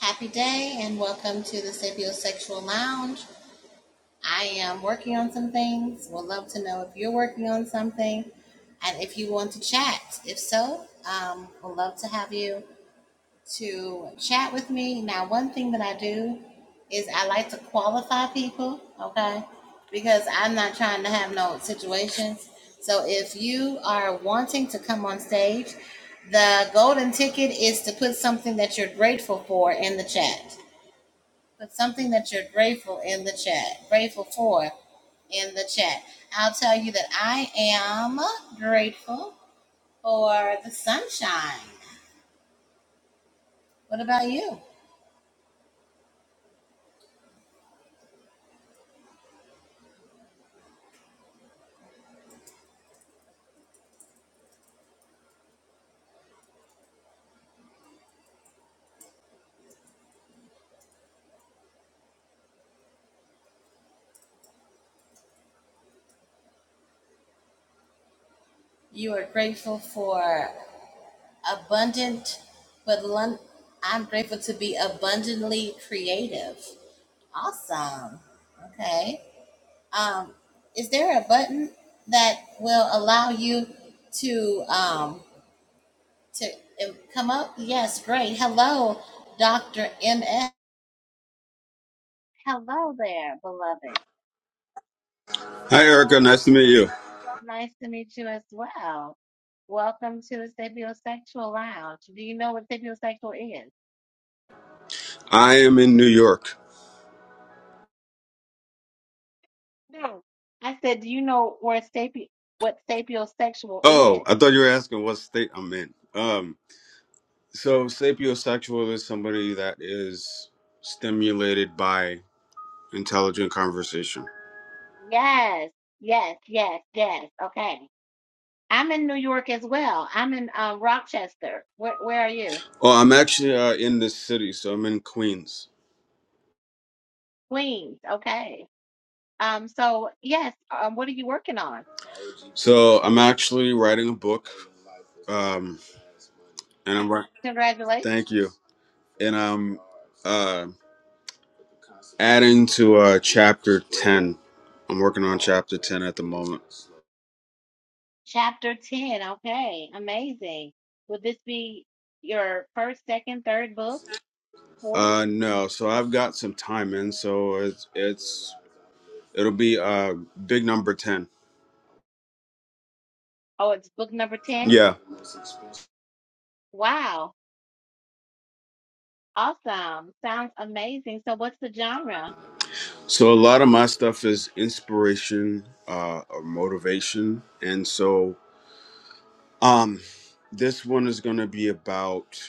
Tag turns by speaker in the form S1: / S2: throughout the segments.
S1: Happy day and welcome to the Sapiosexual Lounge. I am working on some things. Would love to know if you're working on something and if you want to chat. If so, um, would love to have you to chat with me. Now, one thing that I do is I like to qualify people, okay? Because I'm not trying to have no situations. So if you are wanting to come on stage, the golden ticket is to put something that you're grateful for in the chat. Put something that you're grateful in the chat, grateful for in the chat. I'll tell you that I am grateful for the sunshine. What about you? You are grateful for abundant, but lun- I'm grateful to be abundantly creative. Awesome. Okay. Um, is there a button that will allow you to? Um, to uh, come up? Yes, great. Hello, Dr. MS. Hello there, beloved.
S2: Hi, Erica. Nice to meet you.
S1: Nice to meet you as well. Welcome to the Sapiosexual Lounge. Do you know what sapiosexual is?
S2: I am in New York.
S1: No. I said, do you know where sapi- what sapiosexual
S2: Oh,
S1: is?
S2: I thought you were asking what state I'm in. Um, so sapiosexual is somebody that is stimulated by intelligent conversation.
S1: Yes, yes, yes, yes. Okay. I'm in New York as well. I'm in uh, Rochester. Where, where are you?
S2: Oh, I'm actually uh, in this city, so I'm in Queens.
S1: Queens. Okay. Um, so yes, um, what are you working on?
S2: So I'm actually writing a book, um, and I'm right.
S1: Congratulations.
S2: Thank you. And I'm uh, adding to uh, chapter ten. I'm working on chapter ten at the moment.
S1: Chapter 10. Okay, amazing. Would this be your first, second, third book? Fourth?
S2: Uh, no. So I've got some time in, so it's it's it'll be uh big number ten.
S1: Oh, it's book number 10?
S2: Yeah.
S1: Wow, awesome. Sounds amazing. So, what's the genre?
S2: So a lot of my stuff is inspiration, uh, or motivation, and so um, this one is gonna be about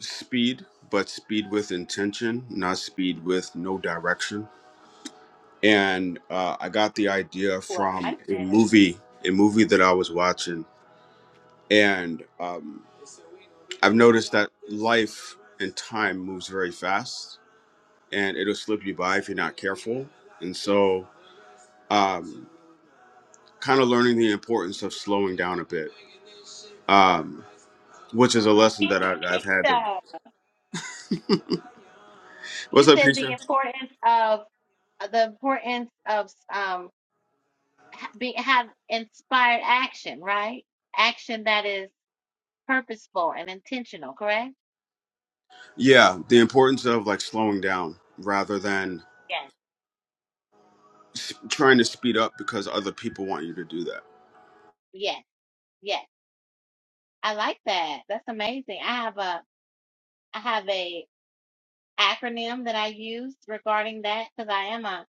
S2: speed, but speed with intention, not speed with no direction. And uh, I got the idea
S1: Well,
S2: from
S1: I
S2: a
S1: said
S2: movie, a movie that I was watching, and um. I've noticed that life and time moves very fast, and it'll slip you by if you're not careful. And so, um, kind of learning the importance of slowing down a bit, um, which is a lesson that I,
S1: kingdom,
S2: I've had. To...
S1: kingdom. You
S2: What's up,
S1: said the
S2: Keisha?
S1: importance of uh, the importance of um be have inspired action, right? Action that is purposeful and intentional, correct?
S2: Yeah, the importance of like slowing down rather than
S1: Yes.
S2: s- trying to speed up because other people want you to do that.
S1: Yes. Yes. I like that. That's amazing. I have a I have a acronym that I use regarding that because I am a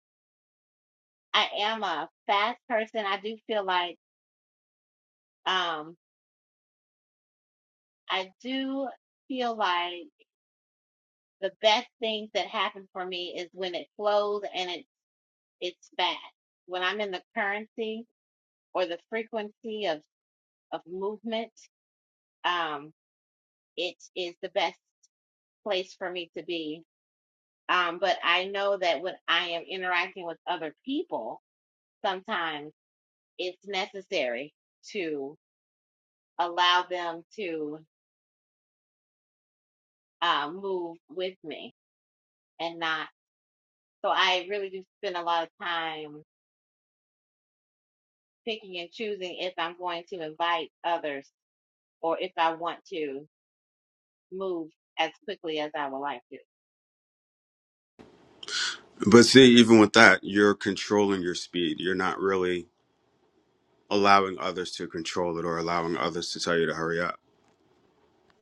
S1: I am a fast person. I do feel like um I do feel like the best things that happen for me is when it flows and it it's fast. When I'm in the currency or the frequency of of movement, um, it is the best place for me to be. Um, but I know that when I am interacting with other people, sometimes. it's necessary to allow them to uh, move with me and not. So I really do spend a lot of time picking and choosing if I'm going to invite others or if I want to move as quickly as I would like to.
S2: But see, even with that, you're controlling your speed. You're not really allowing others to control it or allowing others to tell you to hurry up.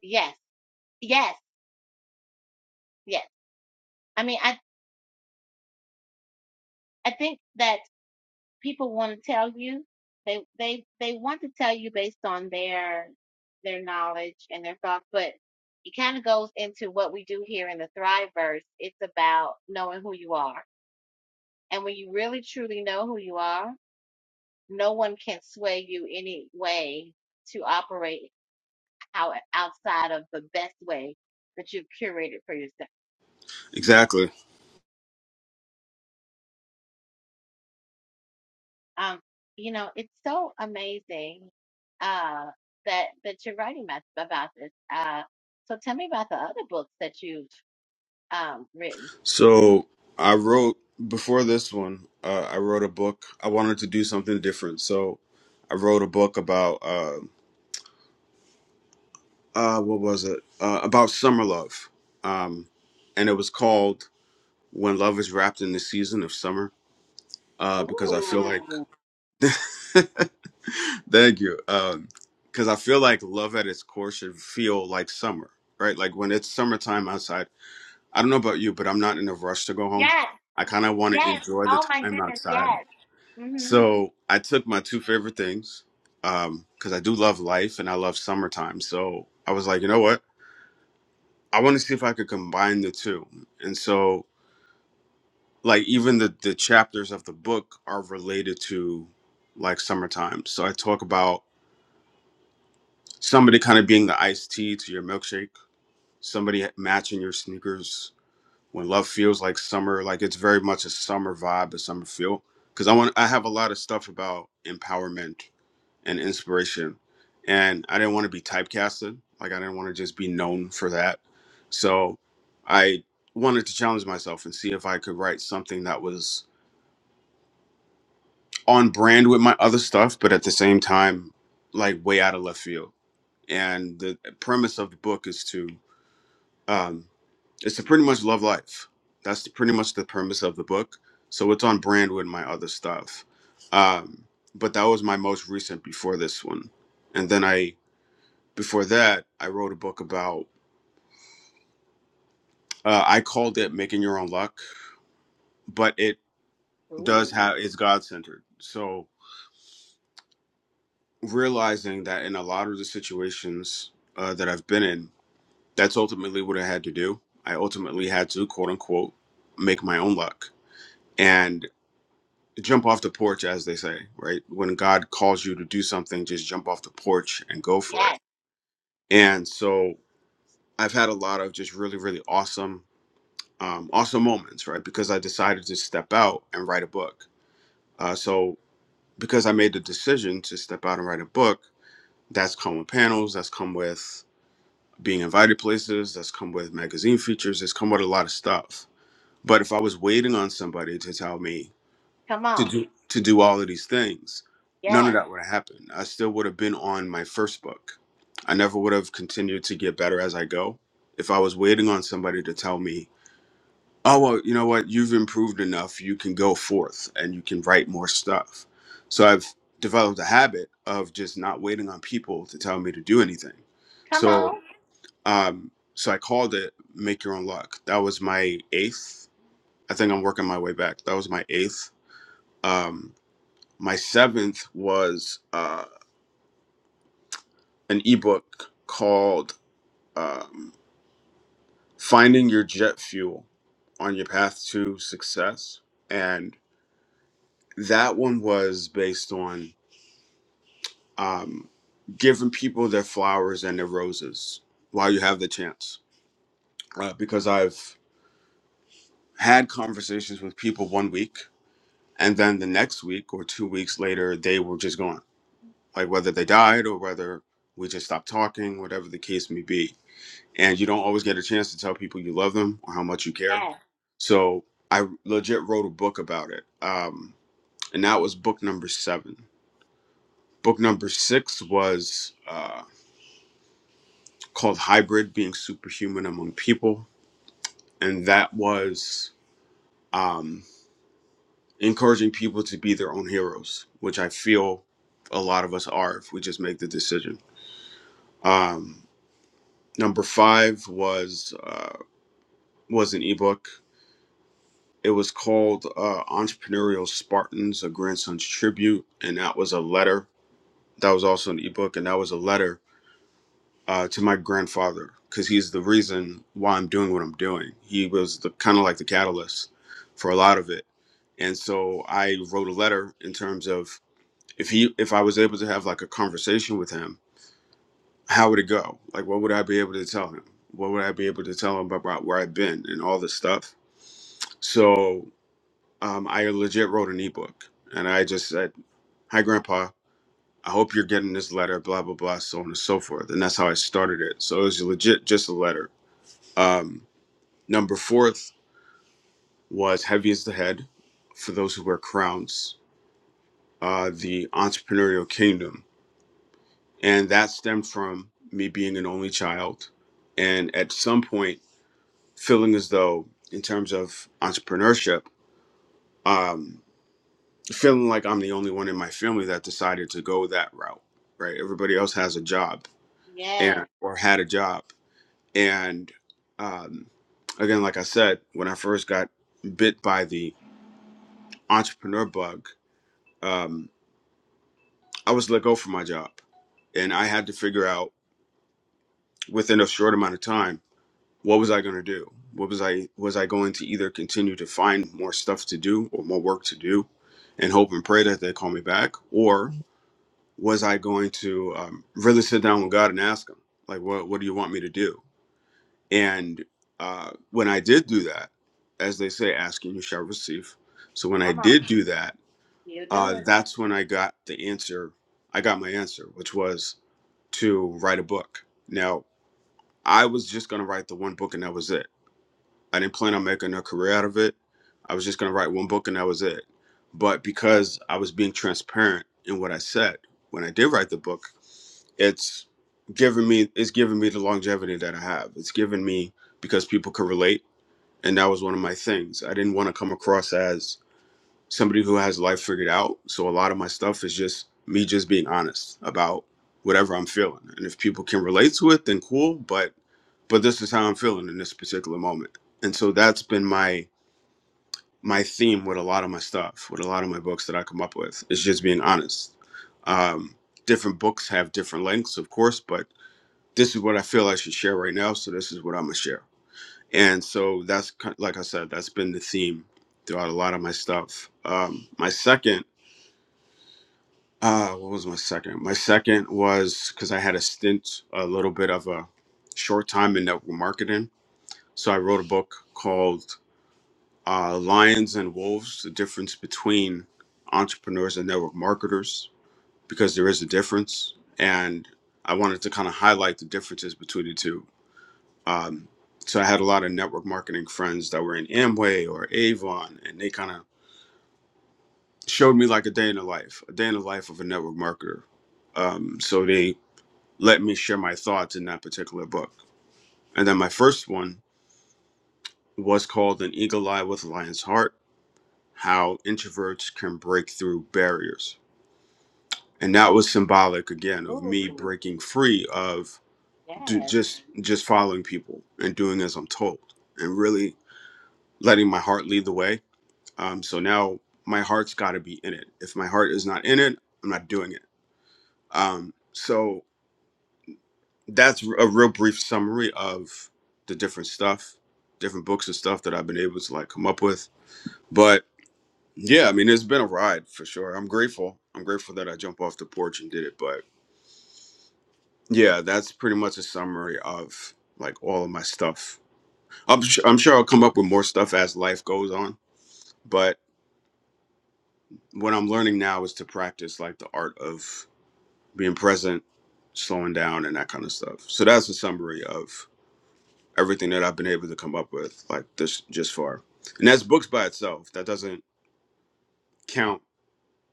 S1: Yes, yes, yes. I mean, I I think that people want to tell you they they they want to tell you based on their their knowledge and their thoughts but it kind of goes into what we do here in the thriveverse it's about knowing who you are and when you really truly know who you are no one can sway you any way to operate out outside of the best way that you've curated for yourself
S2: Exactly.
S1: Um, you know, it's so amazing uh, that that you're writing about, about this. Uh, so tell me about the other books that you've um, written.
S2: So I wrote before this one. Uh, I wrote a book. I wanted to do something different, so I wrote a book about uh, uh, what was it? Uh, about summer love, um, and it was called "When Love Is Wrapped in the Season of Summer." Uh, because I feel like,
S1: Ooh,
S2: thank you, because I feel like love at its core should feel like summer, right? Like when it's summertime outside. I don't know about you, but I'm not in a rush to go home.
S1: Yes,
S2: I kind of want to
S1: yes.
S2: enjoy the
S1: Oh my
S2: time
S1: goodness,
S2: outside
S1: yes. mm hmm
S2: So I took my two favorite things um, because I do love life and I love summertime. So I was like, you know what? I want to see if I could combine the two. And so, like, even the the chapters of the book are related to like summertime. So I talk about somebody kind of being the iced tea to your milkshake, somebody matching your sneakers, when love feels like summer like it's very much a summer vibe a summer feel because i want i have a lot of stuff about empowerment and inspiration and i didn't want to be typecasted like i didn't want to just be known for that so i wanted to challenge myself and see if i could write something that was on brand with my other stuff but at the same time like way out of left field and the premise of the book is to um, it's to pretty much love life. That's the, pretty much the premise of the book. So it's on brand with my other stuff. Um, but that was my most recent before this one. And then I, before that, I wrote a book about, uh, I called it Making Your Own Luck, but it does
S1: ooh,
S2: have, it's God centered. So realizing that in a lot of the situations uh, that I've been in, that's ultimately what I had to do. I ultimately had to, quote unquote, make my own luck. And jump off the porch as they say right when god calls you to do something just jump off the porch and go for it
S1: yes.
S2: and so i've had a lot of just really really awesome um, awesome moments right because i decided to step out and write a book uh, so because i made the decision to step out and write a book that's come with panels that's come with being invited places that's come with magazine features it's come with a lot of stuff but if i was waiting on somebody to tell me
S1: Come
S2: to
S1: on,
S2: do to do all of these things. None of
S1: yes.
S2: that would have happened. I still would have been on my first book. I never would have continued to get better as I go. If I was waiting on somebody to tell me, "Oh well, you know what? You've improved enough. You can go forth and you can write more stuff." So I've developed a habit of just not waiting on people to tell me to do anything.
S1: Come
S2: So,
S1: on,
S2: um, so I called it "Make Your Own Luck." That was my eighth. I think I'm working my way back. That was my eighth. Um, my seventh was uh, an ebook called um, Finding Your Jet Fuel on Your Path to Success. And that one was based on um, giving people their flowers and their roses while you have the chance. Uh, because I've had conversations with people one week, and then the next week or two weeks later, they were just gone. Like whether they died or whether we just stopped talking, whatever the case may be and you don't always get a chance to tell people you love them or how much you care.
S1: Yes.
S2: So I legit wrote a book about it, um, and that was book number seven. Book number six was uh, called "Hybrid: Being Superhuman Among People," and that was um, encouraging people to be their own heroes, which I feel a lot of us are if we just make the decision. Um, number five was uh, was an ebook It was called uh, Entrepreneurial Spartans, a grandson's tribute, and that was a letter. That was also an ebook, and that was a letter uh, to my grandfather because he's the reason why I'm doing what I'm doing. He was the kind of like the catalyst for a lot of it, and so I wrote a letter in terms of if he if I was able to have like a conversation with him, how would it go? Like, what would I be able to tell him? What would I be able to tell him about where I've been and all this stuff? So um, I legit wrote an ebook and I just said, Hi, Grandpa, I hope you're getting this letter, blah, blah, blah, so on and so forth. And that's how I started it. So it was legit just a letter. Um, number fourth was Heavy as the Head for those who wear crowns, uh, the entrepreneurial kingdom. And that stemmed from me being an only child. And at some point, feeling as though, in terms of entrepreneurship, um, feeling like I'm the only one in my family that decided to go that route, right? Everybody else has a job and
S1: yes.
S2: or had a job. And um, again, like I said, when I first got bit by the entrepreneur bug, um, I was let go from my job, and I had to figure out within a short amount of time what was I going to do. What was I was I going to either continue to find more stuff to do or more work to do, and hope and pray that they call me back, or was I going to um, really sit down with God and ask Him, like, what what do you want me to do? And uh, when I did do that, as they say, asking you shall receive. So when I
S1: Come on,
S2: did do that,
S1: you do
S2: uh,
S1: it.
S2: that's when I got the answer. I got my answer, which was to write a book. Now I was just going to write the one book, and that was it I didn't plan on making a career out of it. I was just going to write one book and that was it. But because I was being transparent in what I said when I did write the book, it's given me it's given me the longevity that I have. It's given me because people could relate, and that was one of my things. I didn't want to come across as somebody who has life figured out. So a lot of my stuff is just me just being honest about whatever I'm feeling, and if people can relate to it, then cool. But but this is how I'm feeling in this particular moment. And so that's been my my theme with a lot of my stuff, with a lot of my books that I come up with, is just being honest. Um, different books have different lengths, of course, but this is what I feel I should share right now, so this is what I'm gonna share. And so that's ki- like I said, that's been the theme throughout a lot of my stuff. Um, my second, uh, what was my second? My second was because I had a stint, a little bit of a short time in network marketing. So I wrote a book called uh, Lions and Wolves, the difference between entrepreneurs and network marketers, because there is a difference. And I wanted to kind of highlight the differences between the two. Um, so I had a lot of network marketing friends that were in Amway or Avon, and they kind of showed me like a day in the life, a day in the life of a network marketer. Um, so they let me share my thoughts in that particular book. And then my first one was called An Eagle Eye with a Lion's Heart How Introverts Can Break Through Barriers and that was symbolic again of me
S1: Ooh,
S2: breaking free of do,
S1: yes.
S2: just just following people and doing as I'm told and really letting my heart lead the way. Um, so now my heart's got to be in it. If my heart is not in it, I'm not doing it. Um, so that's a real brief summary of the different stuff, different books and stuff that I've been able to like come up with. But yeah, I mean, it's been a ride for sure. I'm grateful. I'm grateful that I jumped off the porch and did it. But. Yeah, that's pretty much a summary of like all of my stuff. I'm sure, I'm sure I'll come up with more stuff as life goes on, but what I'm learning now is to practice like the art of being present, slowing down, and that kind of stuff. So that's a summary of everything that I've been able to come up with like this just far. And that's books by itself. That doesn't count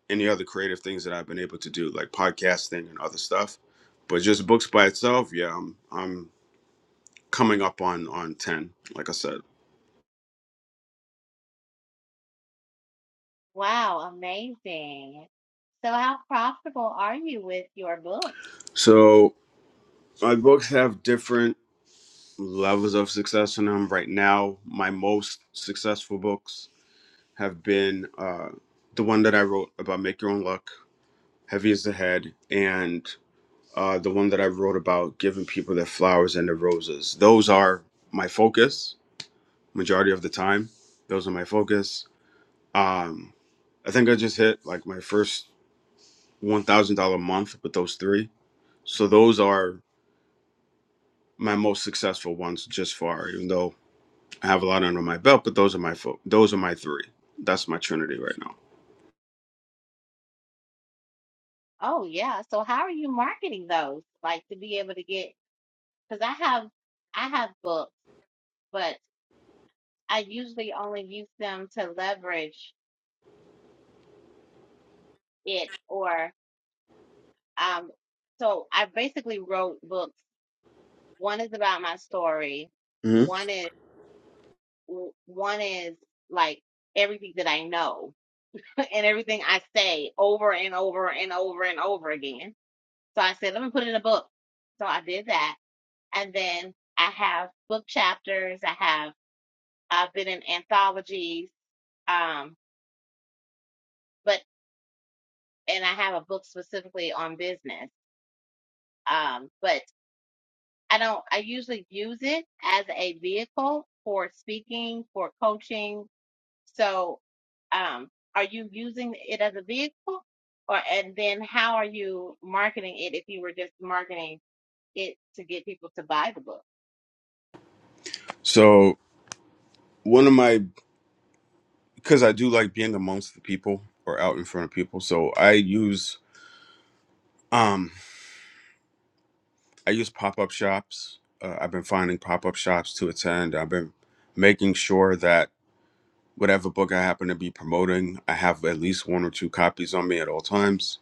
S2: any other creative things that I've been able to do like podcasting and other stuff. But just books by itself, yeah, I'm I'm coming up on on 10 like I said.
S1: Wow, amazing. So, how profitable are you with your book?
S2: So my books have different levels of success in them. Right now, my most successful books have been uh, the one that I wrote about make your own luck, heavy is the head, and uh, the one that I wrote about giving people their flowers and their roses. Those are my focus majority of the time. Those are my focus. Um, I think I just hit like my first one thousand dollar month with those three. So those are my most successful ones just far, even though I have a lot under my belt, but those are my fo- those are my three. That's my trinity right now.
S1: Oh yeah. So how are you marketing those? Like to be able to get, because I have I have books, but I usually only use them to leverage it or um so I basically wrote books. One is about my story.
S2: hmm
S1: One is w- one is like everything that I know and everything I say over and over and over and over again. So I said, let me put it in a book. So I did that. And then I have book chapters. I have I've been in anthologies, um, but and I have a book specifically on business. Um, but I don't. I usually use it as a vehicle for speaking, for coaching. So, um, are you using it as a vehicle, or and then how are you marketing it? If you were just marketing it to get people to buy the book.
S2: So one of my because I do like being amongst the people or out in front of people. So I use um I use pop up shops. Uh, I've been finding pop up shops to attend. I've been making sure that whatever book I happen to be promoting, I have at least one or two copies on me at all times.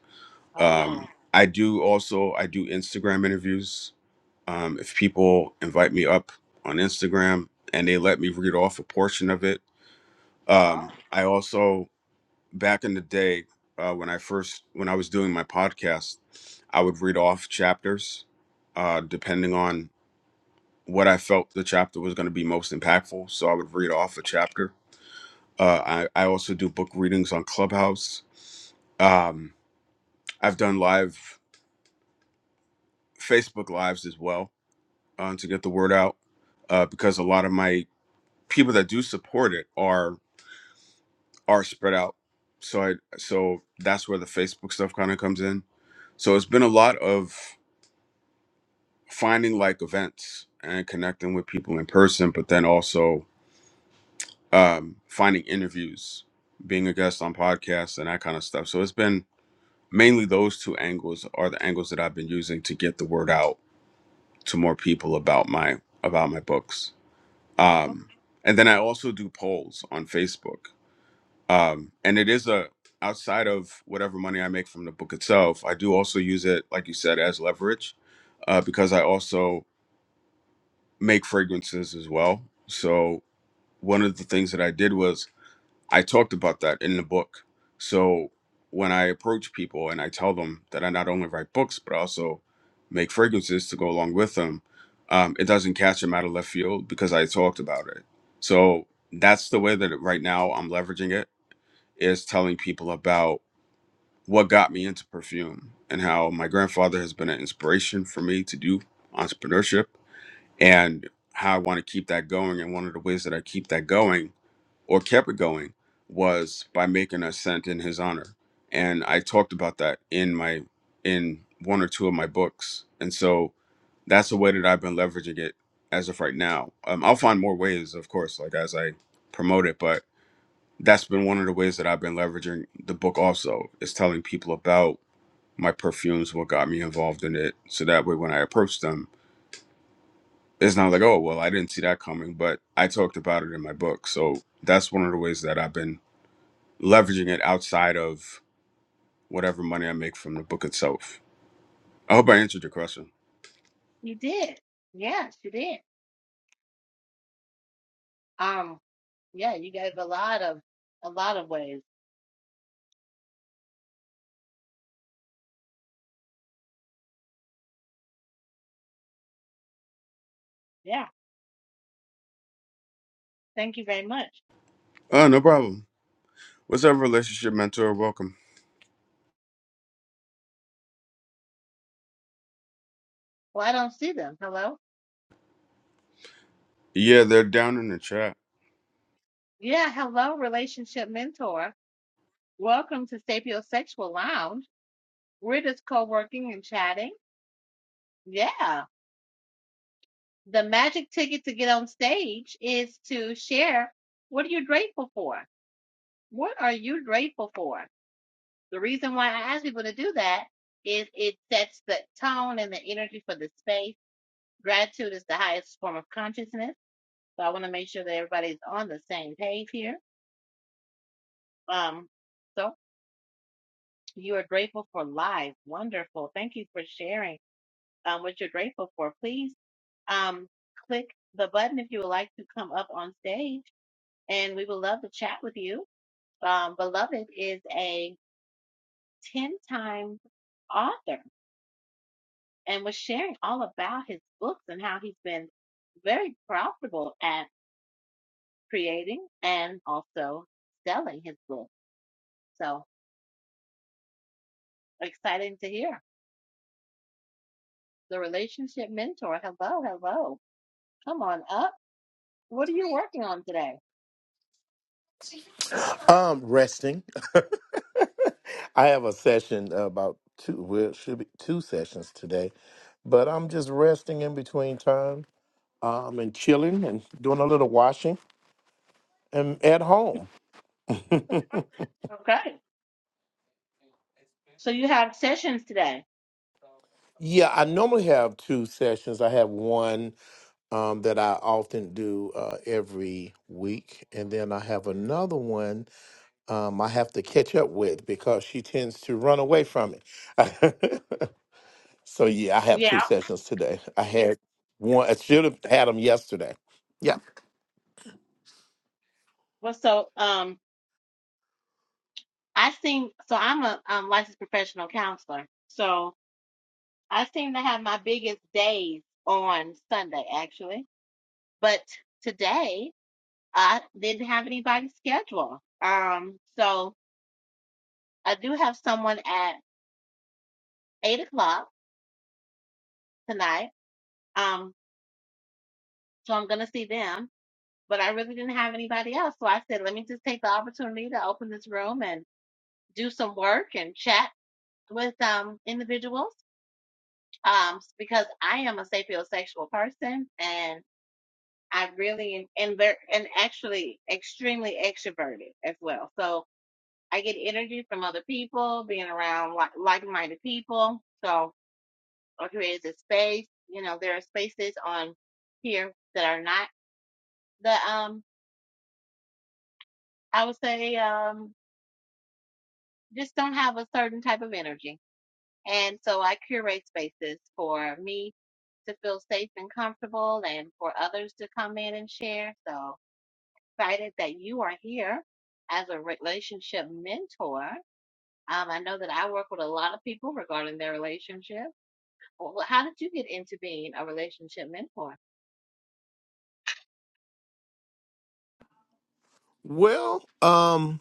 S1: Oh,
S2: Um, I do also I do Instagram interviews Um, if people invite me up on Instagram and they let me read off a portion of it, um,
S1: oh,
S2: I also back in the day uh, when I first when I was doing my podcast, I would read off chapters uh, depending on what I felt the chapter was going to be most impactful. So I would read off a chapter. Uh, I I also do book readings on Clubhouse. Um, I've done live Facebook lives as well uh, to get the word out uh, because a lot of my people that do support it are are spread out. So I so that's where the Facebook stuff kind of comes in. So it's been a lot of finding like events and connecting with people in person, but then also um, finding interviews, being a guest on podcasts and that kind of stuff. So it's been mainly those two angles are the angles that I've been using to get the word out to more people about my about my books. Um, and then I also do polls on Facebook um and it is a outside of whatever money i make from the book itself i do also use it like you said as leverage uh, because i also make fragrances as well so one of the things that i did was i talked about that in the book so when i approach people and i tell them that i not only write books but I also make fragrances to go along with them um, it doesn't catch them out of left field because i talked about it so that's the way that right now i'm leveraging it is telling people about what got me into perfume and how my grandfather has been an inspiration for me to do entrepreneurship and how I want to keep that going. And one of the ways that I keep that going or kept it going was by making a scent in his honor. And I talked about that in my in one or two of my books. And so that's the way that I've been leveraging it as of right now. Um, I'll find more ways, of course, like as I promote it, but that's been one of the ways that I've been leveraging the book also is telling people about my perfumes, what got me involved in it. So that way when I approach them, it's not like, oh well I didn't see that coming, but I talked about it in my book. So that's one of the ways that I've been leveraging it outside of whatever money I make from the book itself. I hope I answered your question.
S1: you did. Yes, you did. Um, yeah, you gave a lot of a lot of ways. Yeah. Thank you very much.
S2: Oh, no problem. What's up, relationship mentor? Welcome.
S1: Well, I don't see them. Hello?
S2: Yeah, they're down in the chat.
S1: Yeah, hello, relationship mentor. Welcome to Sapiosexual Lounge. We're just co working and chatting. Yeah. The magic ticket to get on stage is to share what are you grateful for? What are you grateful for? The reason why I ask people to do that is it sets the tone and the energy for the space. Gratitude is the highest form of consciousness. So I want to make sure that everybody's on the same page here. Um, So. You are grateful for life. Wonderful. Thank you for sharing um, what you're grateful for. Please um, click the button if you would like to come up on stage, and we would love to chat with you. Um, Beloved is a 10 time author and was sharing all about his books and how he's been very profitable at creating and also selling his book. So exciting to hear. The relationship mentor. Hello, hello. Come on up What are you working on today?
S3: Um, resting. I have a session about two. Well, it should be two sessions today, but I'm just resting in between time. Um, and chilling and doing a little washing and at home.
S1: Okay. So you have sessions today.
S3: yeah, I normally have two sessions. I have one um, that I often do uh, every week, and then I have another one um, I have to catch up with because she tends to run away from it. So yeah, I have two
S1: Yeah.
S3: sessions today. I had one. I should have had them yesterday. Yeah.
S1: Well, so um, I seem so I'm a um, licensed professional counselor. So I seem to have my biggest days on Sunday, actually. But today I didn't have anybody scheduled. Um, so I do have someone at eight o'clock tonight. Um, so I'm gonna see them. But I really didn't have anybody else. So I said, let me just take the opportunity to open this room and do some work and chat with um, individuals um, because I am a sapiosexual person and I really and very and actually extremely extroverted as well. So I get energy from other people, being around like like-minded people. So or creates a space. You know, there are spaces on here that are not the um. I would say um just don't have a certain type of energy And so I curate spaces for me to feel safe and comfortable and for others to come in and share. So excited that you are here as a relationship mentor. Um, I know that I work with a lot of people regarding their relationship. Well, how did you get into being a relationship mentor?
S3: Well, um,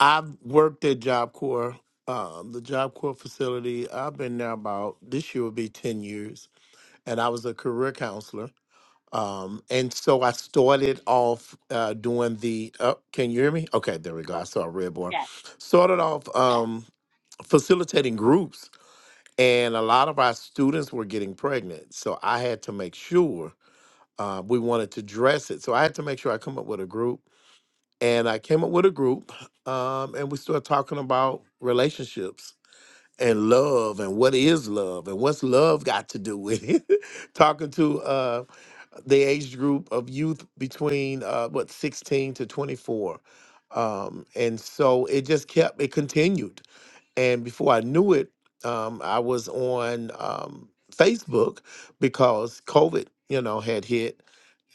S3: I've worked at Job Corps, um, the Job Corps facility. I've been there about this year will be ten years, and I was a career counselor. Um, and so I started off uh, doing the. Uh, can you hear me? Okay, there we go. I saw a red bar.
S1: Yes.
S3: Started off um, facilitating groups, and a lot of our students were getting pregnant. So I had to make sure uh, we wanted to dress it. So I had to make sure I come up with a group, and I came up with a group, um, and we started talking about relationships and love and what is love and what's love got to do with it. talking to uh, the age group of youth between uh, what 16 to 24. Um, and so it just kept, it continued and before I knew it, um, I was on um, Facebook because COVID, you know, had hit,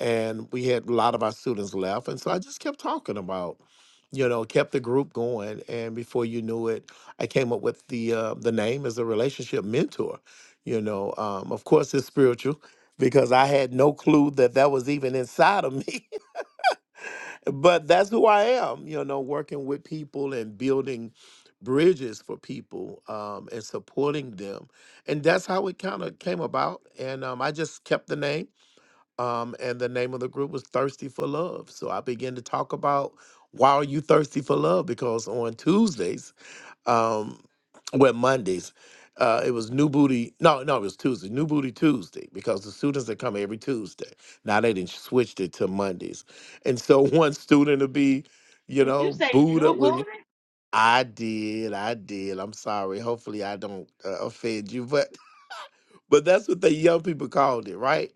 S3: and we had a lot of our students left, and so I just kept talking about, you know, kept the group going, and before you knew it, I came up with the uh, the name as a relationship mentor. You know, um, of course, it's spiritual because I had no clue that that was even inside of me but that's who I am, you know, working with people and building bridges for people um, and supporting them. And that's how it kind of came about. And um, I just kept the name. Um, and the name of the group was Thirsty for Love. So I began to talk about why are you thirsty for love? Because on Tuesdays, um well Mondays. Uh, it was New Booty. No, no, it was Tuesday. New Booty Tuesday because the students that come every Tuesday. Now they didn't switched it to Mondays, and so one student would be, you
S1: Did you
S3: know,
S1: say
S3: booed up
S1: Blue
S3: with.
S1: Buddha?
S3: I did, I did. I'm sorry. Hopefully, I don't uh, offend you, but but that's what the young people called it, right?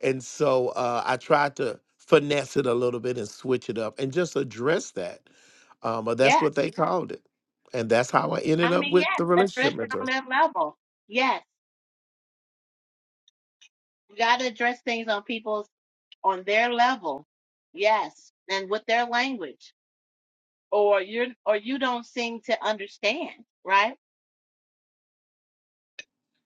S3: And so uh, I tried to finesse it a little bit and switch it up and just address that. Um, but that's
S1: Yes.
S3: what they called it. And that's how I ended
S1: I
S3: up
S1: mean, yes,
S3: with the
S1: address
S3: relationship
S1: it
S3: mentor.
S1: on their level. Yes. You got to address things on people's, on their level. Yes. And with their language. or you're or you don't seem to understand, right?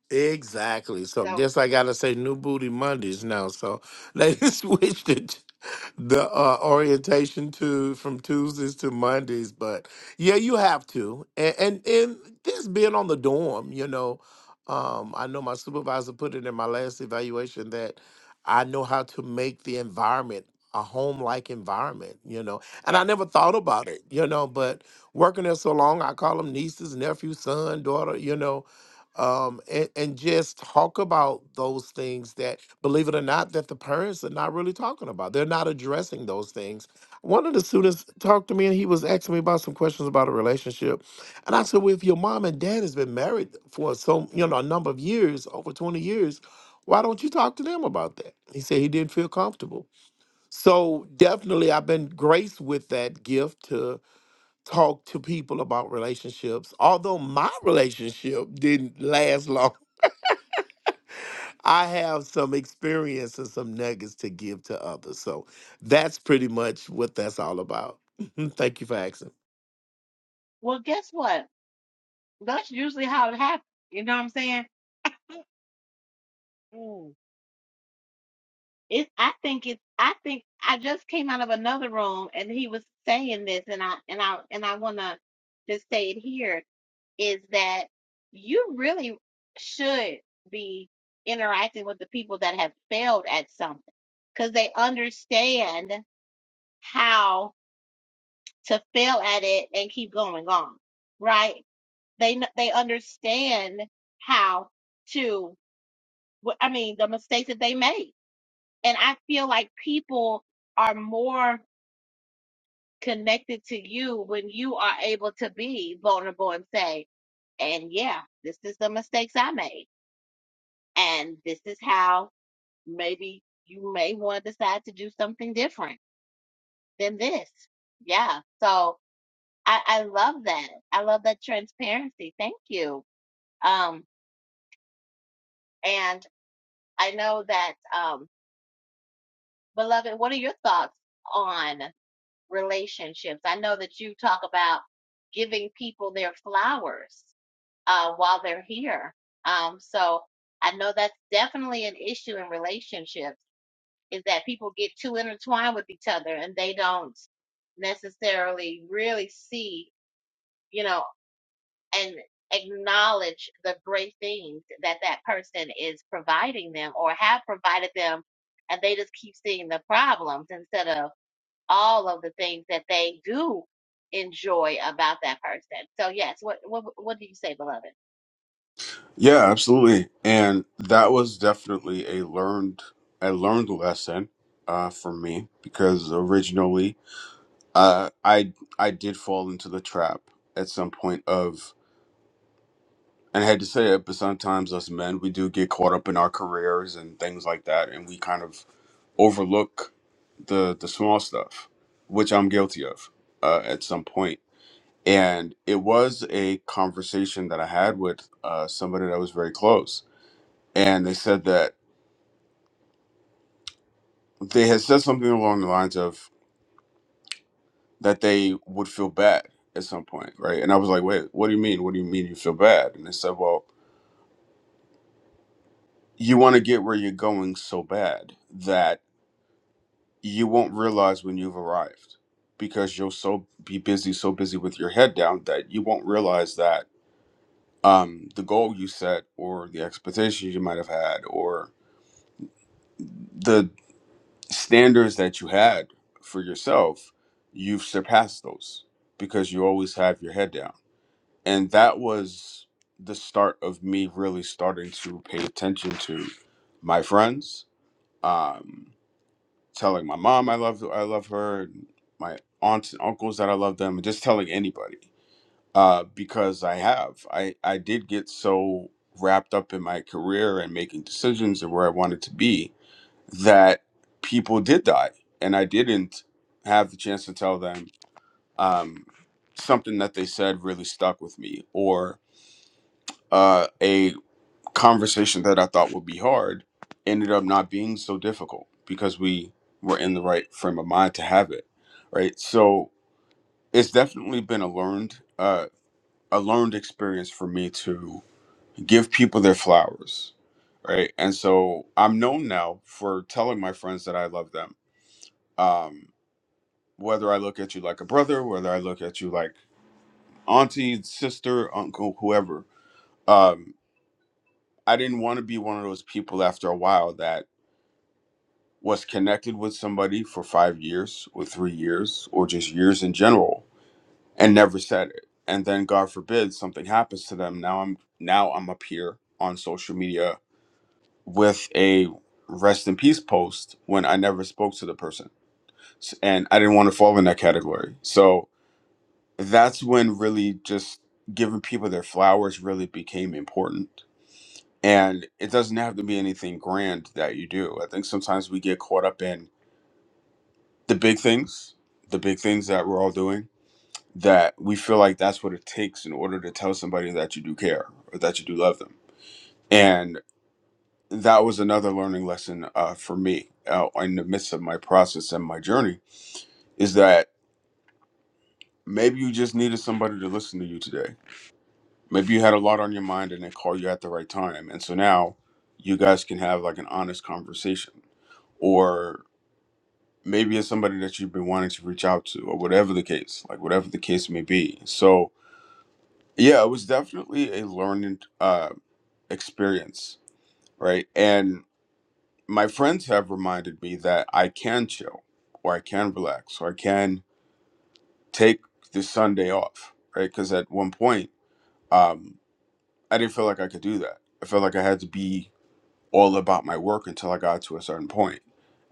S3: Exactly. So
S1: So
S3: guess I gotta say new booty Mondays now. So they switched it the uh, orientation to from Tuesdays to Mondays, but yeah, you have to. And and, and this being on the dorm, you know, um, I know my supervisor put it in my last evaluation that I know how to make the environment a home-like environment, you know. And
S1: yeah.
S3: I never thought about it, you know, but working there so long, I call them nieces, nephew, son, daughter, you know um, and, and just talk about those things that, believe it or not, that the parents are not really talking about. They're not addressing those things. One of the students talked to me and he was asking me about some questions about a relationship. And I said, Well, if your mom and dad has been married for so, you know, a number of years, over 20 years, why don't you talk to them about that? He said he didn't feel comfortable. So definitely I've been graced with that gift to talk to people about relationships. Although my relationship didn't last long I have some experience and some nuggets to give to others. So that's pretty much what that's all about. Thank you for asking.
S1: Well, guess what? That's usually how it happens. You know what I'm saying? Mm. It. I think it's. I think I just came out of another room and he was saying this, and I and I and I want to just say it here is that you really should be interacting with the people that have failed at something because they understand how. to fail at it and keep going on, right? They they understand how to. I mean, the mistakes that they made, and I feel like people are more connected to you when you are able to be vulnerable and say, and yeah, this is the mistakes I made, and this is how maybe you may want to decide to do something different than this. Yeah, so I, I love that. I love that transparency. Thank you. Um, and I know that, um, beloved, what are your thoughts on relationships? I know that you talk about giving people their flowers uh, while they're here. Um, so I know that's definitely an issue in relationships is that people get too intertwined with each other and they don't necessarily really see, you know, and acknowledge the great things that that person is providing them or have provided them and they just keep seeing the problems instead of all of the things that they do enjoy about that person. So yes, what what what do you say, beloved?
S2: Yeah, absolutely. And that was definitely a learned a learned lesson uh for me because originally uh I I did fall into the trap at some point of and I had to say it, but sometimes us men we do get caught up in our careers and things like that and we kind of overlook the the small stuff, which I'm guilty of uh at some point. And it was a conversation that I had with uh somebody that was very close and they said that they had said something along the lines of that they would feel bad at some point, right? And I was like, wait, what do you mean? What do you mean you feel bad? And they said, well, you want to get where you're going so bad that you won't realize when you've arrived because you'll so be busy, so busy with your head down that you won't realize that um, the goal you set or the expectations you might have had or the standards that you had for yourself, you've surpassed those because you always have your head down and that was the start of me really starting to pay attention to my friends um telling my mom i love i love her and my aunts and uncles that i love them and just telling anybody uh because i have i i did get so wrapped up in my career and making decisions and where i wanted to be that people did die and i didn't have the chance to tell them um something that they said really stuck with me or uh, a conversation that I thought would be hard ended up not being so difficult because we were in the right frame of mind to have it, right? So it's definitely been a learned uh, a learned experience for me to give people their flowers, right? And so I'm known now for telling my friends that I love them. Um, whether I look at you like a brother, whether I look at you like auntie, sister, uncle, whoever. Um, I didn't want to be one of those people after a while that was connected with somebody for five years or three years or just years in general and never said it and then god forbid something happens to them now i'm now i'm up here on social media with a rest in peace post when i never spoke to the person S- and i didn't want to fall in that category so that's when really just giving people their flowers really became important and it doesn't have to be anything grand that you do i think sometimes we get caught up in the big things, the big things that we're all doing, that we feel like that's what it takes in order to tell somebody that you do care or that you do love them. And that was another learning lesson uh, for me uh, in the midst of my process and my journey is that maybe you just needed somebody to listen to you today. Maybe you had a lot on your mind and they called you at the right time. And so now you guys can have like an honest conversation or maybe it's somebody that you've been wanting to reach out to or whatever the case like whatever the case may be so Yeah, it was definitely a learned uh, experience, right? And my friends have reminded me that I can chill or I can relax or I can take this Sunday off, right? Because at one point, um, I didn't feel like I could do that. I felt like I had to be all about my work until I got to a certain point.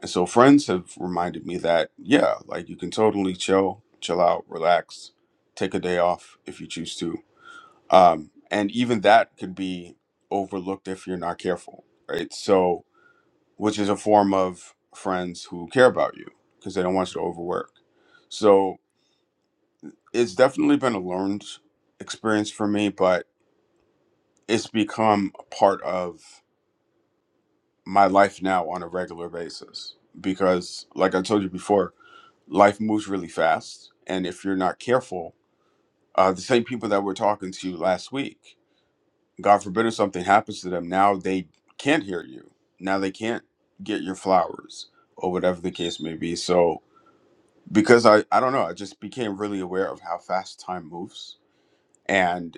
S2: And so friends have reminded me that, yeah, like you can totally chill, chill out, relax, take a day off if you choose to um, and even that could be overlooked if you're not careful right so which is a form of friends who care about you because they don't want you to overwork so it's definitely been a learned experience for me but it's become a part of my life now on a regular basis because like i told you before life moves really fast and if you're not careful uh, the same people that we're talking to last week God forbid if something happens to them, now they can't hear you. Now they can't get your flowers or whatever the case may be. So because I, I don't know, I just became really aware of how fast time moves. And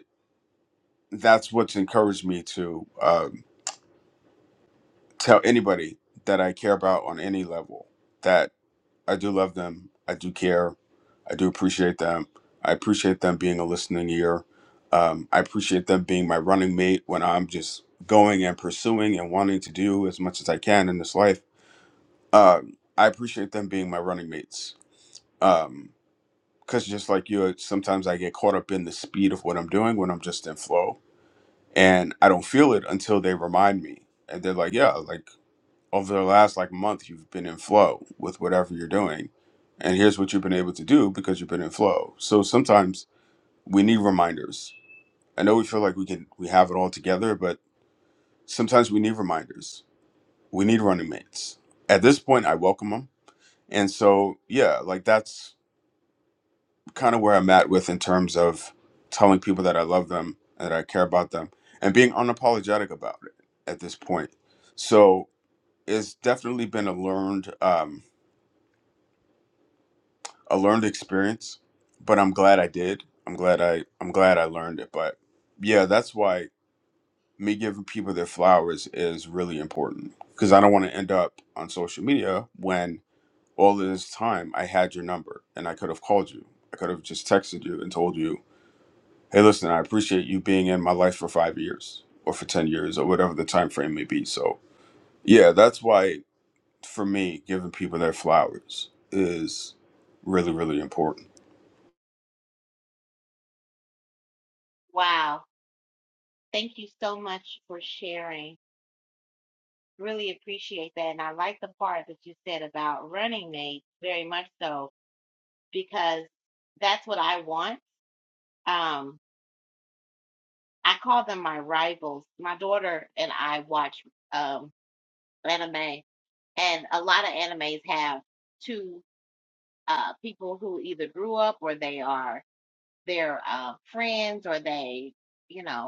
S2: that's what's encouraged me to um, tell anybody that I care about on any level that I do love them. I do care I do appreciate them. I appreciate them being a listening ear. Um, I appreciate them being my running mate when I'm just going and pursuing and wanting to do as much as I can in this life. Um, I appreciate them being my running mates. Um, Because just like you, sometimes I get caught up in the speed of what I'm doing when I'm just in flow. And I don't feel it until they remind me. And they're like, yeah, like over the last like month, you've been in flow with whatever you're doing. And here's what you've been able to do because you've been in flow. So sometimes we need reminders. I know we feel like we can we have it all together, but sometimes we need reminders. We need running mates. At this point, I welcome them, and so yeah, like that's kind of where I'm at with in terms of telling people that I love them, that I care about them, and being unapologetic about it at this point. So it's definitely been a learned um, a learned experience, but I'm glad I did. I'm glad I I'm glad I learned it. But yeah, that's why me giving people their flowers is really important because I don't want to end up on social media when all of this time I had your number and I could have called you. I could have just texted you and told you, "Hey, listen, I appreciate you being in my life for 5 years or for 10 years or whatever the time frame may be." So, yeah, that's why for me giving people their flowers is really really important.
S1: Wow. Thank you so much for sharing. Really appreciate that. And I like the part that you said about running mates very much so because that's what I want. Um I call them my rivals. My daughter and I watch um, anime, and a lot of animes have two uh, people who either grew up or they are their uh, friends or they, you know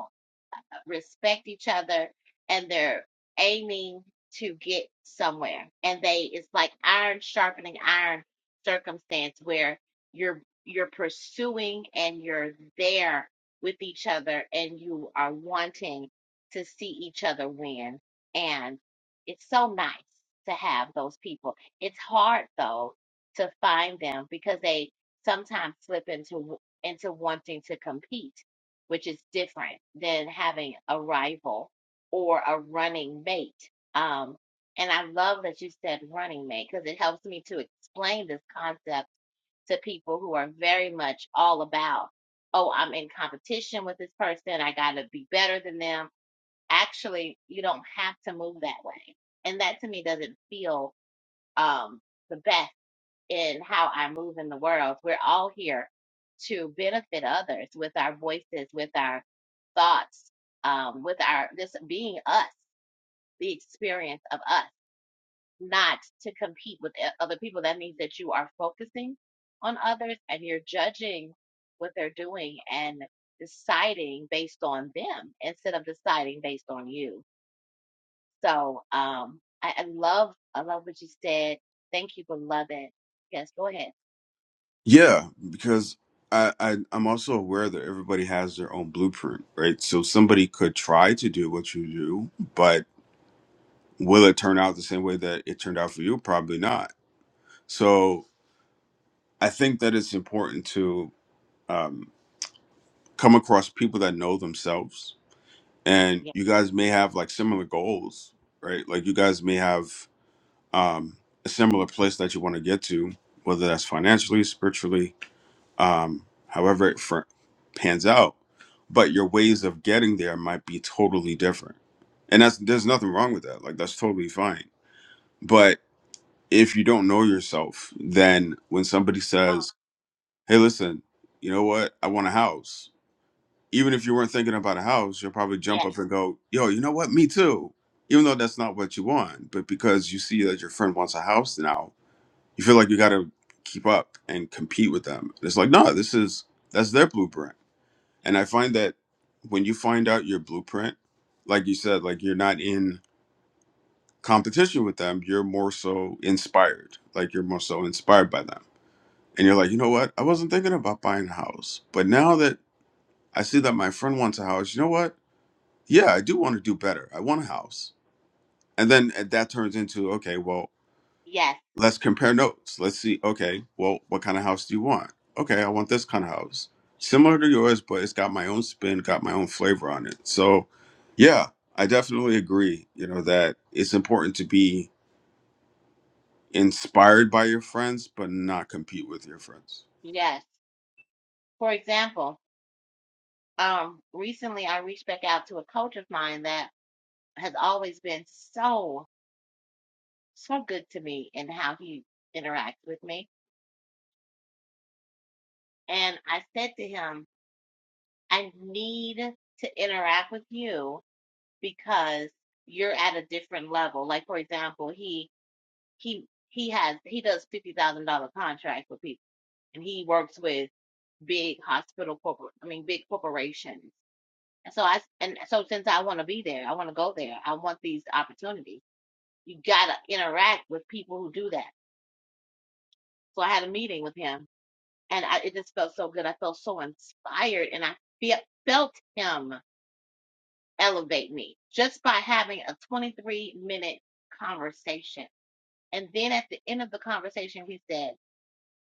S1: respect each other and they're aiming to get somewhere and they it's like iron sharpening iron circumstance where you're you're pursuing and you're there with each other and you are wanting to see each other win and it's so nice to have those people it's hard though to find them because they sometimes slip into w- into wanting to compete which is different than having a rival or a running mate. Um, and I love that you said running mate because it helps me to explain this concept to people who are very much all about, oh, I'm in competition with this person. I got to be better than them. Actually, you don't have to move that way. And that to me doesn't feel um, the best in how I move in the world. We're all here to benefit others with our voices, with our thoughts, um, with our just being us, the experience of us, not to compete with o- other people. That means that you are focusing on others and you're judging what they're doing and deciding based on them instead of deciding based on you. So um, I, I love, I love what you said. Thank you, beloved. Yes, go ahead.
S2: Yeah, because I, I I'm also aware that everybody has their own blueprint, right? So somebody could try to do what you do, but will it turn out the same way that it turned out for you? Probably not. So I think that it's important to um, come across people that know themselves, and
S1: Yeah.
S2: you guys may have like similar goals, right? Like you guys may have um, a similar place that you want to get to, whether that's financially, spiritually, um, however it fr- pans out. But your ways of getting there might be totally different, and that's there's nothing wrong with that. Like that's totally fine. But if you don't know yourself, then when somebody says, "Hey, listen, you know what? I want a house," even if you weren't thinking about a house, you'll probably jump
S1: Yes,
S2: up and go, "Yo, you know what? Me too." Even though that's not what you want, but because you see that your friend wants a house now, you feel like you got to keep up and compete with them. It's like, no, this is that's their blueprint and I find that when you find out your blueprint, like you said, like you're not in competition with them, you're more so inspired. Like you're more so inspired by them. And you're like, you know what? I wasn't thinking about buying a house. But now that I see that my friend wants a house, you know what? Yeah, I do want to do better. I want a house. And then uh, that turns into, okay, well,
S1: yes,
S2: let's compare notes. Let's see, okay, well, what kind of house do you want? Okay, I want this kind of house. Similar to yours, but it's got my own spin, got my own flavor on it. So, yeah, I definitely agree, you know, that it's important to be inspired by your friends, but not compete with your friends.
S1: yes. For example, um, recently I reached back out to a coach of mine that has always been so, so good to me in how he interacts with me. And I said to him, I need to interact with you because you're at a different level. Like for example, he he he has he does fifty thousand dollar contracts with people and he works with big hospital corporate I mean big corporations And so I and so since I want to be there, I want to go there. I want these opportunities. You gotta interact with people who do that. So I had a meeting with him, and I, it just felt so good. I felt so inspired, and I fe- felt him elevate me just by having a 23 minute conversation. And then at the end of the conversation, he said,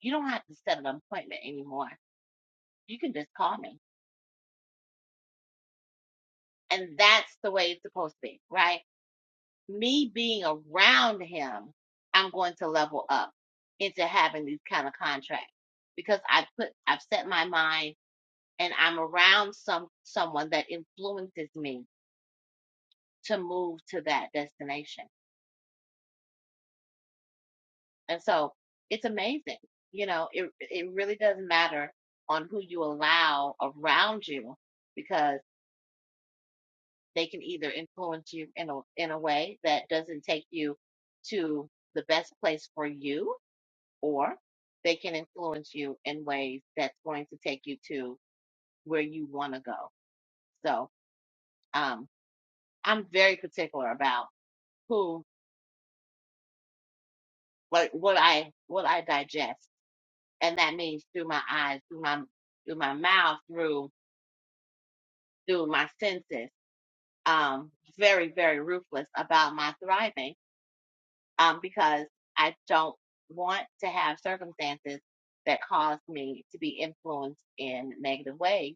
S1: "You don't have to set an appointment anymore. You can just call me." And that's the way it's supposed to be, right? me being around him, I'm going to level up into having these kind of contracts because I put I've set my mind and I'm around some someone that influences me to move to that destination. And so it's amazing. You know, it it really doesn't matter on who you allow around you because they can either influence you in a in a way that doesn't take you to the best place for you or they can influence you in ways that's going to take you to where you want to go. So, um, I'm very particular about who, what, what I, what I digest. And that means through my eyes, through my, through my mouth, through, through my senses. Um, very, very ruthless about my thriving, um, because I don't want to have circumstances that cause me to be influenced in negative ways.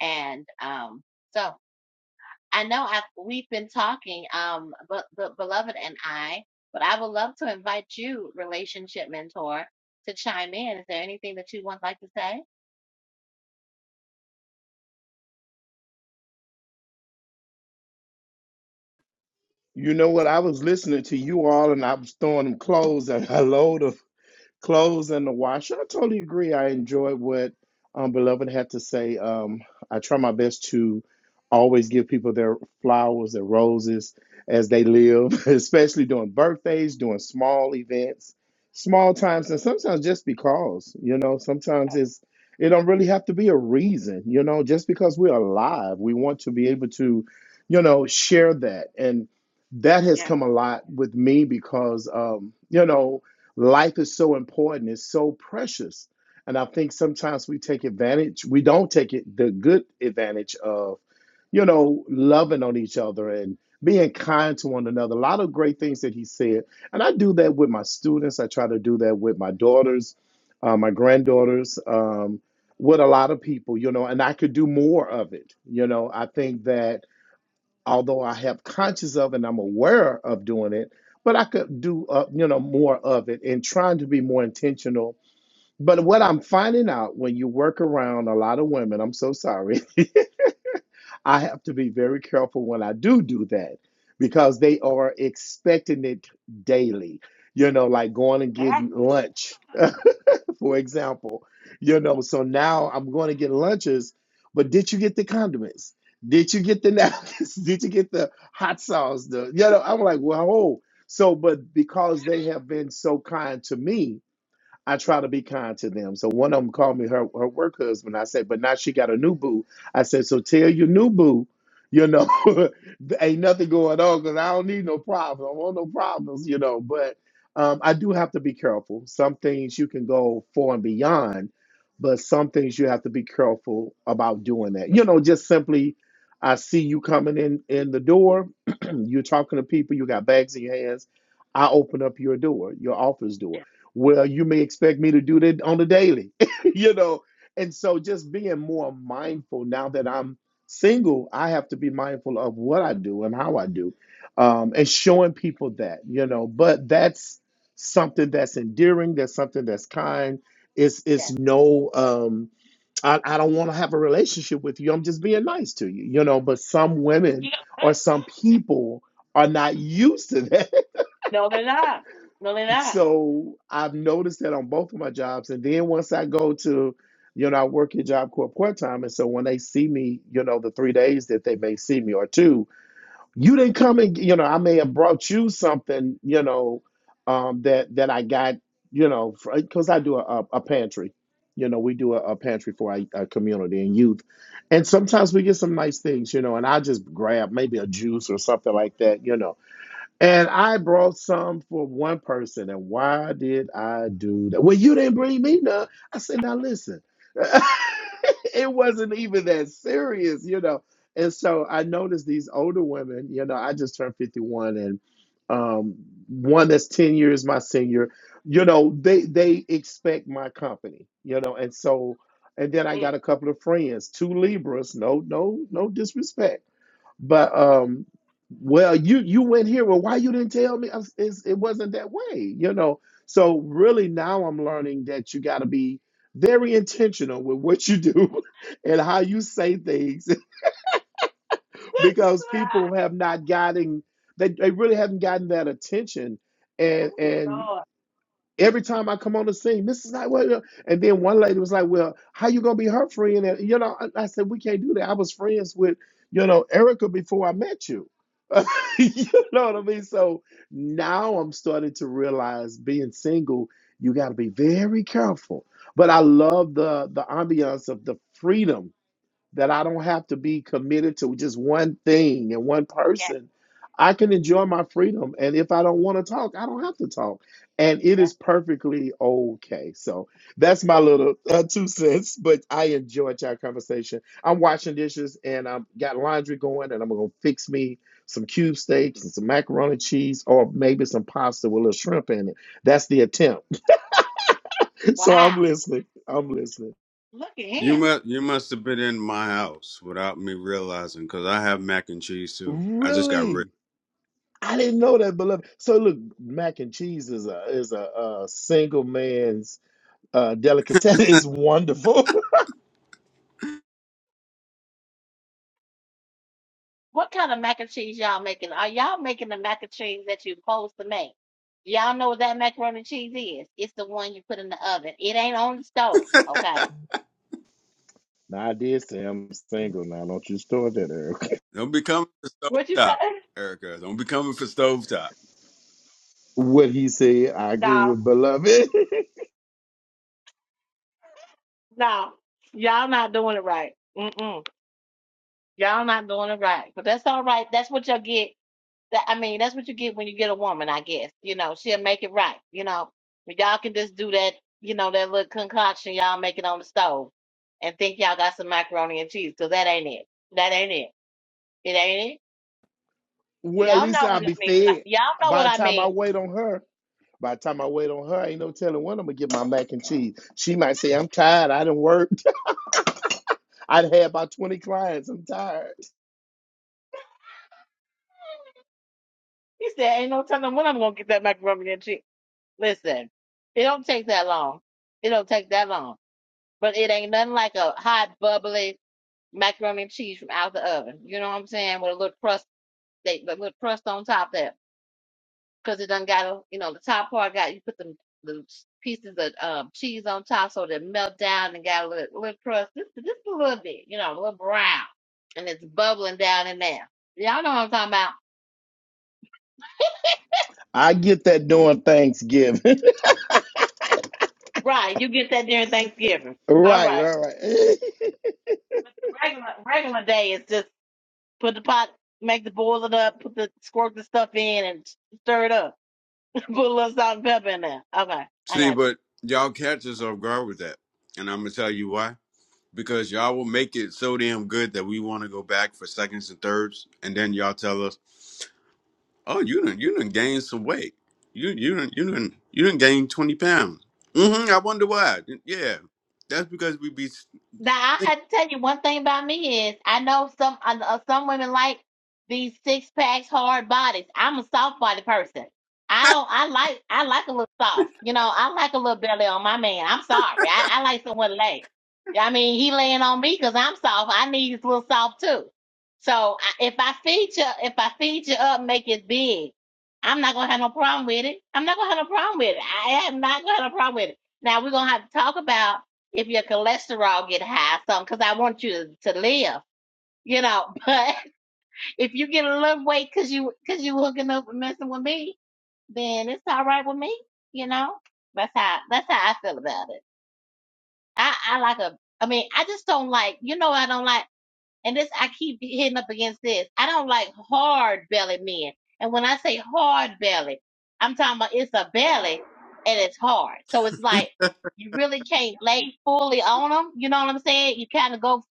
S1: And, um, so I know I've, we've been talking, um, but, but beloved and I, but I would love to invite you, relationship mentor, to chime in. Is there anything that you would like to say?
S3: You know what? I was listening to you all and I was throwing them clothes and hello clothes in the washer. I totally agree. I enjoyed what um, Beloved had to say. Um, I try my best to always give people their flowers, their roses as they live, especially during birthdays, doing small events, small times, and sometimes just because, you know, sometimes it's it don't really have to be a reason, you know, just because we're alive, we want to be able to, you know, share that. And that has come a lot with me because um, you know, Life is so important, it's so precious. And I think sometimes we take advantage, we don't take it the good advantage of, you
S1: Yeah.
S3: know, loving on each other and being kind to one another. A lot of great things that he said. And I do that with my students. I try to do that with my daughters, uh, my granddaughters, um, with a lot of people, you know, and I could do more of it. You know, I think that although I have conscious of and I'm aware of doing it, but I could do uh, you know more of it and trying to be more intentional. But what I'm finding out when you work around a lot of women, I'm so sorry, I have to be very careful when I do do that because they are expecting it daily. You know, like going and
S1: Ah,
S3: getting lunch. for example. You know, so now I'm going to get lunches, but did you get the condiments? Did you get the napkins? Did you get the hot sauce? The you know, I'm like, well, oh. So, but because they have been so kind to me, I try to be kind to them. So one of them called me her, her work husband. I said, but now she got a new boo. I said, so tell your new boo, you know, there ain't nothing going on because I don't need no problems. I don't want no problems, you know. But um, I do have to be careful. Some things you can go for and beyond, but some things you have to be careful about doing that. You know, just simply, I see you coming in in the door. you're talking to people. You got bags in your hands. I open up your door, your office door
S1: yeah.
S3: well, you may expect me to do that on the daily, you know. And so just being more mindful now that I'm single, I have to be mindful of what I do and how I do, um, and showing people that, you know. But that's something that's endearing. That's something that's kind. It's it's
S1: Yes.
S3: no. Um, I, I don't want to have a relationship with you. I'm just being nice to you, you know. But some
S1: You
S3: women or some people are not used to that
S1: No, they're not. No, they're not.
S3: so I've noticed that on both of my jobs. And then once I go to, you know, I work at Job Corps part time. And so when they see me, you know, the three days that they may see me or two, you didn't come and, you know, I may have brought you something, you know, um, that, that I got, you know, because I do a, a a pantry. You know, we do a, a pantry for our, our community and youth. And sometimes we get some nice things, you know, and I just grab maybe a juice or something like that, you know and I brought some for one person. And why did I do that? Well, you didn't bring me none. I said, now listen, it wasn't even that serious, you know. And so I noticed these older women, you know, I just turned 51 and um, one that's 10 years my senior, you know, they they expect my company, you know, and so and then I
S1: Mm.
S3: got a couple of friends, two Libras, no, no, no disrespect but um, well, you you went here. Well, why you didn't tell me? I was- It's, it wasn't that way, you know. So really, now I'm learning that you got to be very intentional with what you do and how you say things because people have not gotten they, they really haven't gotten that attention and
S1: Oh,
S3: and
S1: Lord.
S3: Every time I come on the scene, this is not what. it- And then one lady was like, "Well, how you gonna be her friend?" And you know, I, I said, "We can't do that. I was friends with, you know, Erica before I met you." you know what I mean? So now I'm starting to realize being single, you got to be very careful. But I love the the ambiance of the freedom that I don't have to be committed to just one thing and one
S1: Yeah.
S3: person. I can enjoy my freedom. And if I don't want to talk, I don't have to talk. And it
S1: That's
S3: is perfectly okay. So that's my little uh, two cents, but I enjoyed your conversation. I'm washing dishes and I've got laundry going, and I'm going to fix me some cube steaks and some macaroni and cheese or maybe some pasta with a little shrimp in it. That's the attempt. so I'm
S1: wow.
S3: listening. I'm listening.
S1: Look at
S2: You
S1: him.
S2: must you must have been in my house without me realizing because I have mac and cheese too. I just got
S3: Really?
S2: rich.
S3: I didn't know that, beloved. So look, mac and cheese is a is a, uh single man's uh, delicatessen. It's wonderful.
S1: What kind of mac and cheese y'all making? Are y'all making the mac and cheese that you are supposed to make? Y'all know what that macaroni and cheese is. It's the one you put in the oven. It ain't on the stove. Okay.
S3: now I did say I'm single. Now don't you start that, Eric.
S2: Don't be coming for
S1: What you
S2: stovetop,
S1: say?
S2: Erica. Don't be coming for stovetop.
S3: What he said, I agree
S1: No,
S3: with beloved.
S1: no, y'all not doing it right. Mm-mm. Y'all not doing it right. But that's all right. That's what you'll get. That I mean, that's what you get when you get a woman, I guess. You know, she'll make it right. You know, but y'all can just do that. You know, that little concoction y'all make it on the stove, and think y'all got some macaroni and cheese. 'Cause that ain't it. That ain't it. It ain't it.
S3: well, at
S1: Y'all
S3: least
S1: know
S3: I'll
S1: what it
S3: be
S1: means. When I,
S3: fed.
S1: y'all know what
S3: By the
S1: I
S3: time I
S1: mean.
S3: wait on her, by the time I wait on her, ain't no telling when I'm gonna get my mac and cheese. She might say, I'm tired. I done worked. I'd had about 20 clients. I'm tired.
S1: He said, "Ain't no telling when I'm gonna get that macaroni and cheese." Listen, it don't take that long. It don't take that long but it ain't nothing like a hot bubbly macaroni and cheese from out the oven. You know what I'm saying? With a little crust, they the little crust on top there, because it done got a, you know, the top part got you put them the pieces of um, cheese on top so they melt down and got a little, little crust, just just a little bit, you know, a little brown, and it's bubbling down in there. Y'all know what I'm talking about,
S3: I get that during Thanksgiving.
S1: right? You get that during Thanksgiving, all
S3: right,
S1: right?
S3: right, right.
S1: But the regular regular day is just put the pot, make the boil it up, put the squirt the stuff in, and stir it up. Put a little salt and pepper in there. Okay, I
S2: See,
S1: got you.
S2: but y'all catch us off guard with that. And I'm gonna tell you why. Because y'all will make it so damn good that we wanna go back for seconds and thirds, and then y'all tell us, Oh, you done you done gained some weight. You you done you done you done gained twenty pounds. hmm I wonder why. Yeah. That's because we be
S1: Now I had to tell you one thing about me is I know some I know some women like these six packs, hard bodies. I'm a soft body person. I don't. I like. I like a little soft. You know, I like a little belly on my man. I'm sorry. I, I like someone laying. I mean, he laying on me because I'm soft. I need his little soft too. So I, if I feed you, if I feed you up, make it big. I'm not gonna have no problem with it. I'm not gonna have no problem with it. I am not gonna have no problem with it. Now we're gonna have to talk about if your cholesterol get high, something, because I want you to, to live, you know. But if you get a little weight because you because you hooking up and messing with me, then it's all right with me, you know. That's how that's how I feel about it. I I like a. I mean, I just don't like. You know, I don't like and this I keep hitting up against this. I don't like hard bellied men. And when I say hard bellied, I'm talking about it's a belly and it's hard. So it's like you really can't lay fully on them. You know what I'm saying? You kind of go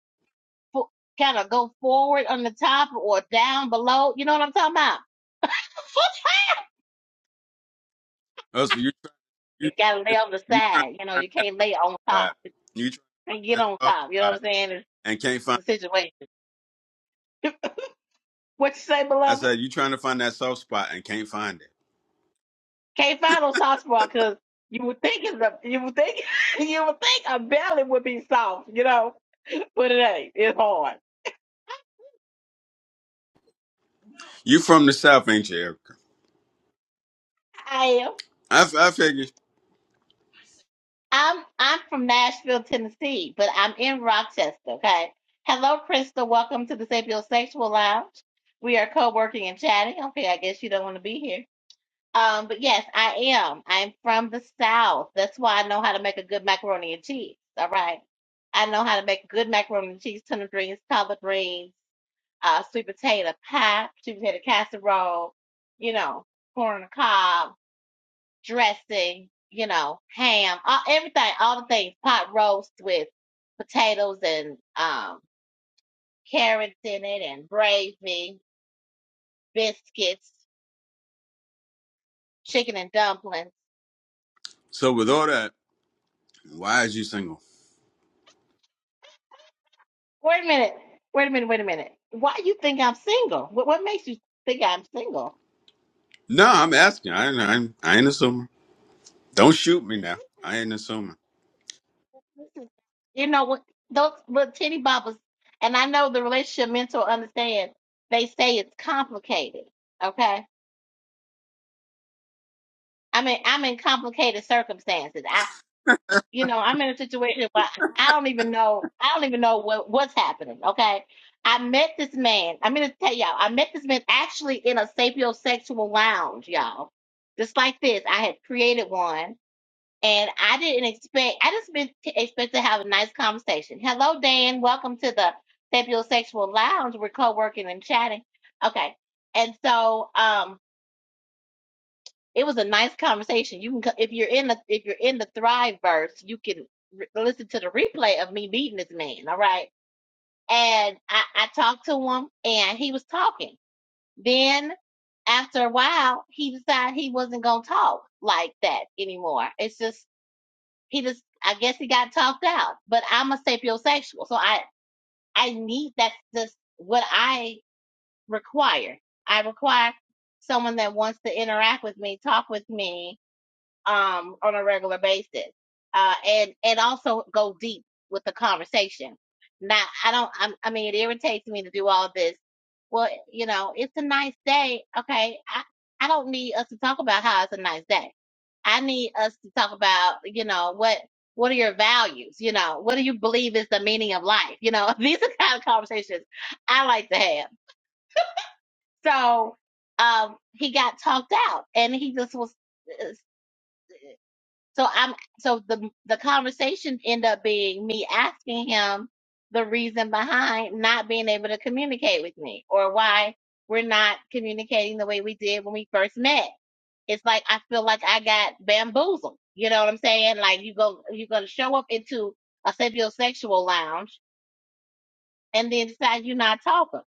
S1: fo- kind of go forward on the top or down below. You know what I'm talking about?
S2: oh, so you try you
S1: You
S2: try
S1: gotta lay on the
S2: you trying
S1: side. You
S2: to
S1: know,
S2: find
S1: you
S2: that
S1: can't
S2: soft
S1: lay on top.
S2: spot.
S1: You
S2: You trying
S1: can't get
S2: that
S1: on
S2: soft
S1: top. You know what
S2: spot
S1: I'm saying? It's,
S2: and can't
S1: it's
S2: find
S1: a situation. What you say,
S2: I
S1: beloved?
S2: said you trying to find that soft spot and can't find it.
S1: Can't find no soft spot because you would think it's a, you would think you would think a belly would be soft, you know, but it ain't. It's hard.
S2: You from the south, ain't you, Erica?
S1: I am.
S2: I, I figured
S1: I'm I'm from Nashville, Tennessee, but I'm in Rochester. Okay. Hello, Crystal. Welcome to the Sapiosexual Lounge. We are co-working and chatting. Okay, I guess you don't want to be here. Um, but yes, I am. I'm from the South. That's why I know how to make a good macaroni and cheese. All right. I know how to make good macaroni and cheese, tuna greens, collard greens, uh, sweet potato pie, sweet potato casserole, you know, corn on the cob, dressing, you know, ham, all, everything, all the things, pot roast with potatoes and um, carrots in it and gravy, biscuits, chicken and dumplings.
S2: So with all that, why is you single?
S1: Wait a minute. Wait a minute. Wait a minute. Why you think I'm single? What, what makes you think I'm single?
S2: No, I'm asking. I I ain't, I ain't assuming. Don't shoot me now. I ain't assuming.
S1: you know what those what titty boppers and I know the relationship mentor understands. they say it's complicated. Okay. I mean I'm in complicated circumstances. I you know, I'm in a situation where I don't even know I don't even know what, what's happening. Okay. I met this man. I'm gonna tell y'all, I met this man actually in a sapiosexual lounge, y'all. Just like this. I had created one and I didn't expect. I just been t- expect to have a nice conversation. Hello, Dan. Welcome to the Sapiosexual Lounge. We're co-working and chatting. Okay, and so um, it was a nice conversation. You can co- if you're in the if you're in the Thrive verse, you can re- listen to the replay of me meeting this man. All right, and I, I talked to him, and he was talking. Then after a while, he decided he wasn't gonna talk like that anymore. It's just he just I guess he got talked out. But I'm a sapiosexual, so I I need that's just what I require. I require someone that wants to interact with me, talk with me, um, on a regular basis, uh, and and also go deep with the conversation. Now, I don't. I'm, I mean, it irritates me to do all this. Well, you know, it's a nice day. Okay, I I don't need us to talk about how it's a nice day. I need us to talk about you know what what are your values. You know, what do you believe is the meaning of life? You know, these are the kind of conversations I like to have. So um, he got talked out, and he just was. uh, so I'm so the the conversation end up being me asking him the reason behind not being able to communicate with me or why we're not communicating the way we did when we first met. It's like I feel like I got bamboozled. You know what I'm saying? Like you go you're gonna show up into a sexual lounge and then decide you're not talking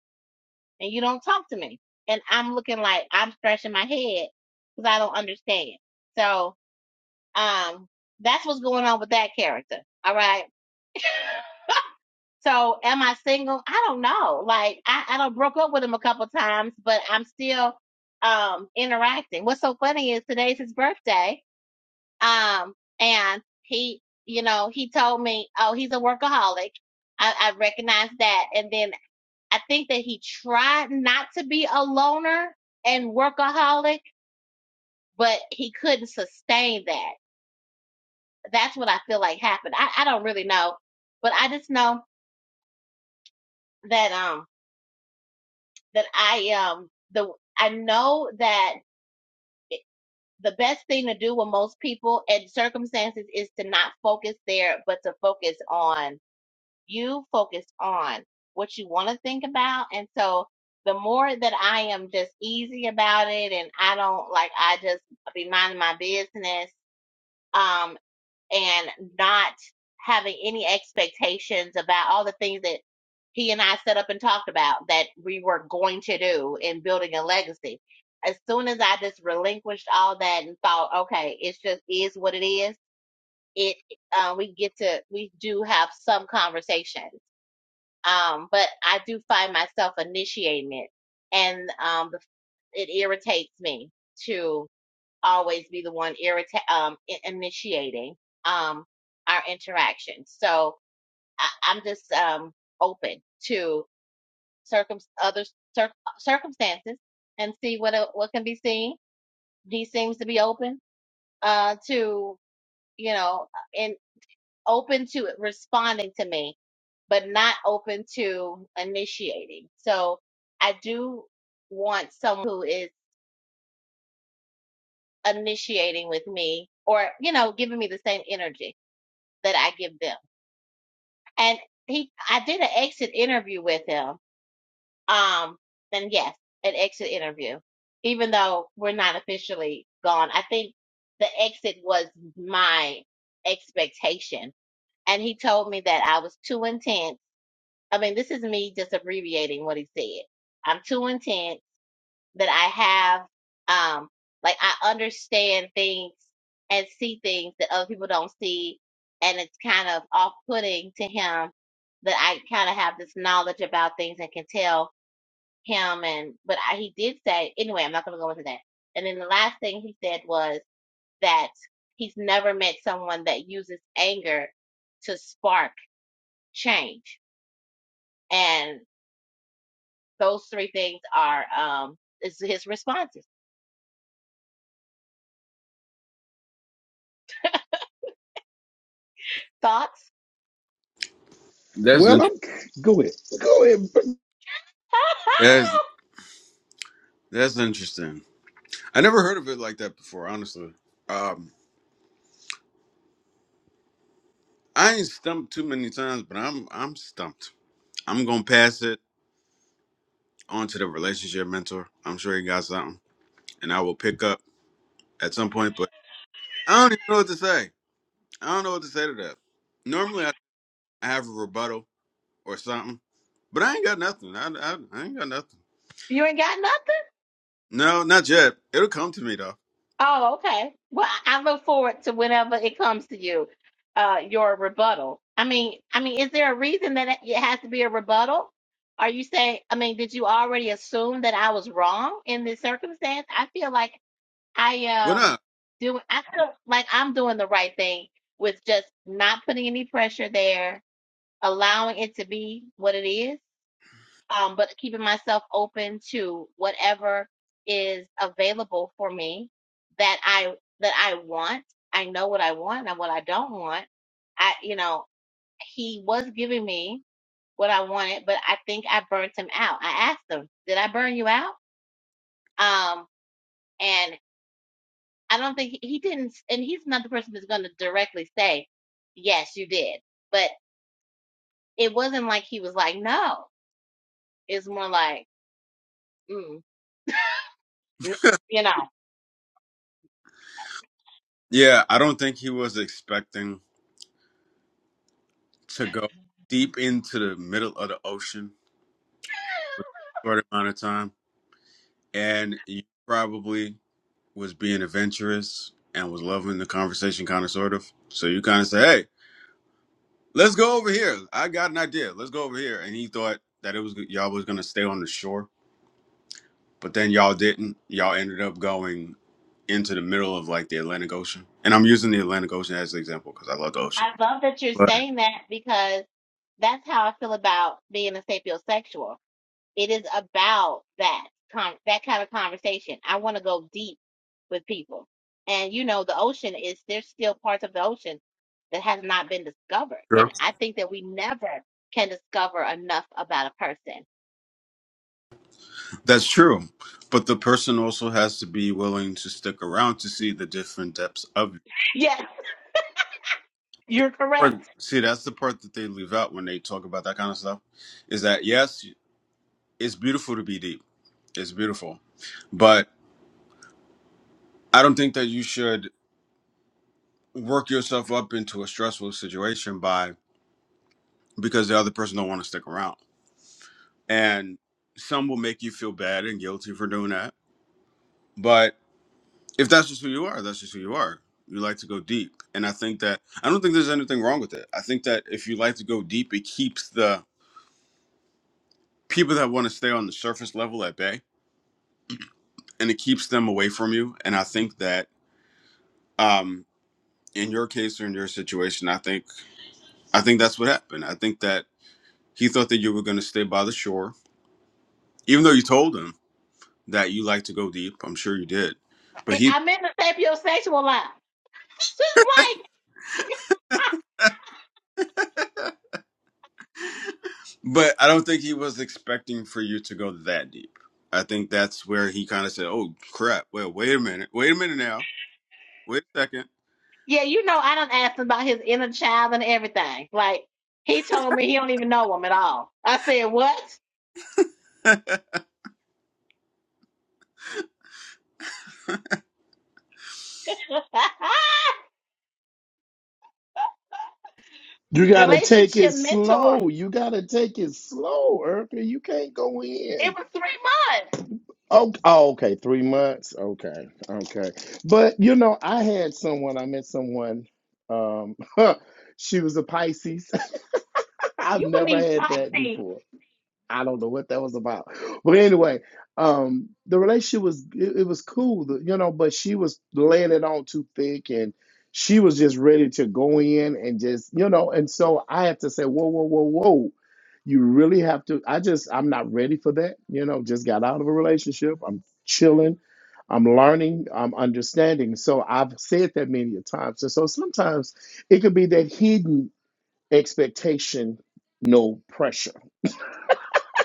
S1: and you don't talk to me. And I'm looking like I'm scratching my head because I don't understand. So um, that's what's going on with that character. All right. So am I single? I don't know. Like I, I do broke up with him a couple times, but I'm still um interacting. What's so funny is today's his birthday. Um and he you know, he told me, Oh, he's a workaholic. I, I recognize that. And then I think that he tried not to be a loner and workaholic, but he couldn't sustain that. That's what I feel like happened. I, I don't really know, but I just know that um that I um the I know that the best thing to do with most people and circumstances is to not focus there, but to focus on you, focus on what you want to think about. And so the more that I am just easy about it and I don't like I just be minding my business um, and not having any expectations about all the things that he and I set up and talked about that we were going to do in building a legacy. As soon as I just relinquished all that and thought, okay, it's just is what it is. It uh, we get to we do have some conversations, um, but I do find myself initiating it, and um, the- it irritates me too always be the one irrita- um, initiating um, our interaction. So I- I'm just um, open to circum- other cir- circumstances and see what el- what can be seen. He seems to be open uh, to you know and open to responding to me, but not open to initiating. So I do want someone who is initiating with me or you know giving me the same energy that I give them. And he, I did an exit interview with him. Um, and yes, an exit interview, even though we're not officially gone. I think the exit was my expectation. And he told me that I was too intense. I mean, this is me just abbreviating what he said. I'm too intense that I have. Um, like I understand things and see things that other people don't see, and it's kind of off-putting to him that I kind of have this knowledge about things and can tell him. And but I, he did say anyway. I'm not going to go into that. And then the last thing he said was that he's never met someone that uses anger to spark change. And those three things are um is his responses. Thoughts?
S2: That's
S3: Well,
S2: interesting.
S3: I'm go ahead, go ahead.
S2: That's that's interesting. I never heard of it like that before. Honestly, um, I ain't stumped too many times, but I'm I'm stumped. I'm gonna pass it on to the relationship mentor. I'm sure he got something, and I will pick up at some point. But I don't even know what to say. I don't know what to say to that. Normally, I I have a rebuttal or something, but I ain't got nothing. I, I, I ain't got nothing.
S1: You ain't got nothing?
S2: No, not yet. It'll come to me though.
S1: Oh, okay. Well, I I look forward to whenever it comes to you, uh, your rebuttal. I mean, I mean, is there a reason that it it has to be a rebuttal? Are you saying, I mean, did you already assume that I was wrong in this circumstance? I feel like I
S2: Well,
S1: um
S2: not?
S1: do I feel like I'm doing the right thing with just not putting any pressure there, allowing it to be what it is. um, but keeping myself open to whatever is available for me that I that I want. I know what I want and what I don't want. I you know he was giving me what I wanted, but I think I burnt him out. I asked him, "Did I burn you out?" Um, and I don't think he, didn't. And he's not the person that's going to directly say, "Yes, you did," but it wasn't like he was like, "No." It's more like, mm, n- you know.
S2: Yeah, I don't think he was expecting to go deep into the middle of the ocean for a short amount of time. And you probably was being adventurous and was loving the conversation, kind of, sort of. So you kind of say, "Hey, let's go over here. I got an idea. Let's go over here." And he thought that it was y'all was gonna stay on the shore. But then y'all didn't. Y'all ended up going into the middle of like the Atlantic Ocean. And I'm using the Atlantic Ocean as an example because I love the ocean.
S1: I love that you're
S2: Right.
S1: saying that because that's how I feel about being a sapiosexual. It is about that con- that kind of conversation. I want to go deep with people, and you know, the ocean is there's still parts of the ocean that has not been discovered, and
S2: True.
S1: I think that we never can discover enough about a person.
S2: That's true. But the person also has to be willing to stick around to see the different depths of it.
S1: Yes, you're
S2: Right.
S1: correct.
S2: See, that's the part that they leave out when they talk about that kind of stuff is that, yes, it's beautiful to be deep. It's beautiful. But I don't think that you should work yourself up into a stressful situation by because the other person don't want to stick around and some will make you feel bad and guilty for doing that but if that's just who you are that's just who you are you like to go deep and i think that i don't think there's anything wrong with it i think that if you like to go deep it keeps the people that want to stay on the surface level at bay and it keeps them away from you and i think that um in your case or in your situation i think i think that's what happened i think that he thought that you were going to stay by the shore even though you told him that you like to go deep i'm sure you did but
S1: I-
S2: he.
S1: I'm in the sapiosexual line. Just like.
S2: But I don't think he was expecting for you to go that deep. I think that's where he kind of said, "Oh crap! Well, wait a minute. Wait a minute now. Wait a second.
S1: Yeah, you know, I done asked him about his inner child and everything. Like, he told me he don't even know him at all. I said, what?
S3: You gotta take it
S1: Relationship mentor.
S3: slow. You gotta take it slow, Erica. You can't go
S1: It
S3: in.
S1: was three months.
S3: Oh, oh, okay, three months. Okay, okay. But you know, I had someone. I met someone. Um, she was a Pisces. I've
S1: You would
S3: never
S1: need
S3: had that
S1: Pisces.
S3: before. I don't know what that was about. But anyway, um, the relationship was it, it was cool, you know, but she was laying it on too thick and she was just ready to go in and just, you know, and so I had to say, whoa, whoa, whoa, whoa. You really have to I just I'm not ready for that. You know, just got out of a relationship. I'm chilling. I'm learning, I'm understanding. So I've said that many a times. And so sometimes it could be that hidden expectation, no pressure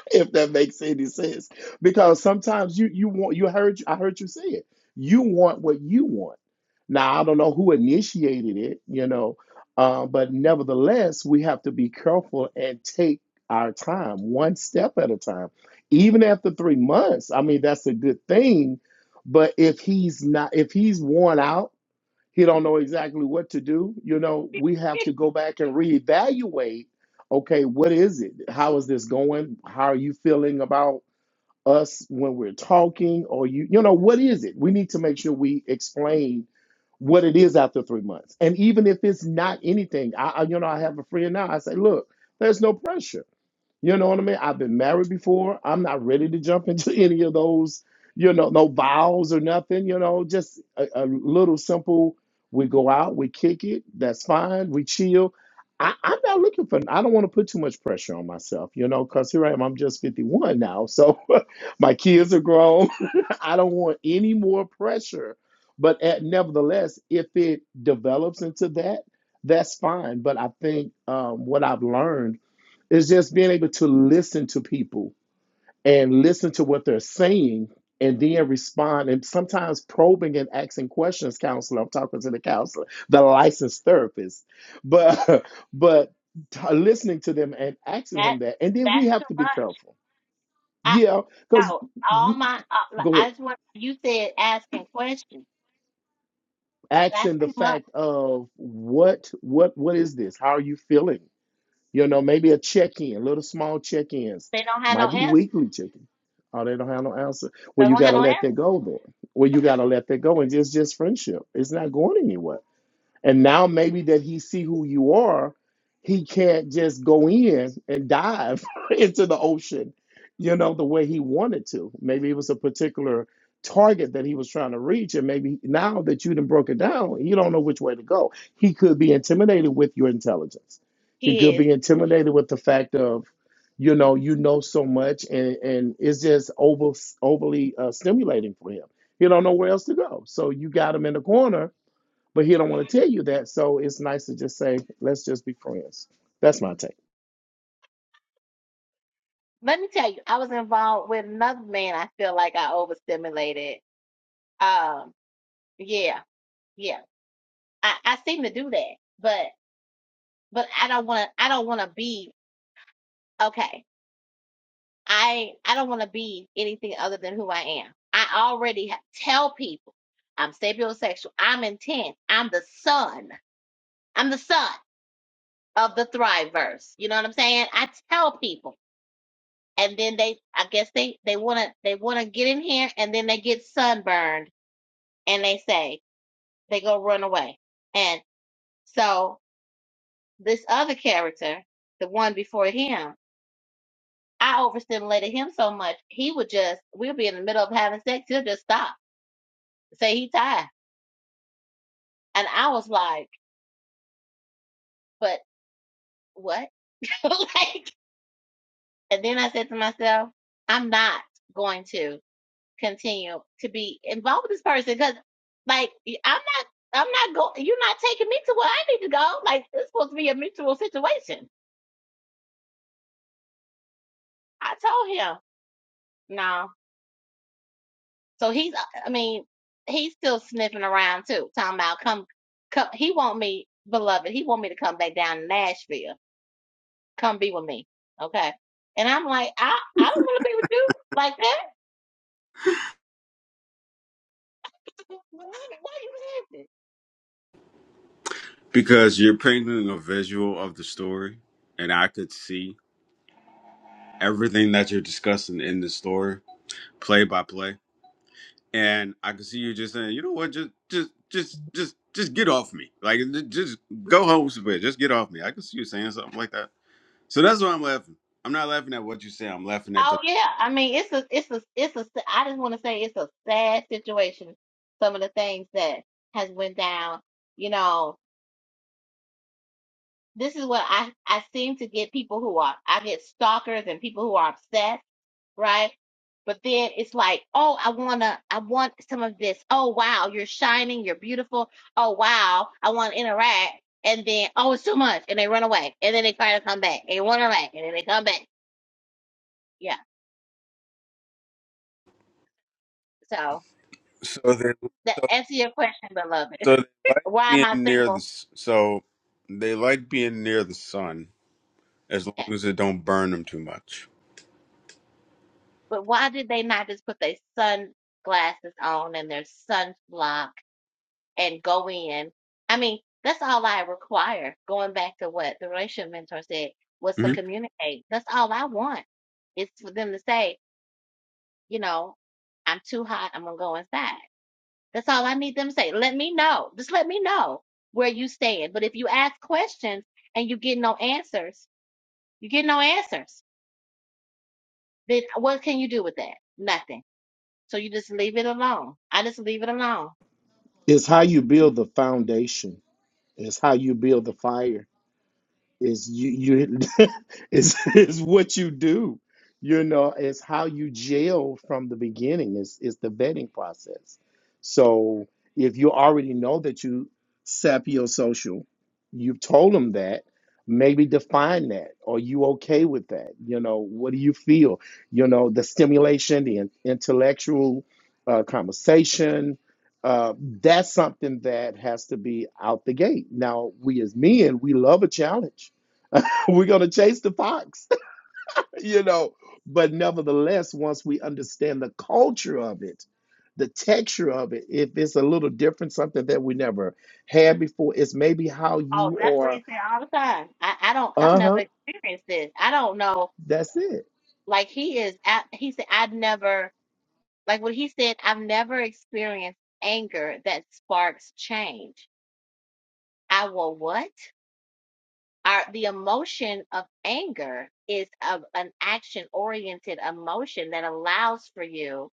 S3: if that makes any sense. Because sometimes you you want you heard I heard you say it. You want what you want. Now I don't know who initiated it, you know, uh, but nevertheless we have to be careful and take our time, one step at a time. Even after three months, I mean that's a good thing. But if he's not, if he's worn out he don't know exactly what to do you know we have to go back and reevaluate okay what is it how is this going how are you feeling about us when we're talking or you you know what is it we need to make sure we explain what it is after three months and even if it's not anything i, I you know i have a friend now i say look there's no pressure you know what I mean? I've been married before. I'm not ready to jump into any of those, you know, no vows or nothing, you know, just a, a little simple. We go out, we kick it. That's fine. We chill. I, I'm not looking for, I don't want to put too much pressure on myself, you know, because here I am. I'm just 51 now. So my kids are grown. I don't want any more pressure. But at, nevertheless, if it develops into that, that's fine. But I think um, what I've learned it's just being able to listen to people and listen to what they're saying and then respond and sometimes probing and asking questions, counselor. I'm talking to the counselor, the licensed therapist. But but t- listening to them and asking
S1: that
S3: him that. And then we
S1: that's
S3: have
S1: too
S3: to be
S1: much.
S3: careful.
S1: I
S3: Yeah, because
S1: no, all
S3: we
S1: my uh, like,
S3: go
S1: I
S3: ahead.
S1: just want you said asking questions. That's
S3: Asking the
S1: too much.
S3: fact of what what what is this? How are you feeling? You know, maybe a check-in, little small check-ins.
S1: They don't have no
S3: Might be
S1: answer.
S3: weekly check-in. Oh, they don't have no answer.
S1: They
S3: Well, you
S1: don't have
S3: gotta
S1: no answer.
S3: let that go then. Well, you gotta let that go and just just friendship. It's not going anywhere and now maybe that he see who you are, he can't just go in and dive into the ocean, you know, the way he wanted to. Maybe it was a particular target that he was trying to reach. And maybe now that you done broke it down, you don't know which way to go. He could be intimidated with your intelligence. He could
S1: Kids.
S3: be intimidated with the fact of, you know, you know so much and, and it's just over, overly uh, stimulating for him. He don't know where else to go. So you got him in the corner but he don't want to tell you that. So it's nice to just say, let's just be friends. That's my take.
S1: Let me tell you, I was involved with another man. I feel like I overstimulated. Um, yeah, yeah. I, I seem to do that, but but I don't want to. I don't want to be okay. I I don't want to be anything other than who I am. I already ha- tell people I'm sapiosexual. I'm intense. I'm the son. I'm the son of the Thriveverse. You know what I'm saying? I tell people, and then they. I guess they they wanna they wanna get in here, and then they get sunburned, and they say they go run away. And so this other character, the one before him, I overstimulated him so much, he would just, we'll be in the middle of having sex, he'll just stop, say he tired. And I was like, but what? like, and then I said to myself, I'm not going to continue to be involved with this person because, like, i I'm not, I'm not going, you're not taking me to where I need to go. Like, it's supposed to be a mutual situation. I told him, no. So he's, uh, I mean, he's still sniffing around too, talking about come, come. He want me, beloved. He want me to come back down to Nashville. Come be with me, okay? And I'm like, I, I don't want to be with you like that. Why, why you laughing?
S2: Because you're painting a visual of the story, and I could see everything that you're discussing in the story, play by play, and I could see you just saying, "You know what? Just, just, just, just, just get off me. Like, j- just go home somewhere. Just get off me." I could see you saying something like that. So that's why I'm laughing. I'm not laughing at what you say. I'm laughing at the.
S1: Oh yeah, I mean, it's a, it's a, it's a. I just want to say it's a sad situation. Some of the things that has went down, you know. This is what I, I seem to get people who are, I get stalkers and people who are obsessed right? But then it's like, oh, I wanna, I want some of this. Oh wow, you're shining, you're beautiful. Oh wow, I want to interact. And then, oh, it's too much, and they run away, and then they try to come back, and they run away, and then they come back. Yeah. So
S2: So then
S1: that answer your question, beloved.
S2: So they like
S1: why am
S2: being
S1: I
S2: near the
S1: single?
S2: s- so they like being near the sun as
S1: Yeah.
S2: long as it don't burn them too much.
S1: But why did they not just put their sunglasses on and their sunblock and go in. I mean, that's all I require. Going back to what the relationship mentor said was to
S2: Mhm.
S1: communicate. That's all I want is for them to say, you know, I'm too hot. I'm gonna go inside. That's all I need them to say. Let me know. Just let me know where you stand. But if you ask questions and you get no answers, you get no answers. Then what can you do with that? Nothing. So you just leave it alone. I just leave it alone
S3: It's how you build the foundation. It's how you build the fire. Is you you is is what you do. You know, it's how you jail from the beginning. Is is the vetting process. So if you already know that you sapiosocial, you've told them that, maybe define that. Are you okay with that? You know, what do you feel? You know, the stimulation, the in- intellectual uh, conversation, uh, that's something that has to be out the gate. Now, we as men, we love a challenge We're going to chase the fox, you know. But nevertheless, once we understand the culture of it, the texture of it, if it's a little different, something that we never had before, it's maybe how
S1: Oh,
S3: you
S1: that's what
S3: are.
S1: he's saying all the time. I, I don't, I've
S3: Uh
S1: never
S3: huh.
S1: experienced this. I don't know.
S3: That's it.
S1: Like he is, I, he said, I've never, like what he said, I've never experienced anger that sparks change. I will what? Our, the emotion of anger is a, an action oriented emotion that allows for you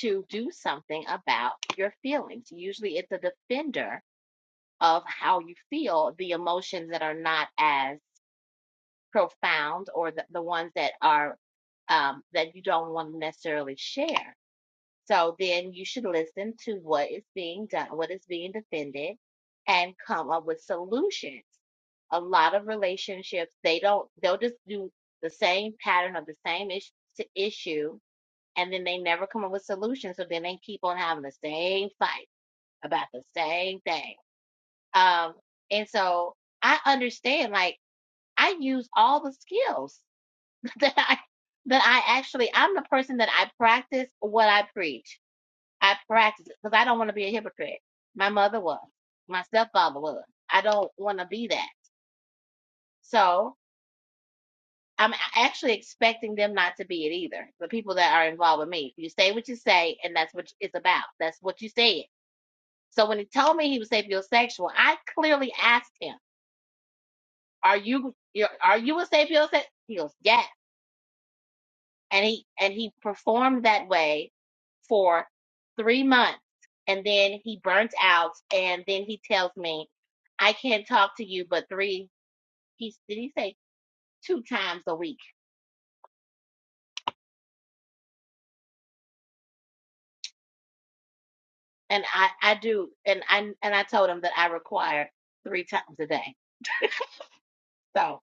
S1: to do something about your feelings. Usually it's a defender of how you feel, the emotions that are not as profound or the, the ones that are um, that you don't want to necessarily share. So then you should listen to what is being done, what is being defended, and come up with solutions. A lot of relationships, they don't, they'll just do the same pattern of the same is- s- issue, and then they never come up with solutions. So then they keep on having the same fight about the same thing. Um, and so I understand, like, I use all the skills that I that I actually I'm the person that I practice what I preach. I practice it because I don't want to be a hypocrite. My mother was. My stepfather was. I don't want to be that. So I'm actually expecting them not to be it either. The people that are involved with me, you say what you say, and that's what it's about. That's what you said. So when he told me he was sapiosexual, I clearly asked him, "Are you you're- are you a sapiosexual?" He goes, "Yes." and he and he performed that way for three months and then he burnt out and then he tells me i can't talk to you but three he did he say two times a week and i i do and i and i told him that i require three times a day so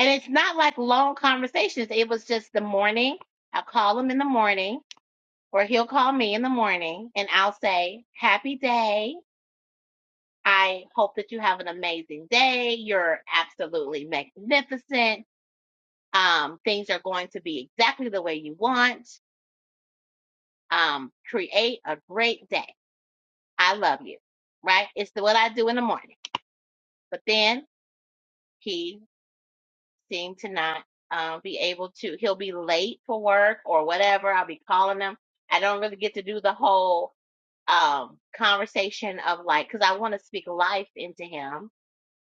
S1: and it's not like long conversations it was just the morning i'll call him in the morning or he'll call me in the morning and i'll say happy day I hope that you have an amazing day. You're absolutely magnificent. Um, things are going to be exactly the way you want. Um, create a great day. I love you, right? It's the, what I do in the morning. But then he seemed to not uh, be able to, he'll be late for work or whatever. I'll be calling him. I don't really get to do the whole um, conversation of like, because I want to speak life into him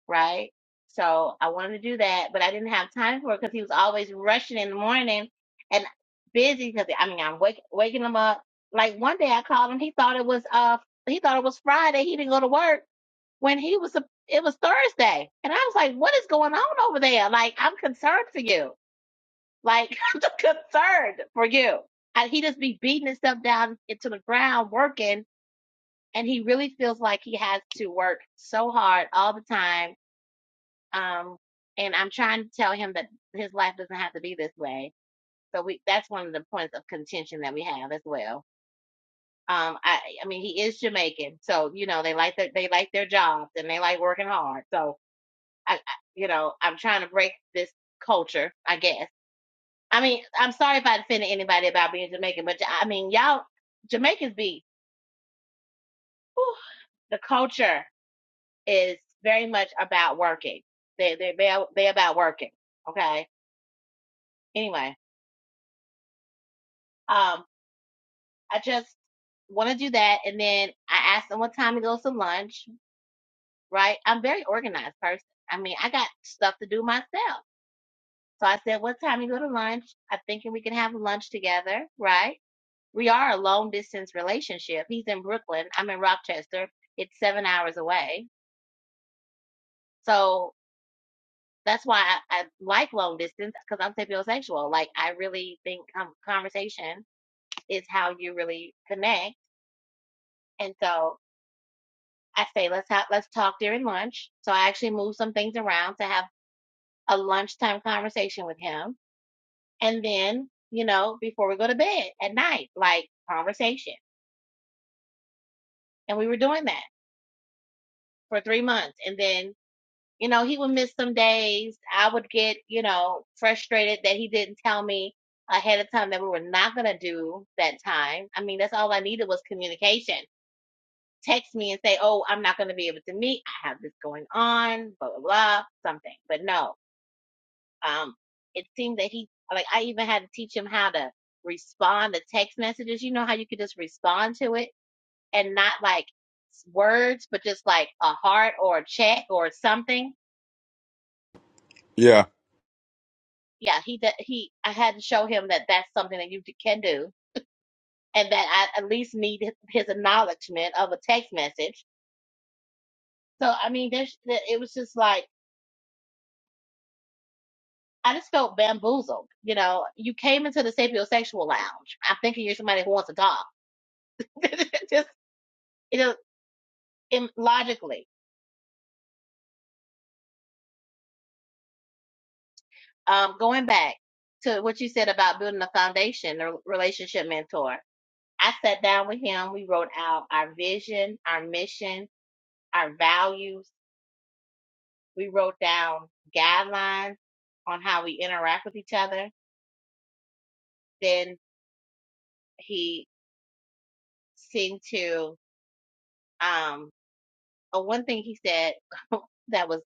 S1: right? So I wanted to do that, but I didn't have time for it because he was always rushing in the morning and busy. Because I mean, I'm wake, waking him up. Like one day I called him. He thought it was uh he thought it was Friday. He didn't go to work when he was sup- it was Thursday, and I was like, what is going on over there? Like I'm concerned for you. Like I'm concerned for you. And he just be beating himself down into the ground working, and he really feels like he has to work so hard all the time um, and I'm trying to tell him that his life doesn't have to be this way. So we that's one of the points of contention that we have as well. Um, I I mean he is Jamaican, so you know they like their they like their jobs and they like working hard. So I, I you know I'm trying to break this culture, I guess. I mean I'm sorry if I offended anybody about being Jamaican, but I mean y'all Jamaicans be whew, the culture is very much about working. They they they they about working. Okay. Anyway, um. I just want to do that. And then I ask them what time he goes to lunch, right? I'm a very organized person. I mean, I got stuff to do myself. So I said, what time you go to lunch? I'm thinking we can have lunch together, right? We are a long distance relationship. He's in Brooklyn. I'm in Rochester. It's seven hours away. So that's why I, I like long distance because I'm sapiosexual. Like I really think um, conversation is how you really connect. And so I say let's have let's talk during lunch. So I actually moved some things around to have a lunchtime conversation with him, and then you know before we go to bed at night, like conversation. And we were doing that for three months, and then you know he would miss some days. I would get you know frustrated that he didn't tell me ahead of time that we were not going to do that time. I mean that's all I needed was communication. Text me and say, "Oh, I'm not going to be able to meet. I have this going on." Blah blah blah, something. But no, um, it seemed that he like I even had to teach him how to respond to text messages. You know how you could just respond to it and not like words, but just like a heart or a check or something.
S2: Yeah.
S1: Yeah, he d- he. I had to show him that that's something that you d- can do, and that I at least need his, his acknowledgement of a text message. So I mean, there's th- it was just like. I just felt bamboozled. You know, you came into the sapiosexual lounge. I'm thinking you're somebody who wants to talk. just in, logically, um, going back to what you said about building a foundation, the relationship mentor, I sat down with him. We wrote out our vision, our mission, our values. We wrote down guidelines on how we interact with each other. Then he seemed to, um, oh, one thing he said that was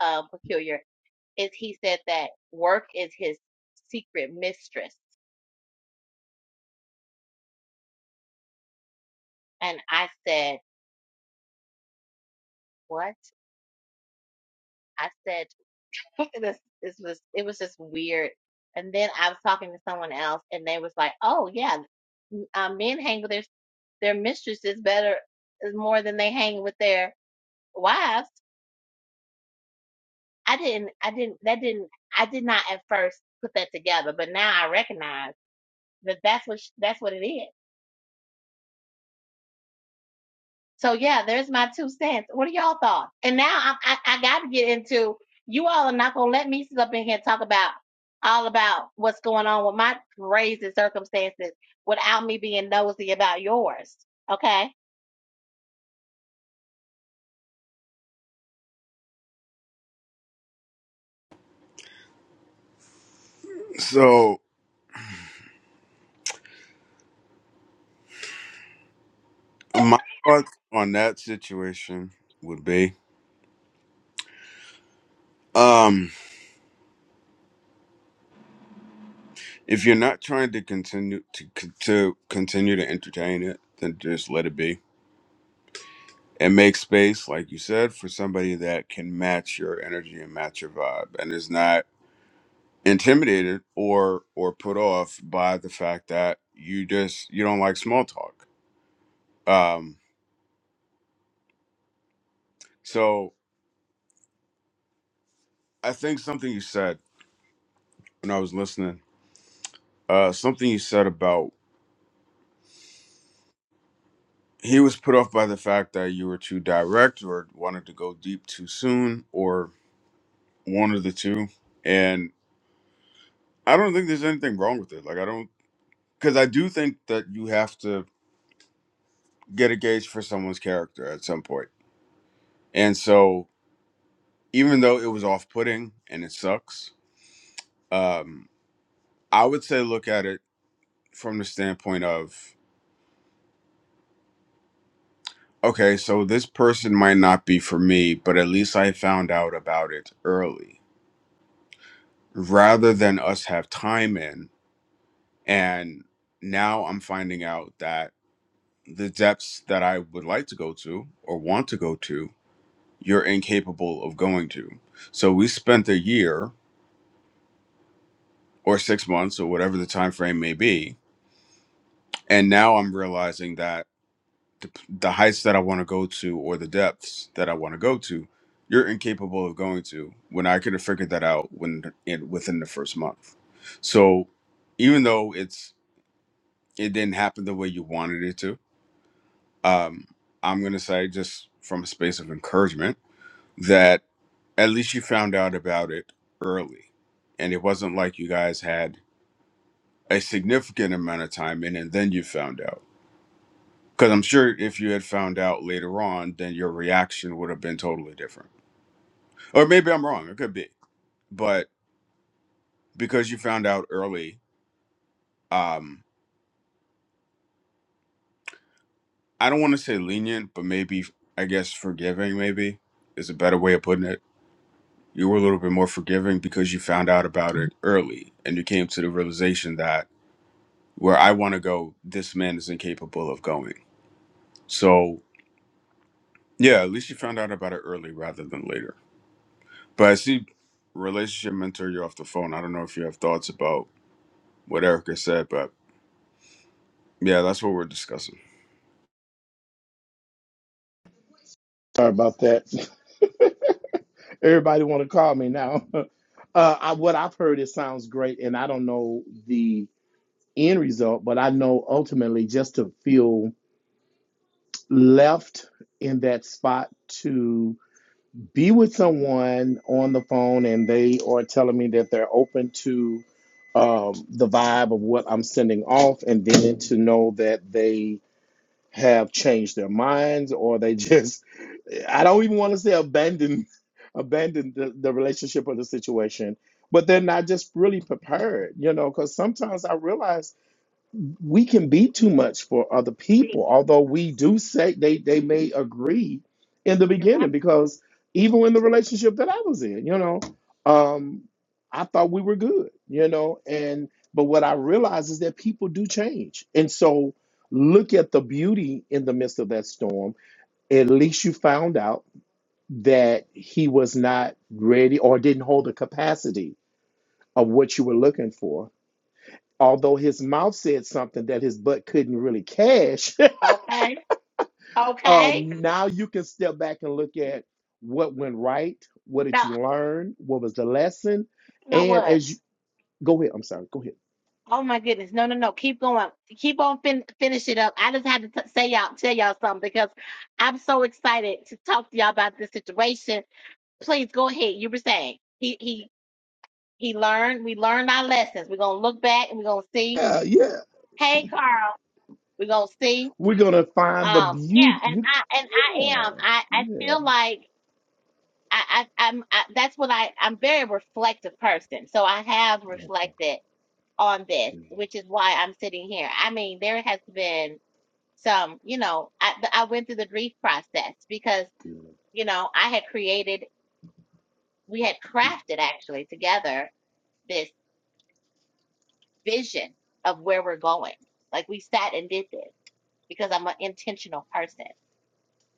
S1: uh, peculiar is he said that work is his secret mistress. And I said, what? I said, it this was it was just weird. And then I was talking to someone else, and they was like, "Oh yeah, um, men hang with their their mistresses better is more than they hang with their wives." I didn't, I didn't, that didn't, I did not at first put that together, but now I recognize that that's what sh- that's what it is. So yeah, there's my two cents. What are y'all thoughts? And now I, I, I got to get into you all are not gonna let me sit up in here and talk about all about what's going on with my crazy circumstances without me being nosy about yours. Okay,
S2: So my thoughts on that situation would be um if you're not trying to continue to con- to continue to entertain it, then just let it be. And make space, like you said, for somebody that can match your energy and match your vibe, and is not intimidated or or put off by the fact that you just you don't like small talk um so i think something you said when i was listening uh something you said about he was put off by the fact that you were too direct or wanted to go deep too soon or one of the two and i don't think there's anything wrong with it like i don't because i do think that you have to get a gauge for someone's character at some point point. and so even though it was off-putting and it sucks um i would say look at it from the standpoint of okay so this person might not be for me but at least i found out about it early rather than us have time in and now i'm finding out that the depths that i would like to go to or want to go to you're incapable of going to so we spent a year or 6 months or whatever the time frame may be and now i'm realizing that the, the heights that I want to go to or the depths that I want to go to, you're incapable of going to. When I could have figured that out when in, within the first month. So even though it's it didn't happen the way you wanted it to, um, I'm gonna say just from a space of encouragement that at least you found out about it early, and it wasn't like you guys had a significant amount of time in, and then you found out Because I'm sure if you had found out later on, then your reaction would have been totally different. Or maybe I'm wrong. It could be. But because you found out early, um, I don't want to say lenient, but maybe, I guess, forgiving, maybe is a better way of putting it. You were a little bit more forgiving because you found out about it early and you came to the realization that where I want to go, this man is incapable of going. So, yeah, at least you found out about it early rather than later. But I see relationship mentor, you're off the phone. I don't know if you have thoughts about what Erica said, but yeah, that's what we're discussing.
S3: Sorry about that. Everybody want to call me now. Uh, I, what I've heard, it sounds great, and I don't know the end result, but I know ultimately just to feel left in that spot to. be with someone on the phone and they are telling me that they're open to um, the vibe of what I'm sending off, and then to know that they have changed their minds or they just, I don't even want to say abandon, abandon the, the relationship or the situation, but they're not just really prepared, you know, because sometimes I realize we can be too much for other people, although we do say they, they may agree in the
S1: you're right.
S3: beginning because even in the relationship that I was in, you know, um, I thought we were good, you know, and but what I realized is that people do change. And so look at the beauty in the midst of that storm. At least you found out that he was not ready or didn't hold the capacity of what you were looking for although his mouth said something that his butt couldn't really cash,
S1: Okay, okay.
S3: um, now you can step back and look at what went right, what did
S1: Now
S3: you learn, what was the lesson,
S1: you know
S3: and
S1: what?
S3: as you go ahead, I'm sorry, go ahead.
S1: Oh my goodness! No, no, no. Keep going. Keep on fin- finish it up. I just had to t- say y'all, tell y'all something because I'm so excited to talk to y'all about this situation. Please go ahead. You were saying he he He learned, we learned our lessons. We're gonna look back and we're gonna see.
S3: Yeah, yeah,
S1: Hey Carl, we're gonna see.
S3: we're gonna find the
S1: Um, yeah,
S3: beauty.
S1: and
S3: You,
S1: I and
S3: yeah,
S1: I am. I I feel
S3: yeah,
S1: like I, I I'm I, that's what I I'm a very reflective person. So I have reflected on this, which is why I'm sitting here. I mean, there has been some, you know, I I went through the grief process because you know I had created, we had crafted actually together this vision of where we're going. Like we sat and did this. because I'm an intentional person.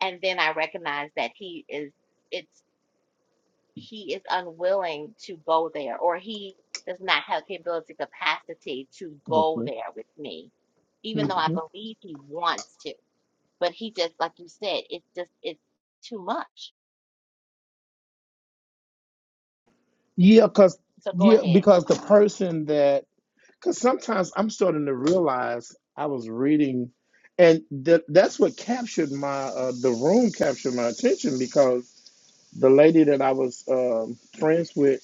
S1: And then I recognize that he is it's he is unwilling to go there or he does not have the ability capacity to go
S3: Mhm,
S1: there with me, even though I
S3: mhm.
S1: believe he wants to. But he just like you said, it's just it's too much.
S3: yeah, because
S1: So go
S3: yeah,
S1: ahead.
S3: because the person that Because sometimes I'm starting to realize I was reading, and th- that's what captured my uh, the room captured my attention because the lady that I was um, friends with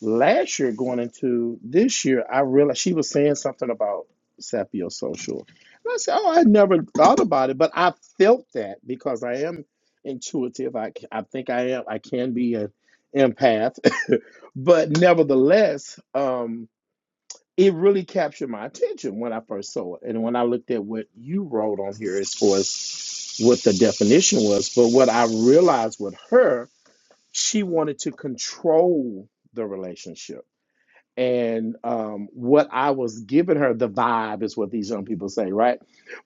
S3: last year going into this year, I realized she was saying something about sapiosocial. And I said, "Oh, I never thought about it, but I felt that because I am intuitive. I I think I am. I can be an empath, but nevertheless." Um, it really captured my attention when I first saw it. And when I looked at what you wrote on here as far as what the definition was, but what I realized with her, she wanted to control the relationship. And um, what I was giving her, the vibe is what these young people say, right?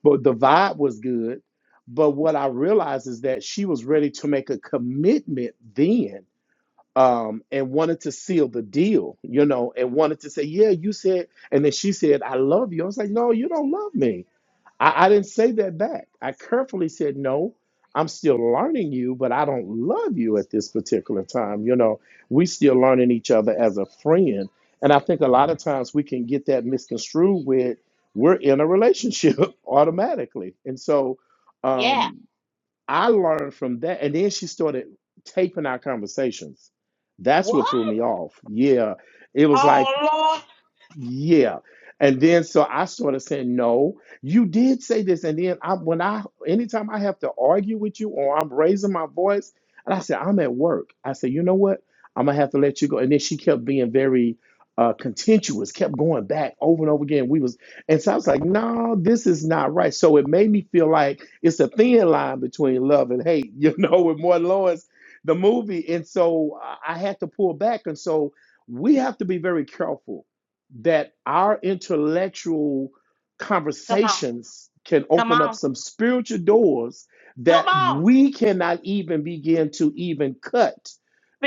S3: But the vibe was good. But what I realized is that she was ready to make a commitment then um, and wanted to seal the deal, you know, and wanted to say, Yeah, you said, and then she said, I love you. I was like, No, you don't love me. I, I didn't say that back. I carefully said, No, I'm still learning you, but I don't love you at this particular time. You know, we still learning each other as a friend. And I think a lot of times we can get that misconstrued with we're in a relationship automatically. And so,
S1: Yeah.
S3: um, I learned from that, and then she started taping our conversations. That's what threw me
S1: What?
S3: off. Yeah, it was like
S1: Oh Lord.
S3: yeah. And then so I sort of said, no, you did say this. And then I when I anytime I have to argue with you or I'm raising my voice, and I said, I'm at work. I said, you know what? I'm gonna have to let you go. And then she kept being very uh contentious, kept going back over and over again. We was and so I was like, no, this is not right. So it made me feel like it's a thin line between love and hate, you know, with Martin Lawrence, the movie. And so I I had to pull back. And so we have to be very careful that our intellectual
S1: Come on.
S3: conversations can
S1: Come
S3: open up
S1: on.
S3: some spiritual doors
S1: Come
S3: that
S1: on.
S3: we cannot even begin to even cut.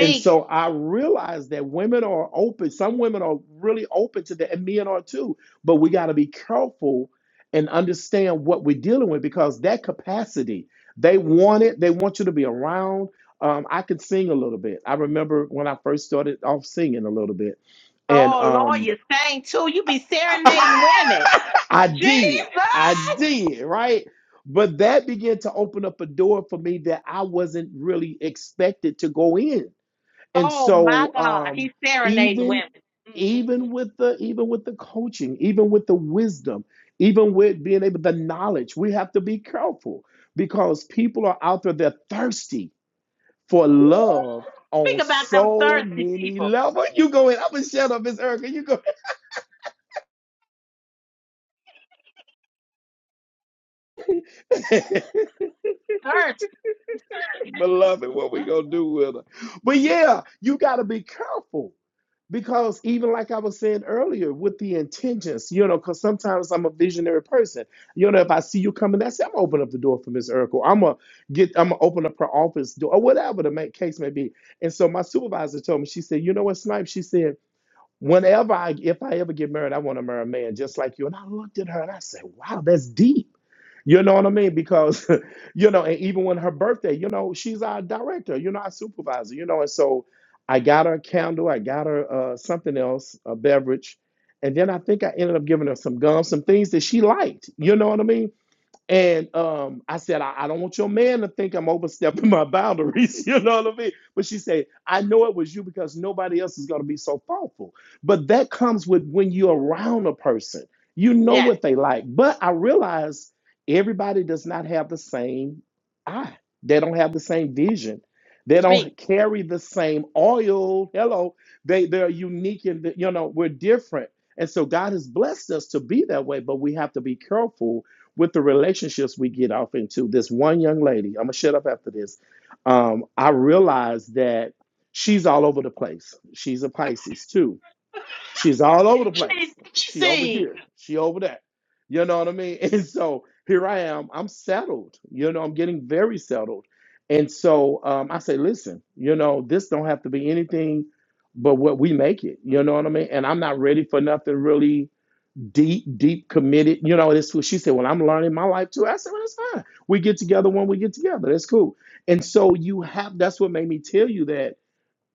S3: And so I realize that women are open. Some women are really open to that, and men are too. But we got to be careful and understand what we're dealing with because that capacity, they want it. They want you to be around. Um, I could sing a little bit. I remember when I first started off singing a little bit, and
S1: Oh Lord,
S3: um,
S1: you sang too. You be serenading women.
S3: I did. I
S1: Jesus.
S3: did, right? But that began to open up a door for me that I wasn't really expected to go in. And
S1: Oh my
S3: so
S1: God,
S3: um
S1: he's serenading
S3: even
S1: women. Mm-mm-mm.
S3: even with the even with the coaching, even with the wisdom, even with being able the knowledge, we have to be careful because people are out there they're thirsty for
S1: Woo!
S3: love
S1: Speak
S3: on
S1: about them
S3: so
S1: thirsty
S3: many
S1: people.
S3: levels. You go in. I'm gonna shut up, Miss Erica. You go.
S1: Thirsty.
S3: beloved, what we gonna do with her. But yeah, you gotta be careful because even like I was saying earlier, with the intentions, you know, because sometimes I'm a visionary person. You know, if I see you coming, that's it, I'm gonna open up the door for Miss Urkel. I'm gonna get, I'm gonna open up her office door or whatever the make, case may be. And so my supervisor told me, she said, you know what, Snipe? She said. Whenever I, if I ever get married, I want to marry a man just like you. And I looked at her and I said, wow, that's deep. You know what I mean? Because, you know, and even when her birthday, you know, she's our director, you know, our supervisor, you know. And so I got her a candle, I got her uh, something else, a beverage. And then I think I ended up giving her some gum, some things that she liked. You know what I mean? And um, I said, I, I don't want your man to think I'm overstepping my boundaries. You know what I mean? But she said, I know it was you because nobody else is going to be so thoughtful. But that comes with when you're around a person, you know
S1: Yes,
S3: what they like. But I realize everybody does not have the same eye, they don't have the same vision. They
S1: speak.
S3: don't carry the same oil. Hello, they they're unique and you know we're different. And so God has blessed us to be that way, but we have to be careful with the relationships we get off into. This one young lady, I'm gonna shut up after this. Um, I realized that she's all over the place. She's a Pisces too. She's all over the
S1: She needs
S3: place.
S1: what she
S3: She over
S1: see.
S3: here. She over there. You know what I mean? And so here I am. I'm settled. You know, I'm getting very settled. And so um, I say, listen, you know, this don't have to be anything but what we make it. You know what I mean? And I'm not ready for nothing really deep, deep committed. You know, this she said. Well, I'm learning my life too. I said, well, that's fine. We get together when we get together. That's cool. And so you have. That's what made me tell you that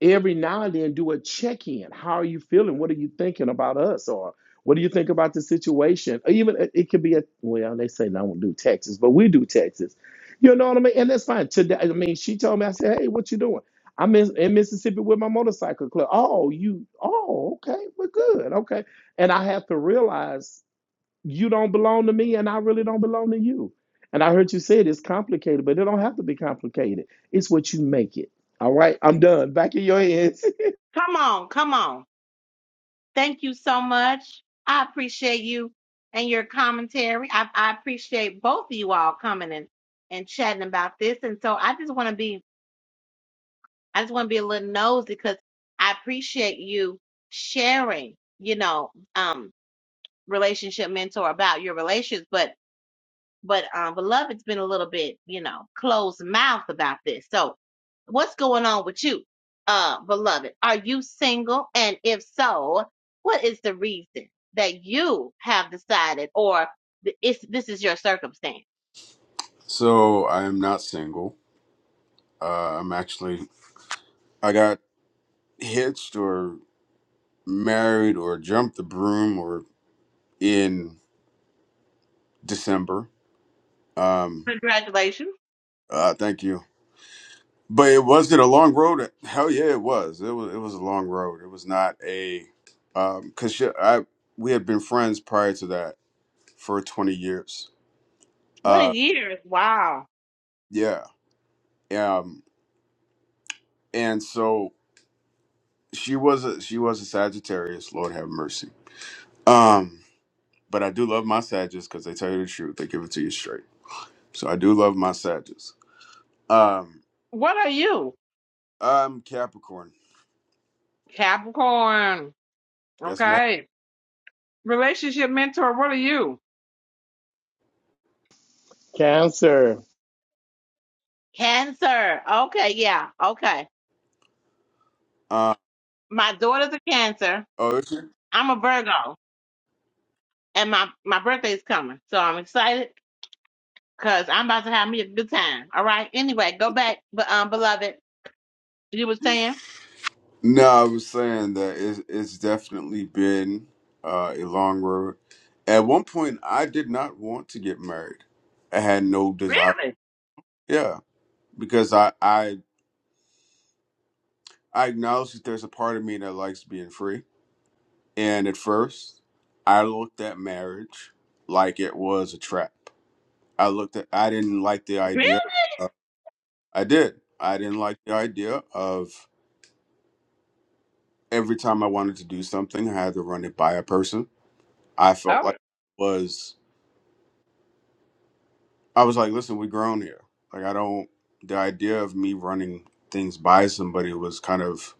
S3: every now and then do a check in. How are you feeling? What are you thinking about us? Or what do you think about the situation? Or even it it could be a well, they say no not do Texas, but we do Texas. You know what I mean? And that's fine. Today, I mean, she told me, I said, hey, what you doing? I'm in, in Mississippi with my motorcycle club. Oh, you, oh, okay, we're good, okay. And I have to realize you don't belong to me and I really don't belong to you. And I heard you say it, it's complicated, but it don't have to be complicated. It's what you make it. All right, I'm done. Back in your hands.
S1: Come on, come on. Thank you so much. I appreciate you and your commentary. I, I appreciate both of you all coming and, and chatting about this. And so I just want to be, I just want to be a little nosy because I appreciate you sharing, you know, um. relationship mentor about your relations, but but um, beloved's been a little bit, you know, closed mouth about this. So, what's going on with you, uh, beloved? Are you single? And if so, what is the reason that you have decided, or th- it's this is your circumstance?
S2: So I am not single. Uh, I'm actually, I got hitched or married or jumped the broom or in December. Um,
S1: Congratulations!
S2: uh, thank you. But it wasn't a long road. Hell yeah, it was. It was, it was a long road. It was not a, um, cause she, I, we had been friends prior to that for 20 years.
S1: What a
S2: Uh,
S1: year. Wow.
S2: yeah. Um, and so she was a she was a Sagittarius. Lord have mercy. Um, but I do love my Sagittarius because they tell you the truth. They give it to you straight. So I do love my Sagittarius. Um,
S1: What are you?
S2: I'm Capricorn.
S1: Capricorn.
S2: Yes, ma'am.
S1: Okay. Relationship mentor, what are you?
S3: Cancer.
S1: Cancer. Okay, yeah, okay.
S2: Uh,
S1: my daughter's a Cancer.
S2: oh, is it?
S1: I'm a Virgo, and my my birthday's coming, so I'm excited because I'm about to have me a good time. All right. Anyway, go back, but um, beloved, you were saying
S2: No, I was saying that it, it's definitely been uh, a long road. At one point, I did not want to get married. I had no desire.
S1: really,
S2: Yeah, because I I I acknowledge that there's a part of me that likes being free And at first, I looked at marriage like it was a trap. I looked at, I didn't like the
S1: really.
S2: idea. Of, I did. I didn't like the idea of every time I wanted to do something, I had to run it by a person. I felt
S1: Oh,
S2: like it was, I was like, listen, we're grown here. Like, I don't, the idea of me running things by somebody was kind of,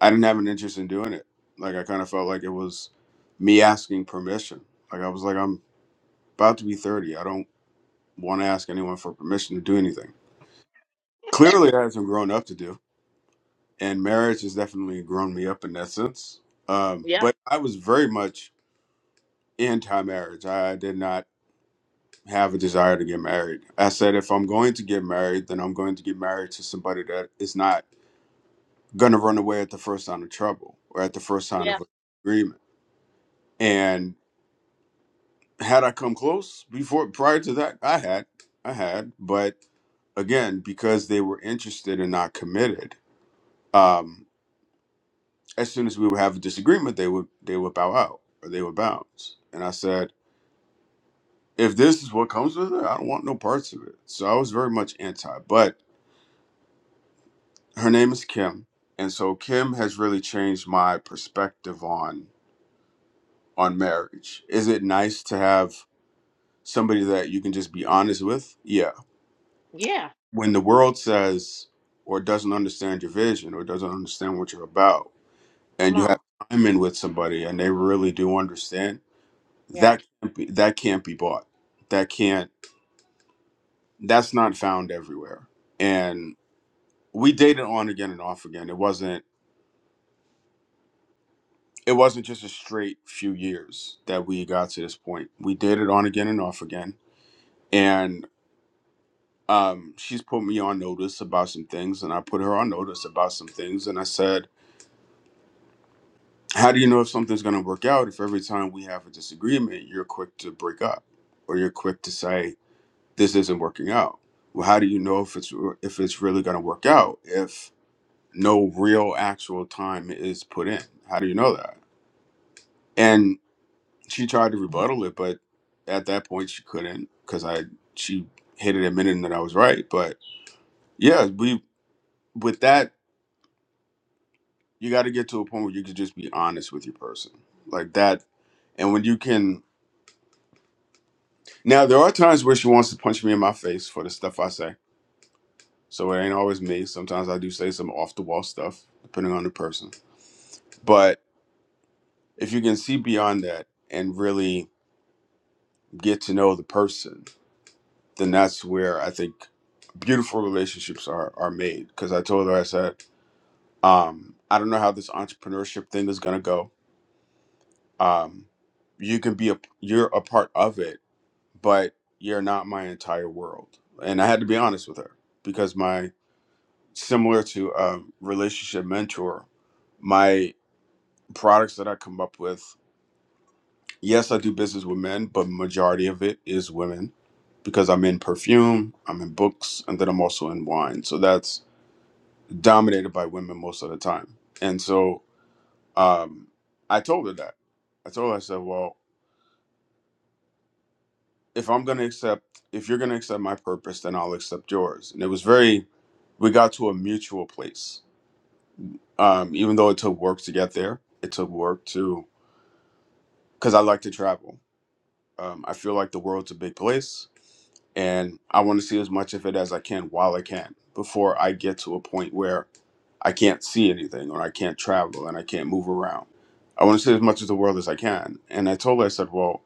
S2: I didn't have an interest in doing it. Like, I kind of felt like it was me asking permission. Like, I was like, I'm about to be 30. I don't want to ask anyone for permission to do anything. Clearly, I had not grown up to do, and marriage has definitely grown me up in that sense. Um,
S1: yeah,
S2: but I was very much anti-marriage. I did not have a desire to get married. I said, if I'm going to get married, then I'm going to get married to somebody that is not going to run away at the first sign of trouble or at the first sign
S1: yeah,
S2: of agreement. And had I come close before prior to that, I had, I had, but again, because they were interested and not committed. Um, as soon as we would have a disagreement, they would they would bow out or they would bounce. And I said, if this is what comes with it, I don't want no parts of it. So I was very much anti. But her name is Kim, and so Kim has really changed my perspective on on marriage. Is it nice to have somebody that you can just be honest with? Yeah.
S1: yeah.
S2: When the world says or doesn't understand your vision or doesn't understand what you're about, and
S1: Come
S2: you have
S1: on,
S2: time in with somebody and they really do understand
S1: yeah.
S2: that can't be, that can't be bought. That can't. That's not found everywhere. And we dated on again and off again. It wasn't. It wasn't just a straight few years that we got to this point. We dated on again and off again. And um, she's put me on notice about some things, and I put her on notice about some things. And I said, "How do you know if something's going to work out? If every time we have a disagreement, you're quick to break up, or you're quick to say." this isn't working out. Well, how do you know if it's if it's really going to work out if no real actual time is put in? How do you know that? And she tried to rebuttal it, but at that point she couldn't because I she hit it admitting that I was right. But yeah, we with that you got to get to a point where you can just be honest with your person like that, and when you can. Now there are times where she wants to punch me in my face for the stuff I say So it ain't always me. Sometimes I do say some off the wall stuff, depending on the person. But if you can see beyond that and really get to know the person, then that's where I think beautiful relationships are are made. Because I told her, I said, um, I don't know how this entrepreneurship thing is gonna go. Um, you can be a you're a part of it, but you're not my entire world. And I had to be honest with her because my similar to a relationship mentor, my products that I come up with. Yes, I do business with men, but majority of it is women because I'm in perfume, I'm in books, and then I'm also in wine. So that's dominated by women most of the time. And so um, I told her that. I told her, I said, well, if I'm going to accept, if you're going to accept my purpose, then I'll accept yours. And it was very, we got to a mutual place. Um, even though it took work to get there, it took work to, because I like to travel. Um, I feel like the world's a big place and I want to see as much of it as I can while I can before I get to a point where I can't see anything or I can't travel and I can't move around. I want to see as much of the world as I can. And I told her, I said, well,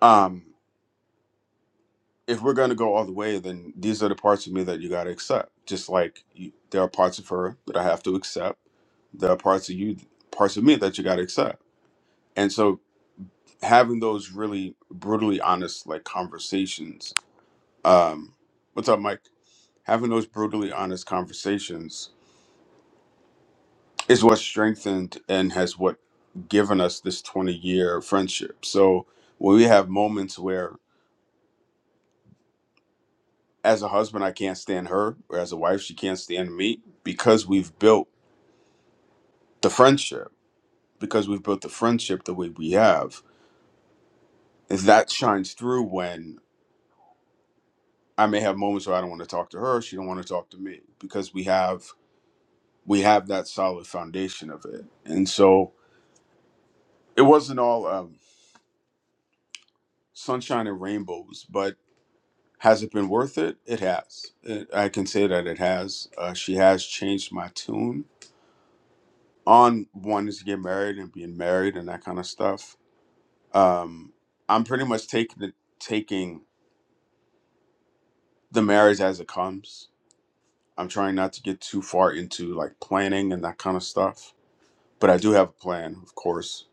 S2: um, if we're going to go all the way, then these are the parts of me that you got to accept. Just like you, there are parts of her that I have to accept, there are parts of you, parts of me that you got to accept. And so having those really brutally honest like conversations. Um, what's up, Mike? Having those brutally honest conversations is what strengthened and has what given us this 20 year friendship. So when we have moments where, as a husband, I can't stand her, or as a wife, she can't stand me, because we've built the friendship, because we've built the friendship the way we have, and that shines through when I may have moments where I don't want to talk to her, she don't want to talk to me, because we have we have that solid foundation of it. And so it wasn't all um, sunshine and rainbows, but Has it been worth it? It has. It, I can say that it has. Uh, she has changed my tune on wanting to get married and being married and that kind of stuff. Um, I'm pretty much taking the, taking the marriage as it comes. I'm trying not to get too far into like planning and that kind of stuff. But I do have a plan, of course.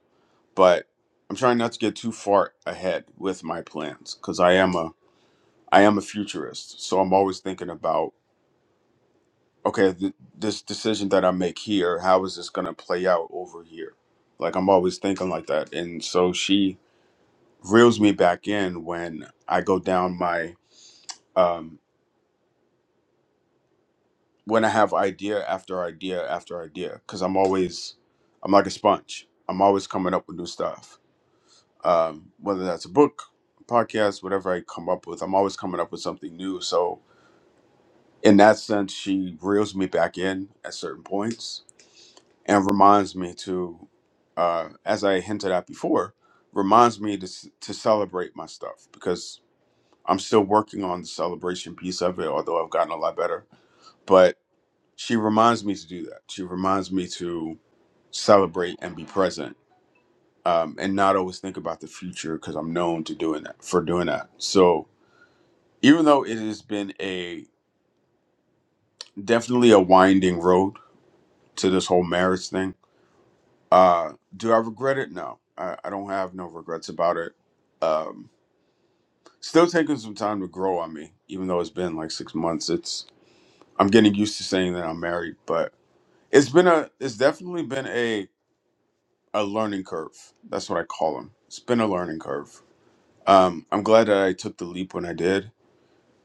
S2: But I'm trying not to get too far ahead with my plans because I am a I am a futurist, so I'm always thinking about okay, th- this decision that I make here, how is this going to play out over here? Like, I'm always thinking like that. And so she reels me back in when I go down my, um, when I have idea after idea after idea, because I'm always, I'm like a sponge. I'm always coming up with new stuff. Um, whether that's a book, podcast, whatever I come up with, I'm always coming up with something new. So, in that sense, she reels me back in at certain points and reminds me to, uh, as I hinted at before, reminds me to s- to celebrate my stuff because I'm still working on the celebration piece of it, although I've gotten a lot better. But she reminds me to do that. She reminds me to celebrate and be present, um, and not always think about the future because I'm known to doing that for doing that. So even though it has been a definitely a winding road to this whole marriage thing Uh, do I regret it? No, I, I don't have no regrets about it. Um, still taking some time to grow on me, even though it's been like six months. It's I'm getting used to saying that I'm married, but it's been a it's definitely been a a learning curve. That's what I call them. It's been a learning curve. Um, I'm glad that I took the leap when I did.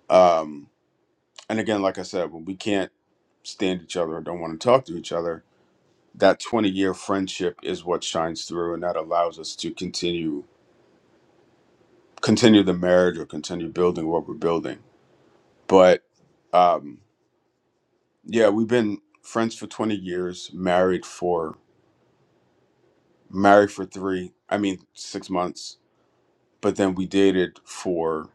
S2: Um, and again, like I said, when we can't stand each other or don't want to talk to each other, that 20 year friendship is what shines through, and that allows us to continue continue the marriage or continue building what we're building. But um, yeah, we've been friends for 20 years, married for married for three, I mean six months, but then we dated for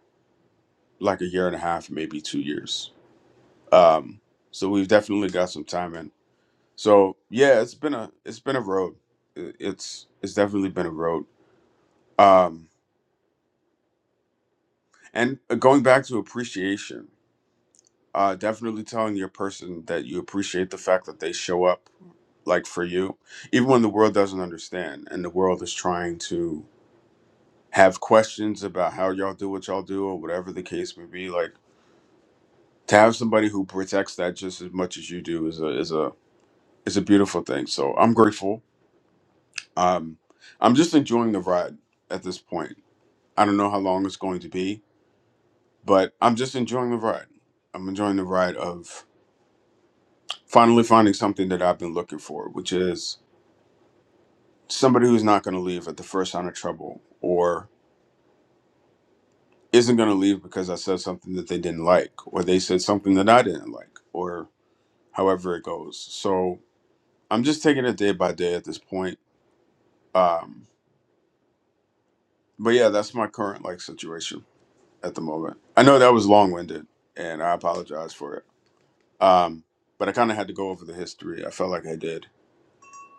S2: like a year and a half, maybe two years. Um, so we've definitely got some time in. So yeah, it's been a it's been a road. It- It's it's definitely been a road. Um, and uh, going back to appreciation. Uh, definitely telling your person that you appreciate the fact that they show up like for you, even when the world doesn't understand and the world is trying to have questions about how y'all do what y'all do or whatever the case may be. Like to have somebody who protects that just as much as you do is a is a is a beautiful thing. So I'm grateful. Um, I'm just enjoying the ride at this point. I don't know how long it's going to be, but I'm just enjoying the ride. I'm enjoying the ride of finally finding something that I've been looking for, which is somebody who's not going to leave at the first sign of trouble or isn't going to leave because I said something that they didn't like or they said something that I didn't like or however it goes. So I'm just taking it day by day at this point. Um, but yeah, that's my current like situation at the moment. I know that was long winded and I apologize for it. Um, but I kind of had to go over the history. I felt like I did.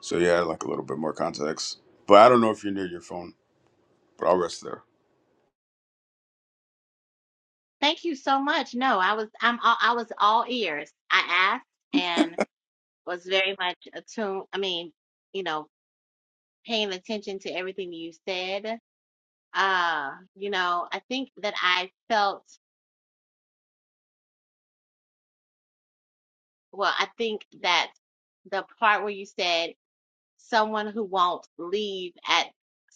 S2: So yeah, I like a little bit more context. But I don't know if you're near your phone, but I'll rest there.
S1: Thank you so much. No, I was I'm all, I was all ears. I asked and was very much attuned. I mean, you know, paying attention to everything you said. Uh, you know, I think that I felt Well, I think that the part where you said someone who won't leave at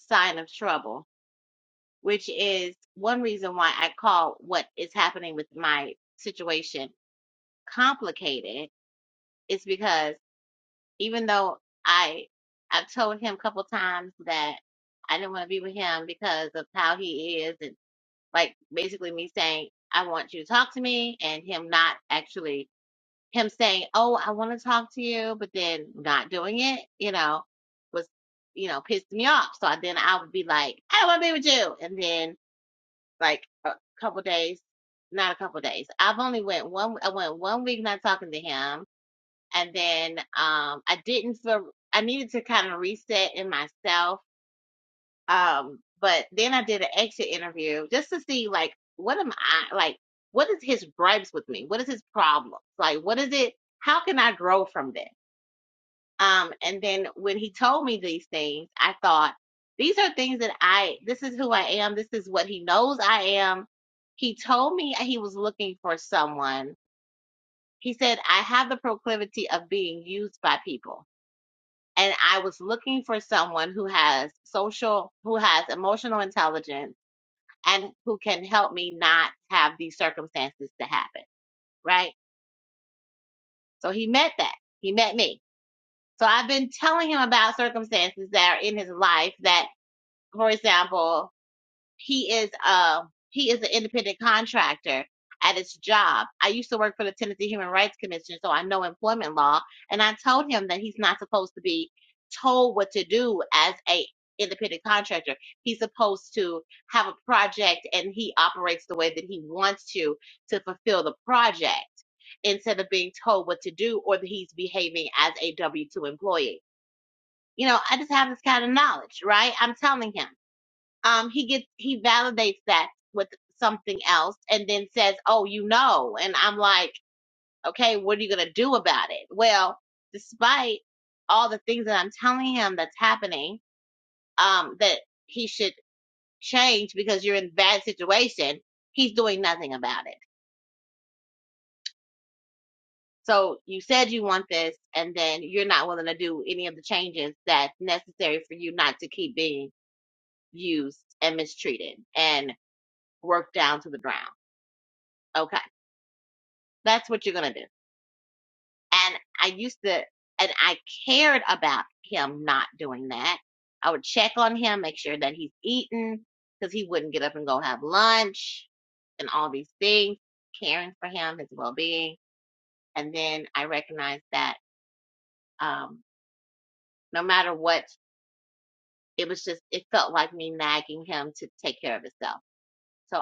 S1: sign of trouble, which is one reason why I call what is happening with my situation complicated, is because even though I I've told him a couple times that I didn't want to be with him because of how he is and like basically me saying I want you to talk to me and him not actually him saying, "Oh, I want to talk to you," but then not doing it, you know, was you know pissed me off. So I, then I would be like, "I don't want to be with you," and then like a couple days, not a couple days. I've only went one. I went one week not talking to him, and then um, I didn't feel. I needed to kind of reset in myself um, but then I did an exit interview just to see like what am I like what is his gripes with me? What is his problem? Like what is it how can I grow from this? Um and then when he told me these things, I thought these are things that I this is who I am, this is what he knows I am. He told me he was looking for someone. He said, I have the proclivity of being used by people. And I was looking for someone who has social, who has emotional intelligence, and who can help me not have these circumstances to happen, right? So he met that. He met me. So I've been telling him about circumstances that are in his life that, for example, he is uh he is an independent contractor at his job. I used to work for the Tennessee Human Rights Commission, so I know employment law. And I told him that he's not supposed to be told what to do as a independent contractor. He's supposed to have a project and he operates the way that he wants to to fulfill the project instead of being told what to do or that he's behaving as a W two employee. You know, I just have this kind of knowledge, right? I'm telling him um, he gets he validates that with something else and then says, "Oh, you know," and I'm like, "Okay, what are you gonna do about it?" Well, despite all the things that I'm telling him that's happening, um, that he should change because you're in a bad situation, he's doing nothing about it. So you said you want this, and then you're not willing to do any of the changes that's necessary for you not to keep being used and mistreated and worked down to the ground. Okay That's what you're gonna do. And I used to, and I cared about him not doing that. I would check on him, make sure that he's eaten, because he wouldn't get up and go have lunch and all these things, caring for him, his well being. And then I recognized that um, no matter what, it was just, it felt like me nagging him to take care of himself So,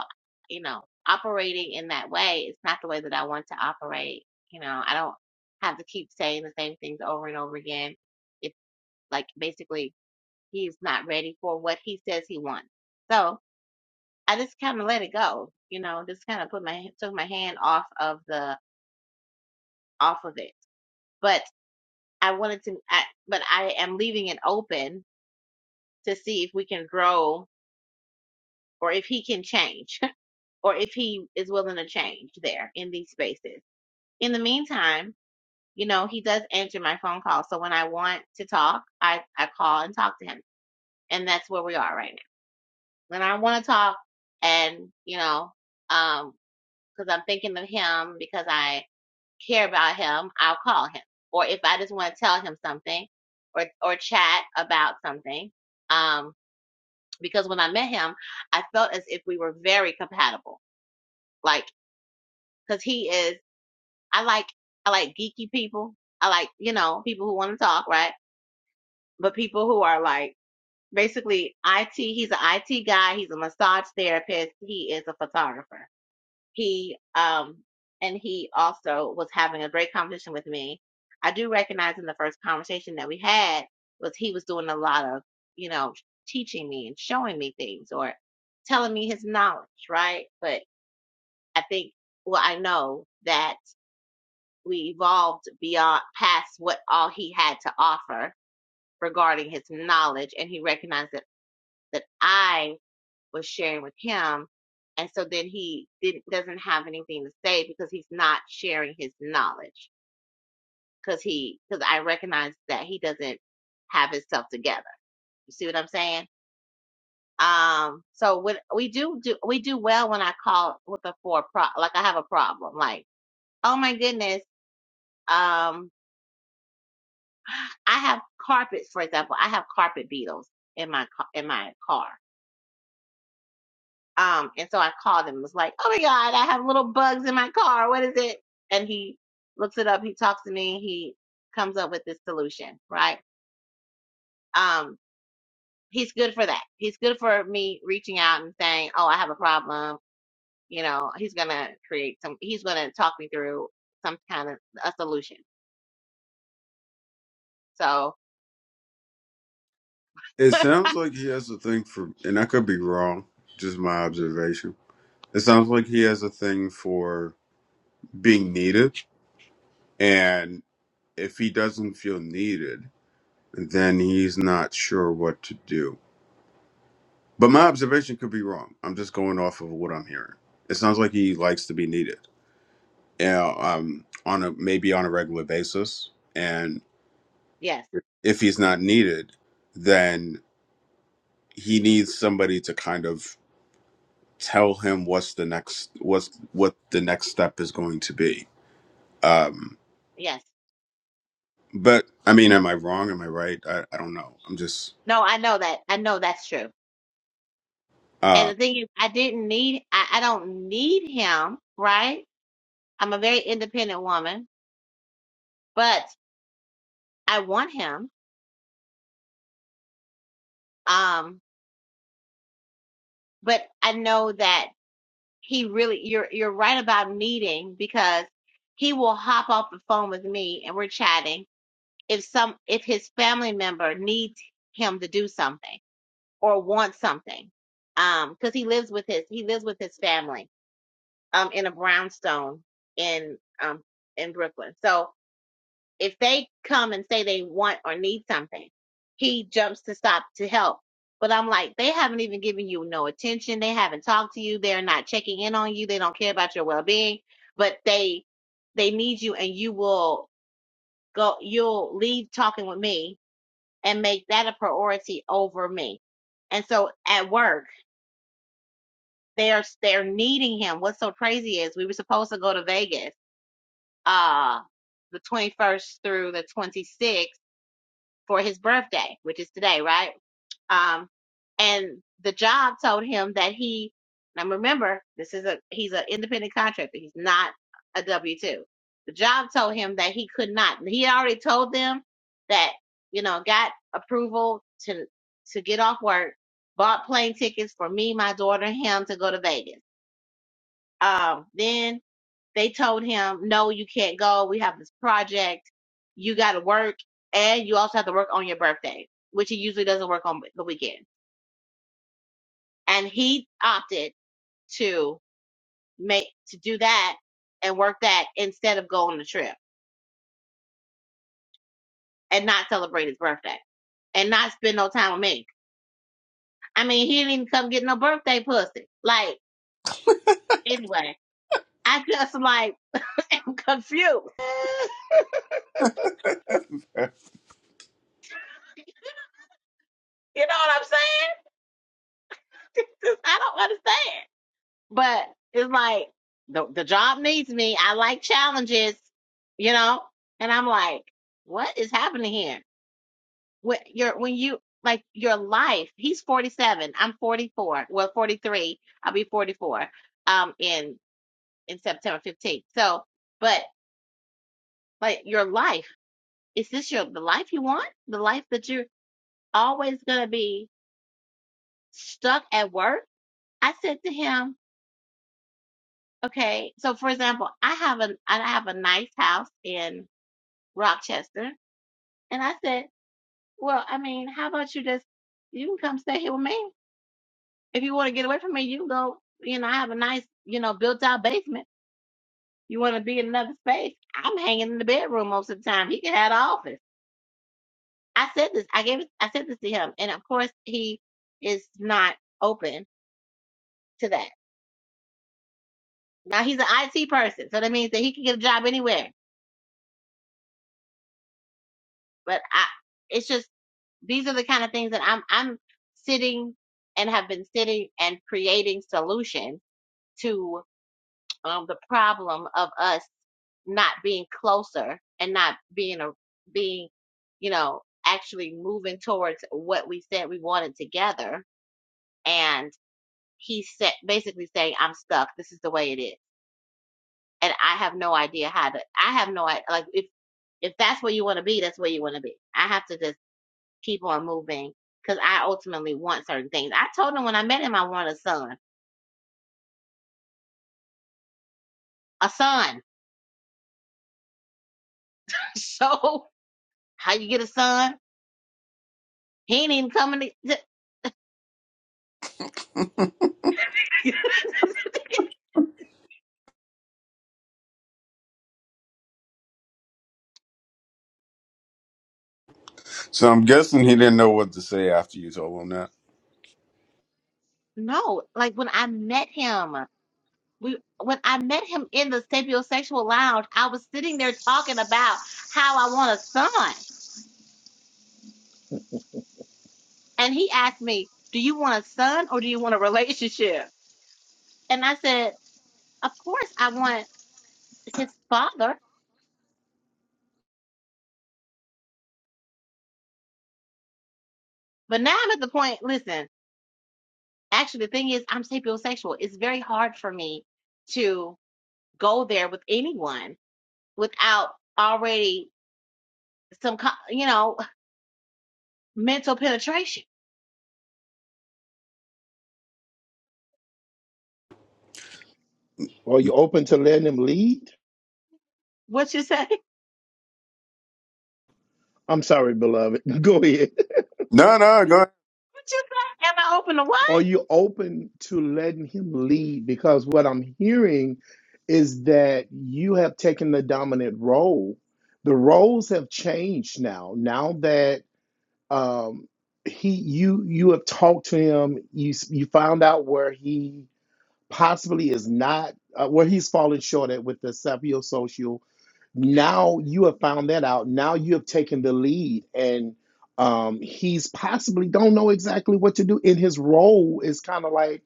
S1: you know, operating in that way is not the way that I want to operate. You know, I don't have to keep saying the same things over and over again. It's like, basically, he's not ready for what he says he wants. So I just kind of let it go. You know, just kind of put my took my hand off of the off of it. But I wanted to, I, but I am leaving it open to see if we can grow or if he can change or if he is willing to change there in these spaces. In the meantime you know, he does answer my phone call. So when I want to talk, I, I call and talk to him. And that's where we are right now. When I want to talk and, you know, um, cause I'm thinking of him because I care about him, I'll call him. Or if I just want to tell him something or, or chat about something, um, because when I met him, I felt as if we were very compatible. Like, cause he is, I like, I like geeky people. I like, you know, people who want to talk, right? but people who are like basically IT. He's an IT guy. He's a massage therapist. He is a photographer. He um and he also was having a great conversation with me. I do recognize in the first conversation that we had was he was doing a lot of you know teaching me and showing me things or telling me his knowledge, right? But I think well I know that we evolved beyond past what all he had to offer regarding his knowledge and he recognized that that I was sharing with him. And so then he didn't, doesn't have anything to say because he's not sharing his knowledge because he, because I recognize that he doesn't have himself together. You see what I'm saying? Um, so when we do do, we do well when I call with a four pro, like I have a problem, like, oh my goodness, um, I have carpets, for example, I have carpet beetles in my, ca- in my car Um, and so I called him, was like, Oh my God, I have little bugs in my car. What is it? And he looks it up, he talks to me, he comes up with this solution, right? Um, he's good for that. He's good for me reaching out and saying, Oh, I have a problem. You know, he's gonna create some he's gonna talk me through some kind of a solution. So
S2: It sounds like he has a thing for, and I could be wrong, just my observation. It sounds like he has a thing for being needed, and if he doesn't feel needed, then he's not sure what to do. But my observation could be wrong. I'm just going off of what I'm hearing. It sounds like he likes to be needed, you know, um, on a maybe on a regular basis, and
S1: yes,
S2: if he's not needed, then he needs somebody to kind of tell him what's the next what's what the next step is going to be um
S1: yes.
S2: but i mean am i wrong am i right i, I don't know i'm just
S1: No, I know that. I know that's true. And
S2: uh
S1: the thing is I didn't need I, I don't need him, right? I'm a very independent woman but I want him. Um, but I know that he really, you're, you're right about meeting because he will hop off the phone with me and we're chatting. If some, if his family member needs him to do something or wants something, um, cause he lives with his, he lives with his family, um, in a brownstone in, um, in Brooklyn. So, if they come and say they want or need something, he jumps to stop to help. But I'm like, they haven't even given you no attention. They haven't talked to you. They're not checking in on you. They don't care about your well being. But they they need you and you will go you'll leave talking with me and make that a priority over me. And so at work, they're they're needing him. What's so crazy is we were supposed to go to Vegas uh the 21st through the 26th for his birthday, which is today, right? Um, and the job told him that he. Now remember, this is a he's an independent contractor. He's not a W two. The job told him that he could not. He already told them that you know got approval to to get off work, bought plane tickets for me, my daughter, and him to go to Vegas. Um, then they told him, no, you can't go. We have this project. You got to work. And you also have to work on your birthday, which he usually doesn't work on the weekend. And he opted to make, to do that and work that instead of going on the trip and not celebrate his birthday and not spend no time with me. I mean, he didn't even come get no birthday pussy. Like, anyway, I just like, am confused. You know what I'm saying? I don't understand. But it's like the the job needs me. I like challenges, you know? And I'm like, what is happening here? When you're when you like your life, he's 47, I'm 44. Well, 43. I'll be 44 um in in September 15th. So, but like your life, is this your the life you want? The life that you're always going to be stuck at work? I said to him, okay. So for example, I have a I have a nice house in Rochester. And I said, Well, I mean, how about you just you can come stay here with me. If you want to get away from me, you can go, you know, I have a nice, you know, built out basement. You want to be in another space? I'm hanging in the bedroom most of the time. He can have the office. I said this, I gave it I said this to him. And of course he is not open to that. Now he's an IT person, so that means that he can get a job anywhere. But I it's just these are the kind of things that I'm I'm sitting and have been sitting and creating solutions to um, the problem of us not being closer and not being a being, you know, actually moving towards what we said we wanted together. And he said basically saying, "I'm stuck. This is the way it is, and I have no idea how to. I have no idea. Like if if that's where you want to be, that's where you want to be. I have to just keep on moving." Because I ultimately want certain things. I told him when I met him I wanted a son. A son. So how you get a son? He ain't even coming to.
S2: So I'm guessing he didn't know what to say after you told him that.
S1: No, like when I met him, we when I met him in the sapiosexual lounge, I was sitting there talking about how I want a son. And he asked me, Do you want a son or do you want a relationship? And I said, Of course I want his father. But now I'm at the point, listen, actually the thing is I'm sapiosexual. It's very hard for me to go there with anyone without already some, co- you know, mental penetration.
S3: Are you open to letting him lead?
S1: What you say?
S3: I'm sorry, beloved. Go ahead.
S2: No, no, go ahead.
S1: What you say? Am I open to what?
S3: Are you open to letting him lead? Because what I'm hearing is that you have taken the dominant role. The roles have changed now. Now that um he you you have talked to him you s- you found out where he possibly is not uh, where he's falling short at with the social. now you have found that out now you have taken the lead and um he's possibly don't know exactly what to do in his role is kind of like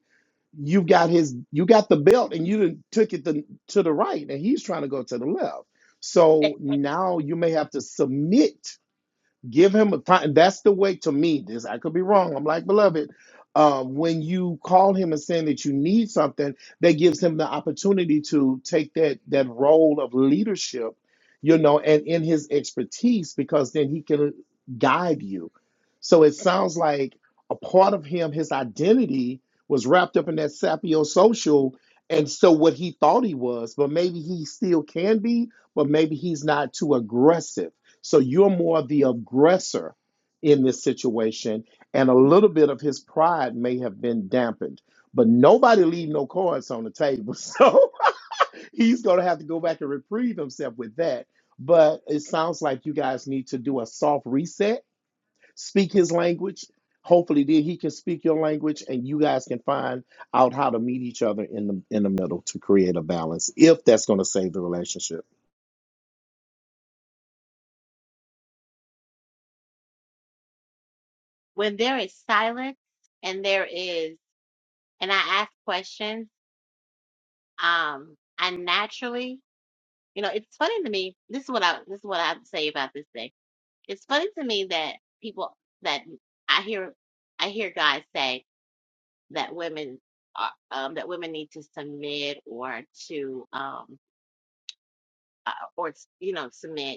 S3: you've got his you got the belt and you done took it to, to the right and he's trying to go to the left so now you may have to submit Give him a time. That's the way to me. This I could be wrong. I'm like beloved. Um, when you call him and saying that you need something, that gives him the opportunity to take that that role of leadership, you know, and in his expertise, because then he can guide you. So it sounds like a part of him, his identity was wrapped up in that sapio social, and so what he thought he was, but maybe he still can be, but maybe he's not too aggressive so you're more the aggressor in this situation, and a little bit of his pride may have been dampened. But nobody leave no cards on the table, so he's going to have to go back and reprieve himself with that. But it sounds like you guys need to do a soft reset, speak his language. Hopefully, then he can speak your language, and you guys can find out how to meet each other in the in the middle to create a balance. If that's going to save the relationship.
S1: When there is silence and there is, and I ask questions, um, I naturally, you know, it's funny to me. This is what I, this is what I say about this thing. It's funny to me that people that I hear, I hear guys say that women are, um, that women need to submit or to, um, uh, or, you know, submit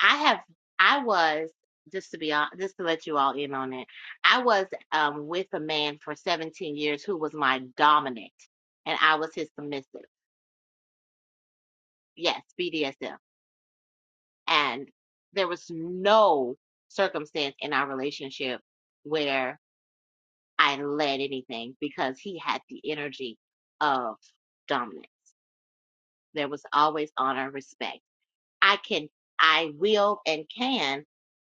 S1: I have, I was, just to be on, just to let you all in on it, I was um, with a man for 17 years who was my dominant, and I was his submissive. Yes, BDSM. And there was no circumstance in our relationship where I led anything because he had the energy of dominance. There was always honor, respect. I can, I will and can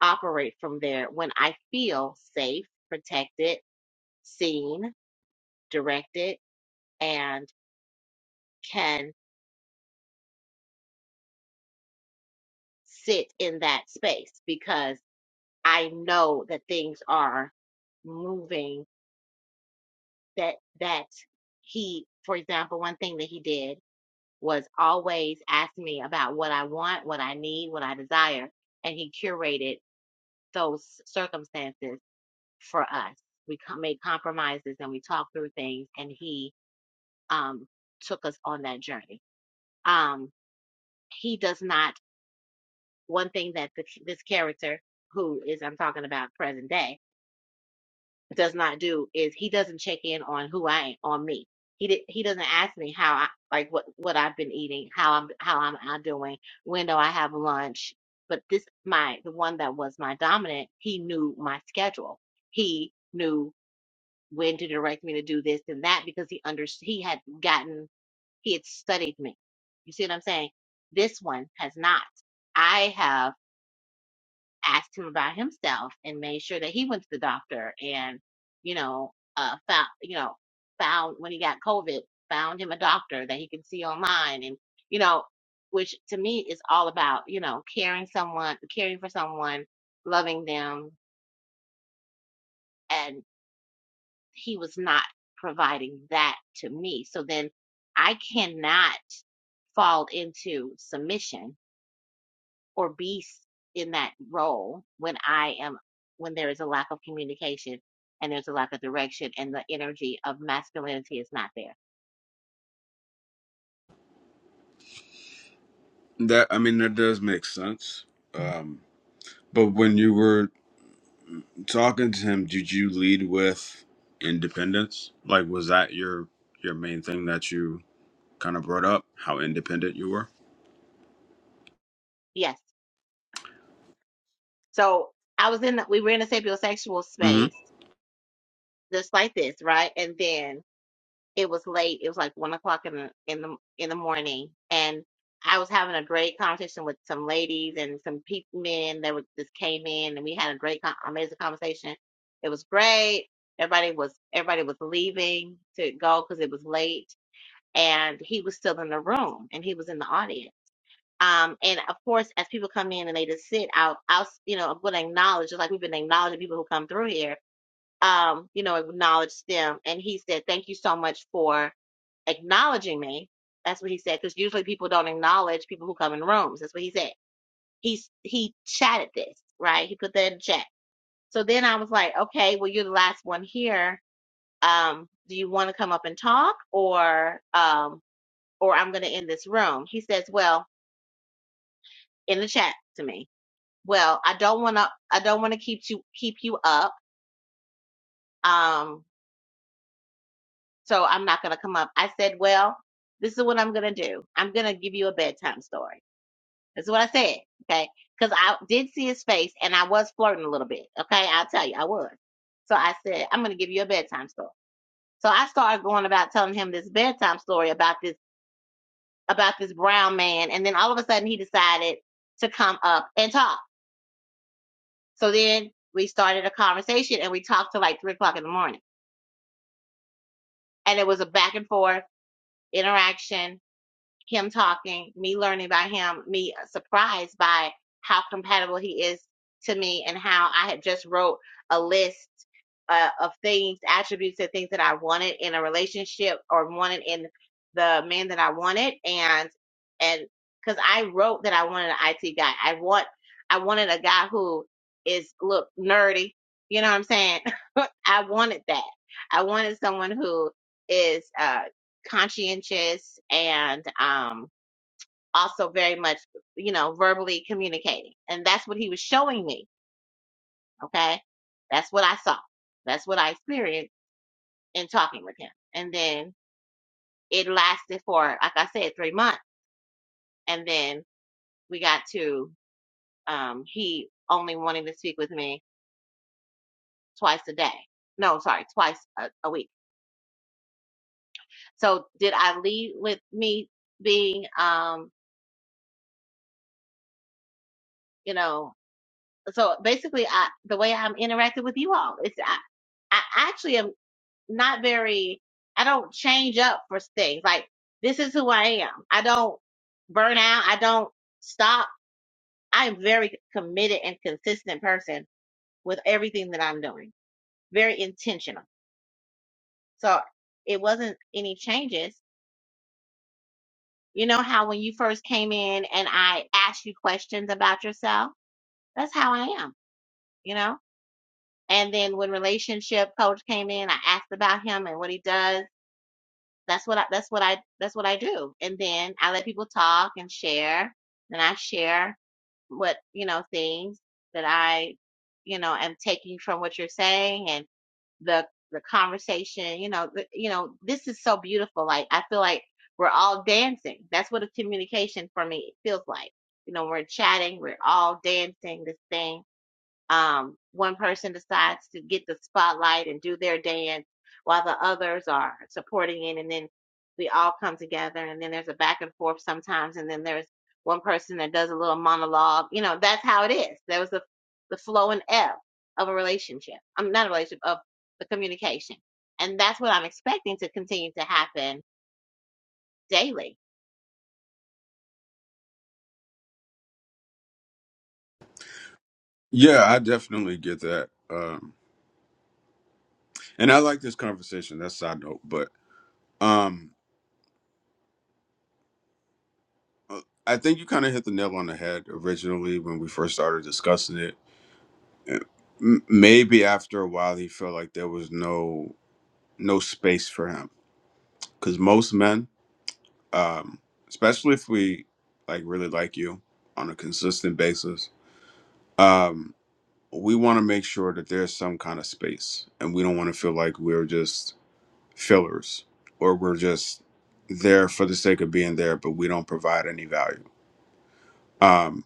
S1: operate from there when I feel safe, protected, seen, directed, and can sit in that space because I know that things are moving that, that he, for example, one thing that he did was always ask me about what I want, what I need, what I desire, and he curated those circumstances for us. We co- made compromises and we talked through things, and he um, took us on that journey. Um, he does not. One thing that the, this character, who is I'm talking about present day, does not do is he doesn't check in on who I am, on me. He did, he doesn't ask me how I like what what I've been eating, how I'm how I'm, I'm doing, when do I have lunch. But this my the one that was my dominant. He knew my schedule. He knew when to direct me to do this and that because he under he had gotten he had studied me. You see what I'm saying? This one has not. I have asked him about himself and made sure that he went to the doctor and you know uh found you know found when he got COVID found him a doctor that he can see online and you know which to me is all about you know caring someone caring for someone loving them and. he was not providing that to me. So then I cannot fall into submission or be in that role when I am, when there is a lack of communication and there's a lack of direction and the energy of masculinity is not there.
S2: that i mean that does make sense um but when you were talking to him did you lead with independence like was that your your main thing that you kind of brought up how independent you were
S1: Yes. So I was in, the, we were in a sapiosexual
S2: hmm
S1: space just like this, right? And then it was late. It was like one o'clock in the in the in the morning, and I was having a great conversation with some ladies and some people, men that were, just came in, and we had a great, con- amazing conversation. It was great. Everybody was everybody was leaving to go because it was late, and he was still in the room, and he was in the audience. Um, and of course, as people come in and they just sit, I'll, I'll, you know, I'm going to acknowledge, just like we've been acknowledging people who come through here um, you know, acknowledged them. And he said, Thank you so much for acknowledging me. That's what he said, because usually people don't acknowledge people who come in rooms. That's what he said. He's he chatted this, right? He put that in chat. So then I was like, Okay, well you're the last one here. Um, do you want to come up and talk or um or I'm gonna end this room? He says, Well, in the chat to me. Well, I don't wanna I don't wanna keep you keep you up. Um So I'm not going to come up. I said, well, this is what I'm going to do. I'm going to give you a bedtime story. That's what I said. Okay. Because I did see his face and I was flirting a little bit. Okay. I'll tell you, I was. So I said, I'm going to give you a bedtime story. So I started going about telling him this bedtime story about this, about this brown man. And then all of a sudden he decided to come up and talk. So then we started a conversation and we talked till like three o'clock in the morning. And it was a back and forth interaction him talking, me learning about him, me surprised by how compatible he is to me and how I had just wrote a list uh, of things, attributes and things that I wanted in a relationship or wanted in the man that I wanted and and cuz I wrote that I wanted an IT guy. I want I wanted a guy who is look nerdy, you know what I'm saying? I wanted that. I wanted someone who is uh conscientious and um, also very much, you know, verbally communicating. And that's what he was showing me. Okay. That's what I saw. That's what I experienced in talking with him. And then it lasted for, like I said, three months. And then we got to, um, he only wanting to speak with me twice a day. No, sorry, twice a, a week. So did I lead with me being, um, you know, so basically I the way I'm interacting with you all is I, I actually am not very I don't change up for things. Like this is who I am. I don't burn out. I don't stop. I'm very committed and consistent person with everything that I'm doing. Very intentional. So it wasn't any changes. You know how when you first came in and I asked you questions about yourself? That's how I am, you know? And then when relationship coach came in, I asked about him and what he does. That's what I that's what I that's what I do. And then I let people talk and share. And I share what, you know, things that I, you know, am taking from what you're saying and the the conversation, you know, the, you know, this is so beautiful. Like I feel like we're all dancing. That's what a communication for me feels like. You know, we're chatting, we're all dancing this thing um, one person decides to get the spotlight and do their dance while the others are supporting it and then we all come together and then there's a back and forth sometimes and then there's one person that does a little monologue you know that's how it is there was the the flow and ebb of a relationship i'm not a relationship of the communication and that's what i'm expecting to continue to happen daily
S2: yeah i definitely get that And I like this conversation. That's a side note, but um, uh, I think you kind of hit the nail on the head originally when we first started discussing it. Uh, m- Maybe after a while, he felt like there was no no space for him because most men, um, especially if we like really like you on a consistent basis, um, we want to make sure that there's some kind of space, and we don't want to feel like we're just fillers or we're just there for the sake of being there but we don't provide any value um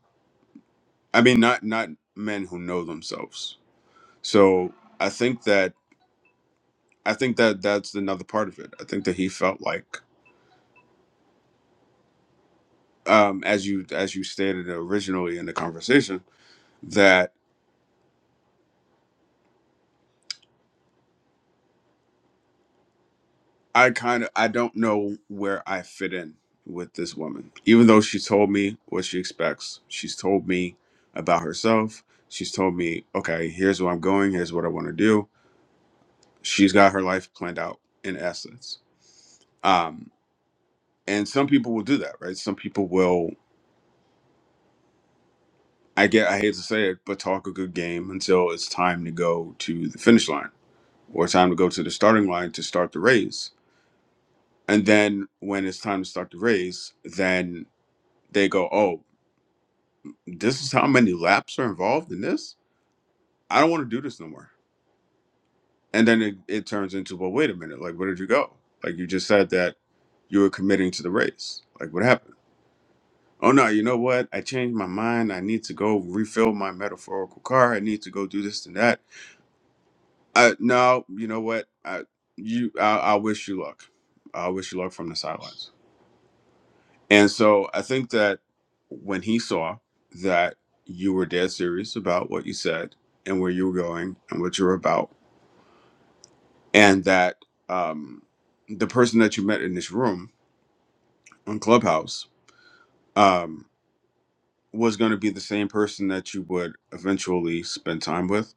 S2: i mean not not men who know themselves so i think that i think that that's another part of it i think that he felt like um as you as you stated originally in the conversation that i kind of i don't know where i fit in with this woman even though she told me what she expects she's told me about herself she's told me okay here's where i'm going here's what i want to do she's got her life planned out in essence um and some people will do that right some people will i get i hate to say it but talk a good game until it's time to go to the finish line or time to go to the starting line to start the race and then when it's time to start the race then they go oh this is how many laps are involved in this i don't want to do this no more and then it, it turns into well wait a minute like where did you go like you just said that you were committing to the race like what happened Oh no, you know what? I changed my mind. I need to go refill my metaphorical car. I need to go do this and that. Uh, no, you know what? I you I, I wish you luck. I wish you luck from the sidelines. And so I think that when he saw that you were dead serious about what you said and where you were going and what you were about, and that um, the person that you met in this room on Clubhouse um, was going to be the same person that you would eventually spend time with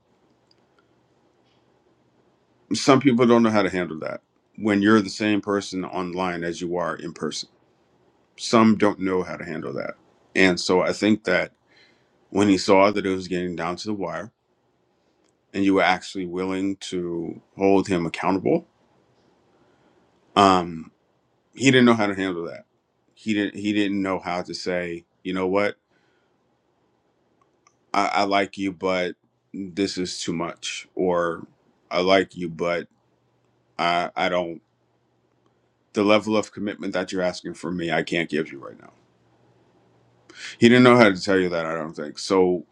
S2: some people don't know how to handle that when you're the same person online as you are in person. Some don't know how to handle that. And so I think that when he saw that it was getting down to the wire and you were actually willing to hold him accountable, um, he didn't know how to handle that. He didn't he didn't know how to say, you know what, I, I like you, but this is too much or I like you, but I, I don't the level of commitment that you're asking from me, I can't give you right now He didn't know how to tell you that, I don't think. So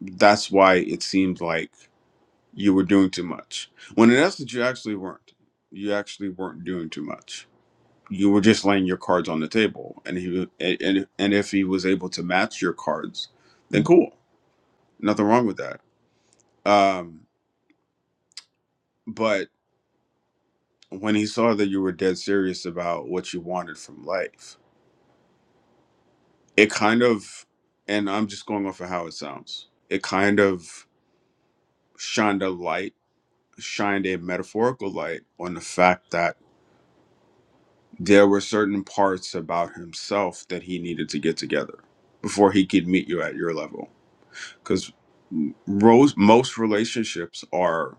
S2: that's why it seemed like you were doing too much. When in essence, you actually weren't. You actually weren't doing too much. You were just laying your cards on the table, and he wa- and and and if he was able to match your cards, then cool, nothing wrong with that. Um, but when he saw that you were dead serious about what you wanted from life, it kind of, and I'm just going off of how it sounds. It kind of shined a light shined a metaphorical light on the fact that there were certain parts about himself that he needed to get together before he could meet you at your level. Because most relationships are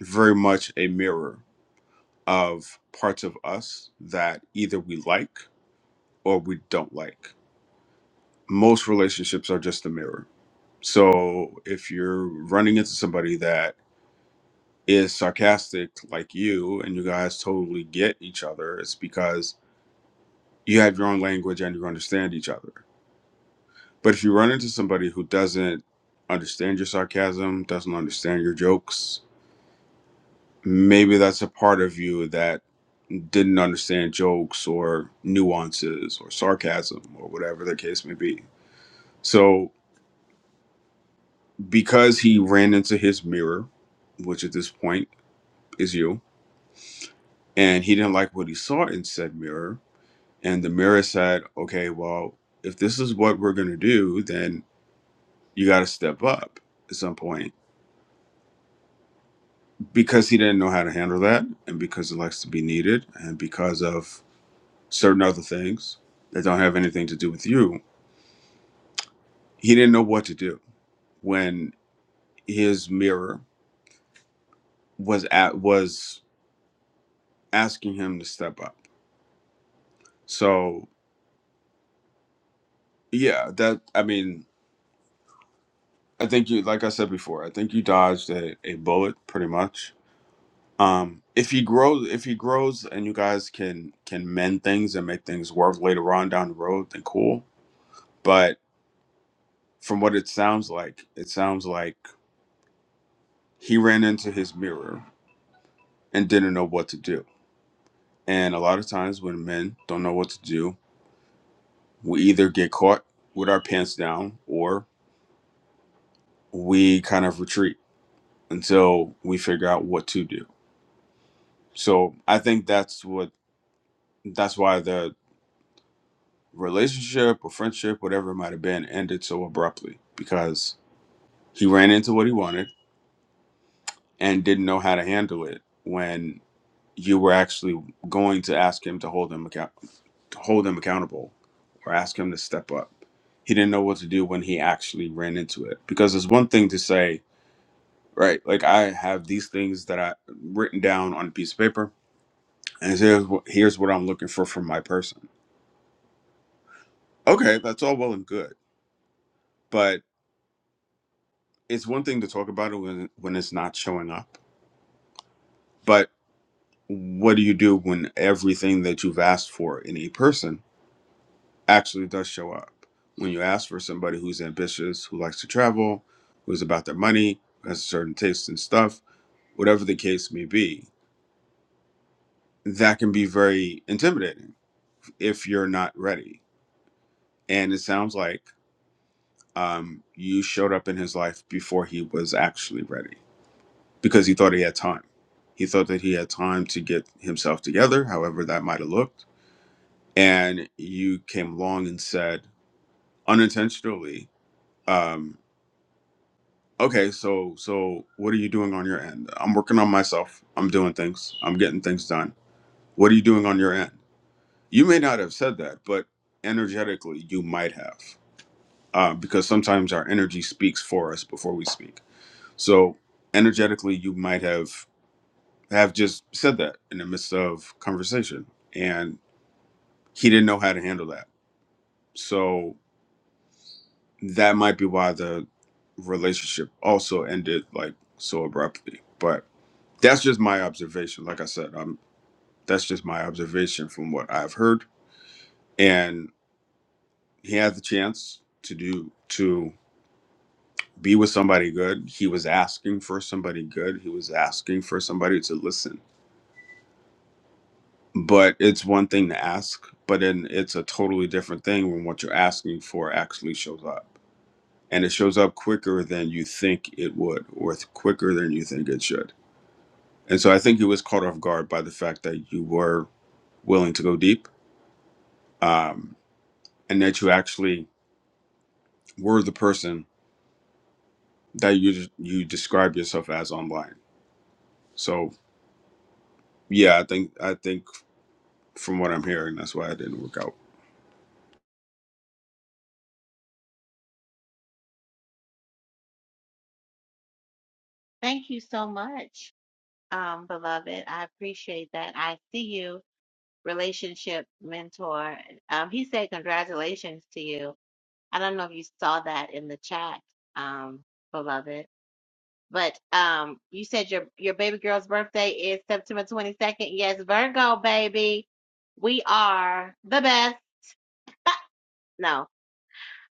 S2: very much a mirror of parts of us that either we like or we don't like. Most relationships are just a mirror. So if you're running into somebody that is sarcastic like you and you guys totally get each other, it's because you have your own language and you understand each other. But if you run into somebody who doesn't understand your sarcasm, doesn't understand your jokes, maybe that's a part of you that didn't understand jokes or nuances or sarcasm or whatever the case may be. So, because he ran into his mirror, which at this point is you, and he didn't like what he saw in said mirror, and the mirror said, okay, well, if this is what we're going to do, then you got to step up at some point because he didn't know how to handle that and because he likes to be needed and because of certain other things that don't have anything to do with you he didn't know what to do when his mirror was at was asking him to step up so yeah that i mean i think you like i said before i think you dodged a, a bullet pretty much um if he grows if he grows and you guys can can mend things and make things work later on down the road then cool But From what it sounds like, it sounds like he ran into his mirror and didn't know what to do. And a lot of times when men don't know what to do, we either get caught with our pants down or we kind of retreat until we figure out what to do. So I think that's what that's why the relationship or friendship, whatever it might have been, ended so abruptly because he ran into what he wanted and didn't know how to handle it when you were actually going to ask him to hold him account to hold him accountable or ask him to step up. He didn't know what to do when he actually ran into it. Because it's one thing to say, right, like I have these things that I written down on a piece of paper, and here's what, here's what I'm looking for from my person. Okay, that's all well and good, but it's one thing to talk about it when when it's not showing up. But what do you do when everything that you've asked for in a person actually does show up. When you ask for somebody who's ambitious, who likes to travel, who's about their money, who has a certain taste in stuff, whatever the case may be, that can be very intimidating if you're not ready. And it sounds like um, you showed up in his life before he was actually ready because he thought he had time. He thought that he had time to get himself together, however that might have looked. And you came along and said, unintentionally, um, Okay, so so what are you doing on your end? I'm working on myself. I'm doing things. I'm getting things done. What are you doing on your end? You may not have said that, but energetically you might have, uh, because sometimes our energy speaks for us before we speak. So energetically you might have have just said that in the midst of conversation, and he didn't know how to handle that. So that might be why the relationship also ended like so abruptly. But that's just my observation. Like I said, um, that's just my observation from what I've heard. And he had the chance to do to be with somebody good. He was asking for somebody good. He was asking for somebody to listen. But it's one thing to ask, but then it's a totally different thing when what you're asking for actually shows up. And it shows up quicker than you think it would, or it's quicker than you think it should. And so I think he was caught off guard by the fact that you were willing to go deep. Um, and that you actually were the person that you you describe yourself as online. So yeah, I think I think from what I'm hearing, that's why it didn't work out.
S1: thank you so much um beloved i appreciate that i see you relationship mentor. Um, he said congratulations to you. I don't know if you saw that in the chat, um, beloved, but um, you said your your baby girl's birthday is September 22nd. Yes, Virgo baby, we are the best. No,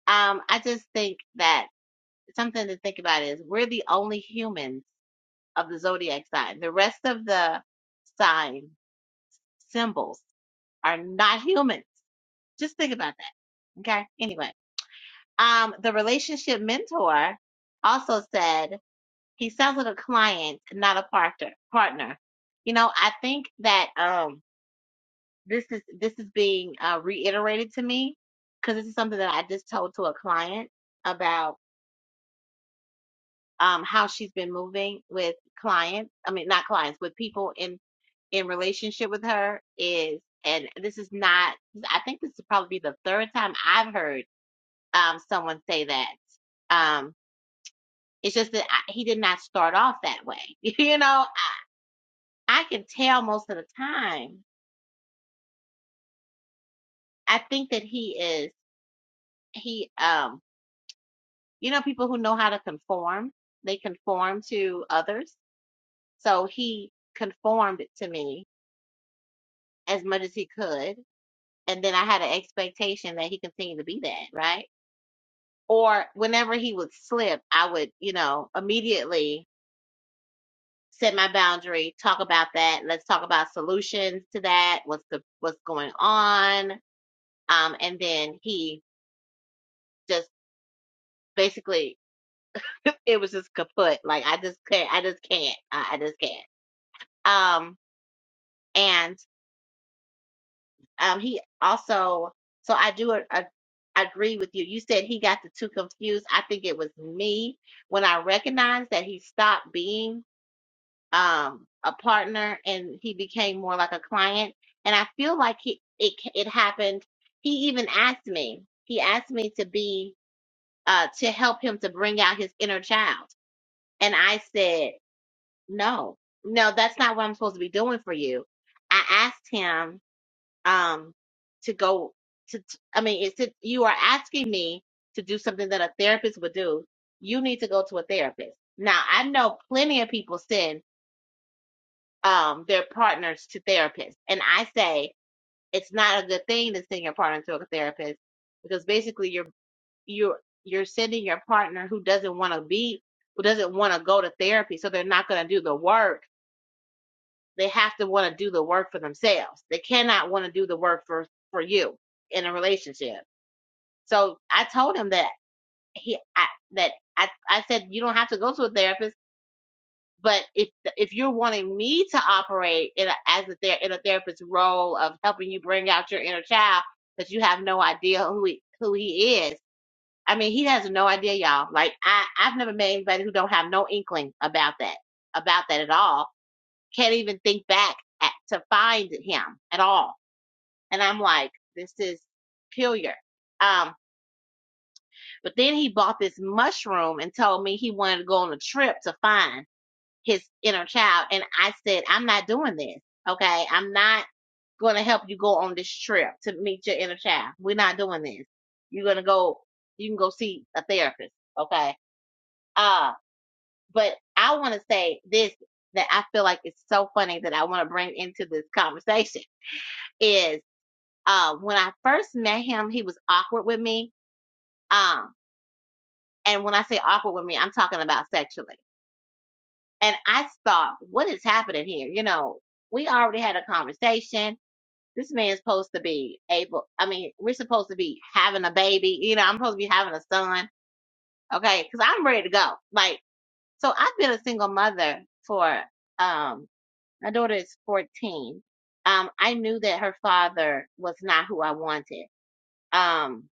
S1: um, I just think that something to think about is we're the only humans of the zodiac sign. The rest of the sign symbols are not humans. Just think about that. Okay. Anyway Um, the relationship mentor also said he sounds like a client, not a partner. Partner. You know, I think that um, this is this is being uh, reiterated to me because this is something that I just told to a client about um, how she's been moving with clients. I mean, not clients, with people in in relationship with her is, and this is not. I think this would probably be the third time I've heard um, someone say that. Um, It's just that I, he did not start off that way. You know, I, I can tell most of the time. I think that he is he um you know people who know how to conform, they conform to others. So he conformed to me as much as he could, and then I had an expectation that he continued to be that, right? Or whenever he would slip, I would, you know, immediately set my boundary, talk about that, let's talk about solutions to that, what's the what's going on Um, and then he just basically, it was just kaput. Like I just can't, I just can't, I, I just can't. Um, and um, he also, so I do a- a I agree with you. You said he got the two confused. I think it was me when I recognized that he stopped being um a partner and he became more like a client. And I feel like he it it happened. He even asked me. He asked me to be uh to help him to bring out his inner child And I said, No, no, that's not what I'm supposed to be doing for you. I asked him um to go to, t- I mean, it's it, you are asking me to do something that a therapist would do. You need to go to a therapist. Now, I know plenty of people send um their partners to therapists, and I say it's not a good thing to send your partner to a therapist because basically you're you're you're sending your partner who doesn't want to be who doesn't want to go to therapy, so they're not going to do the work they have to want to do the work for themselves. They cannot want to do the work for for you in a relationship. So I told him that he I, that I I said you don't have to go to a therapist, but if if you're wanting me to operate in a, as a ther- in a therapist's role of helping you bring out your inner child that you have no idea who he, who he is. I mean, he has no idea, y'all. Like I I've never met anybody who don't have no inkling about that about that at all can't even think back at, to find him at all. And I'm like, this is peculiar. Um, but then he bought this mushroom and told me he wanted to go on a trip to find his inner child. And I said, I'm not doing this. Okay. I'm not going to help you go on this trip to meet your inner child. We're not doing this. You're going to go, you can go see a therapist. Okay. Uh, but I want to say this that I feel like it's so funny that I want to bring into this conversation is uh, when I first met him, he was awkward with me. Um, and when I say awkward with me, I'm talking about sexually. And I thought, what is happening here? You know, we already had a conversation. This man's supposed to be able, I mean, we're supposed to be having a baby. You know, I'm supposed to be having a son. Okay. Cause I'm ready to go. Like, so I've been a single mother for, um, my daughter is 14. Um, I knew that her father was not who I wanted Um,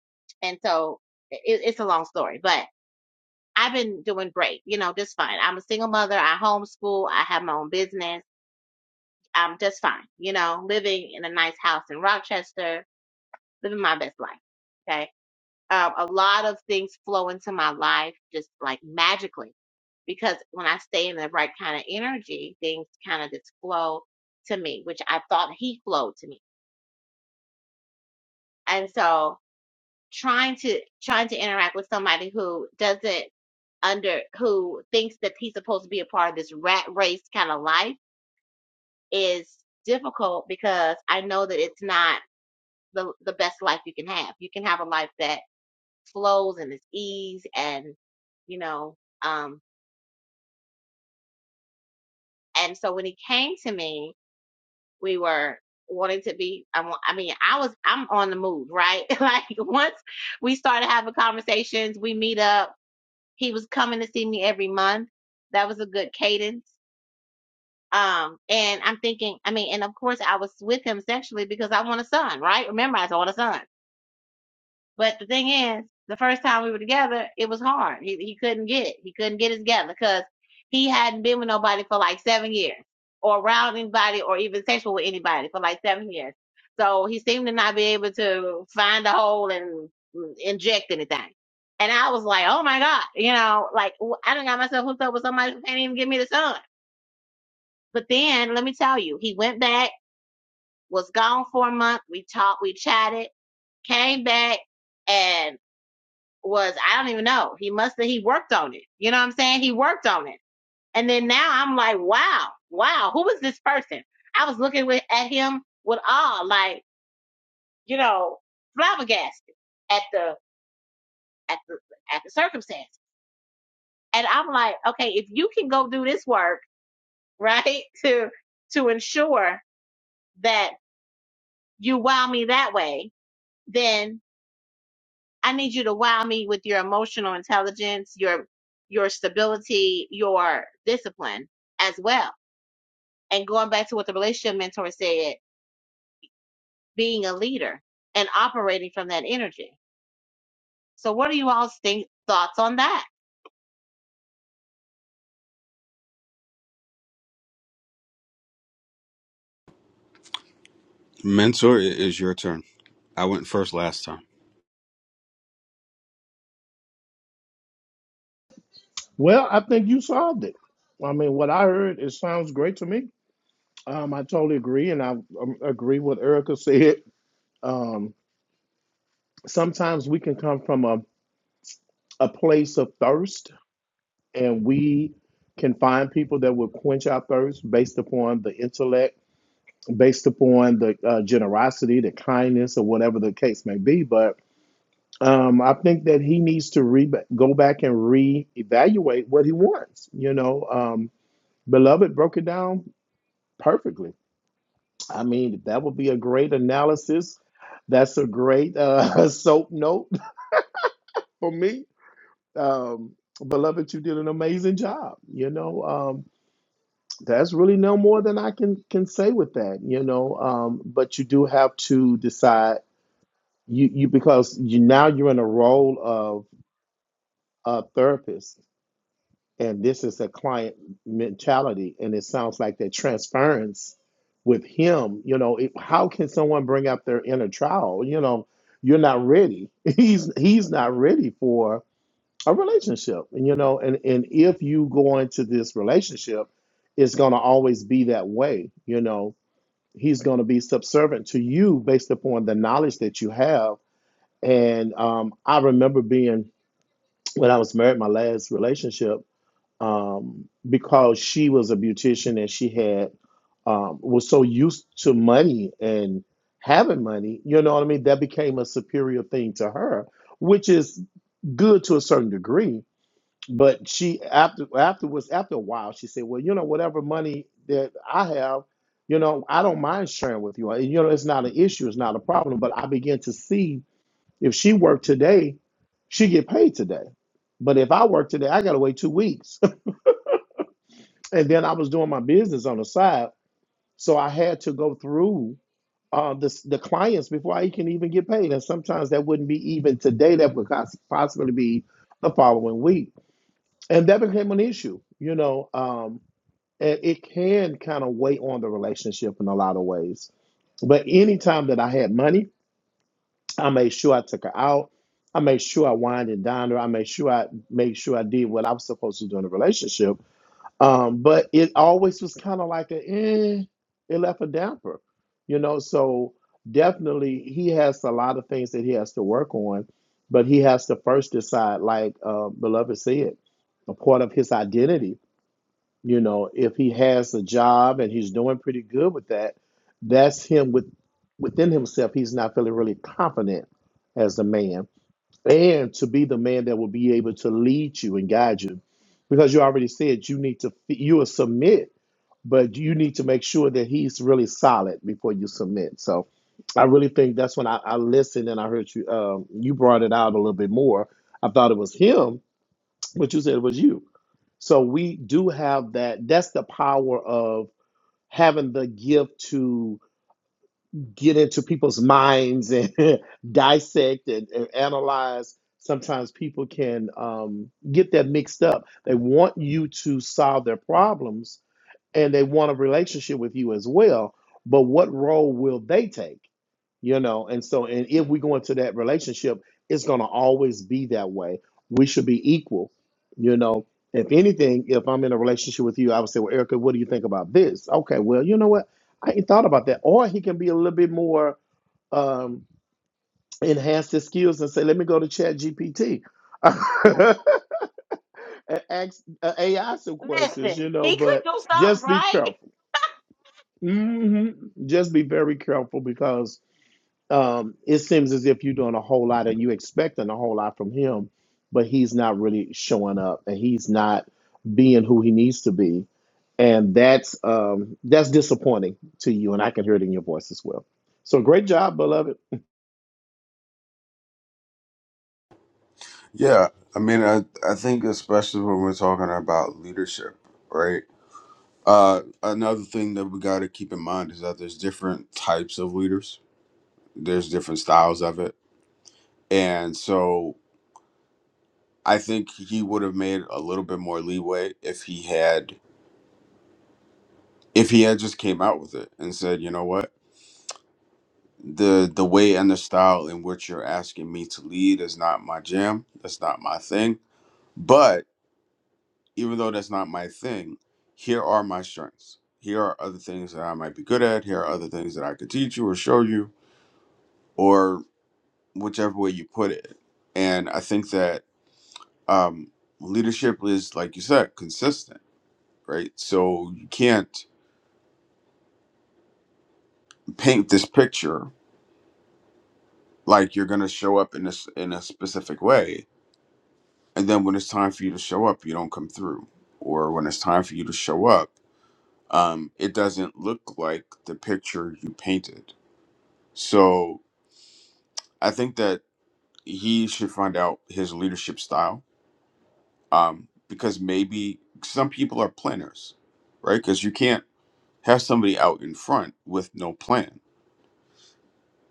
S1: and so it, it's a long story, but I've been doing great, you know, just fine. I'm a single mother. I homeschool. I have my own business. I'm just fine, you know, living in a nice house in Rochester, living my best life. Okay. Um, a lot of things flow into my life just like magically because when I stay in the right kind of energy, things kind of just flow to me, which I thought he flowed to me. And so trying to trying to interact with somebody who doesn't under who thinks that he's supposed to be a part of this rat race kind of life is difficult because I know that it's not the the best life you can have. You can have a life that flows and is ease and you know um and so when he came to me, we were wanting to be I, wa- I mean I was I'm on the move, right? like once we started having conversations, we meet up he was coming to see me every month. That was a good cadence. Um, and I'm thinking, I mean, and of course I was with him sexually because I want a son, right? Remember, I said, I want a son. But the thing is, the first time we were together, it was hard. He he couldn't get it. He couldn't get it together because he hadn't been with nobody for like seven years, or around anybody, or even sexual with anybody for like seven years. So he seemed to not be able to find a hole and inject anything. And I was like, oh my god, you know, like w- I done got myself hooked up with somebody who can't even give me the sun. But then let me tell you, he went back, was gone for a month. We talked, we chatted, came back. and was I don't even know. He must have he worked on it. You know what I'm saying? He worked on it. And then now I'm like, wow, wow, who is this person? I was looking with, at him with awe, like, you know, flabbergasted at the at the at the circumstance. And I'm like, okay, if you can go do this work, right, to to ensure that you wow me that way, then. I need you to wow me with your emotional intelligence, your your stability, your discipline as well. And going back to what the relationship mentor said, being a leader and operating from that energy. So what are you all's think thoughts on that?
S2: Mentor, it is your turn. I went first last time.
S3: Well, I think you solved it. I mean, what I heard, it sounds great to me. Um, I totally agree, and I um, agree with Erica said. Um, sometimes we can come from a, a place of thirst, and we can find people that will quench our thirst based upon the intellect, based upon the uh, generosity, the kindness, or whatever the case may be. But um, I think that he needs to re- go back and reevaluate what he wants. You know, um, beloved broke it down Perfectly. I mean, that would be a great analysis. That's a great uh, soap note for me. Um, beloved, you did an amazing job. You know, um, that's really no more than I can can say with that. You know, um, but you do have to decide you you because you now you're in a role of a therapist and this is a client mentality and it sounds like that transference with him you know it, how can someone bring up their inner child you know you're not ready he's he's not ready for a relationship and you know and and if you go into this relationship it's going to always be that way you know he's going to be subservient to you based upon the knowledge that you have and um, i remember being when i was married my last relationship um, because she was a beautician and she had um, was so used to money and having money, you know what I mean? That became a superior thing to her, which is good to a certain degree. But she after afterwards after a while she said, well, you know, whatever money that I have, you know, I don't mind sharing with you. You know, it's not an issue, it's not a problem. But I began to see if she worked today, she get paid today. But if I work today, I gotta wait two weeks and then I was doing my business on the side, so I had to go through uh, the the clients before I can even get paid, and sometimes that wouldn't be even today. That would pos- possibly be the following week, and that became an issue. You know, um, and it can kind of weigh on the relationship in a lot of ways. But anytime that I had money, I made sure I took her out. I made sure I wined and dined her. I made sure I made sure I did what I was supposed to do in the relationship um, but it always was kind of like a, eh, it left a damper, you know. So definitely, he has a lot of things that he has to work on, but he has to first decide, like uh, beloved said, a part of his identity. You know, if he has a job and he's doing pretty good with that, that's him with within himself. He's not feeling really confident as a man and to be the man that will be able to lead you and guide you because you already said you need to you will submit but you need to make sure that he's really solid before you submit so i really think that's when i, I listened and i heard you um, you brought it out a little bit more i thought it was him but you said it was you so we do have that that's the power of having the gift to get into people's minds and dissect and, and analyze, sometimes people can um, get that mixed up. They want you to solve their problems and they want a relationship with you as well. But what role will they take? you know and so and if we go into that relationship it's going to always be that way we should be equal you know if anything if i'm in a relationship with you i would say well erica what do you think about this okay well you know what i ain't thought about that or he can be a little bit more um enhance his skills and say let me go to chat gpt and ask uh, ai some questions
S1: Listen,
S3: you know
S1: he could
S3: but
S1: do something,
S3: just be
S1: right?
S3: careful hmm just be very careful because um, it seems as if you're doing a whole lot and you expecting a whole lot from him, but he's not really showing up and he's not being who he needs to be. And that's um, that's disappointing to you, and I can hear it in your voice as well. So great job, beloved.
S2: Yeah, I mean, I I think especially when we're talking about leadership, right? Uh, another thing that we got to keep in mind is that there's different types of leaders. There's different styles of it, and so I think he would have made a little bit more leeway if he had if he had just came out with it and said, you know what, the the way and the style in which you're asking me to lead is not my jam. That's not my thing. But even though that's not my thing, here are my strengths. Here are other things that I might be good at. Here are other things that I could teach you or show you, or whichever way you put it. And I think that um, leadership is, like you said, consistent, right? So you can't paint this picture like you're going to show up in this in a specific way and then when it's time for you to show up you don't come through or when it's time for you to show up um, it doesn't look like the picture you painted so i think that he should find out his leadership style um, because maybe some people are planners right because you can't have somebody out in front with no plan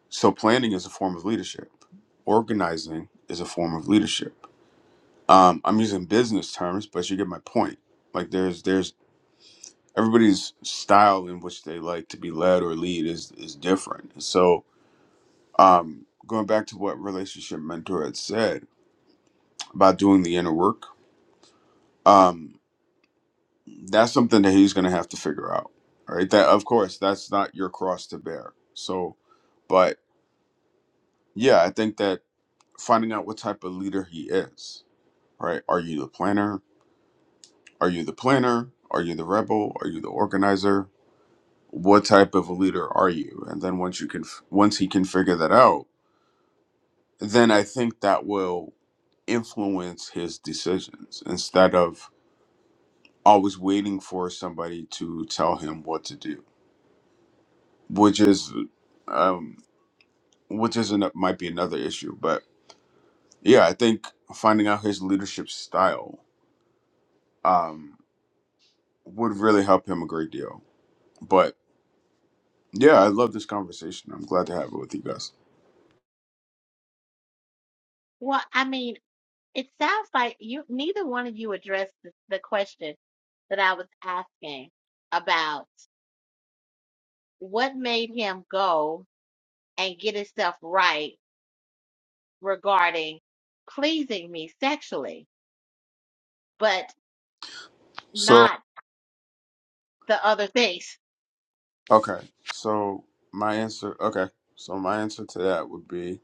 S2: so planning is a form of leadership organizing is a form of leadership um, i'm using business terms but you get my point like there's there's everybody's style in which they like to be led or lead is is different. So, um, going back to what relationship mentor had said about doing the inner work, um, that's something that he's going to have to figure out. All Right? That of course that's not your cross to bear. So, but yeah, I think that finding out what type of leader he is. Right? Are you the planner? Are you the planner? Are you the rebel? Are you the organizer? What type of a leader are you? And then once you can, once he can figure that out, then I think that will influence his decisions instead of always waiting for somebody to tell him what to do, which is, um, which is an, might be another issue. But yeah, I think finding out his leadership style um, would really help him a great deal. But yeah, I love this conversation. I'm glad to have it with you guys.
S1: Well, I mean, it sounds like you neither one of you addressed the, the question that I was asking about what made him go and get himself right regarding pleasing me sexually, but
S2: So
S1: not the other things.
S2: okay, so my answer, okay, so my answer to that would be.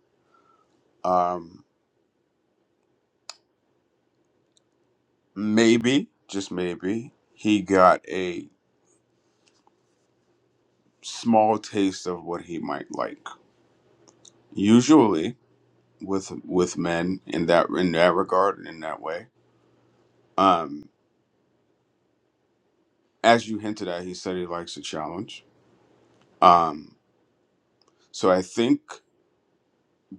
S2: um, maybe, just maybe, he got a small taste of what he might like. Usually, with with men in that in that regard and in that way, um, as you hinted at, he said he likes a challenge. Um, so I think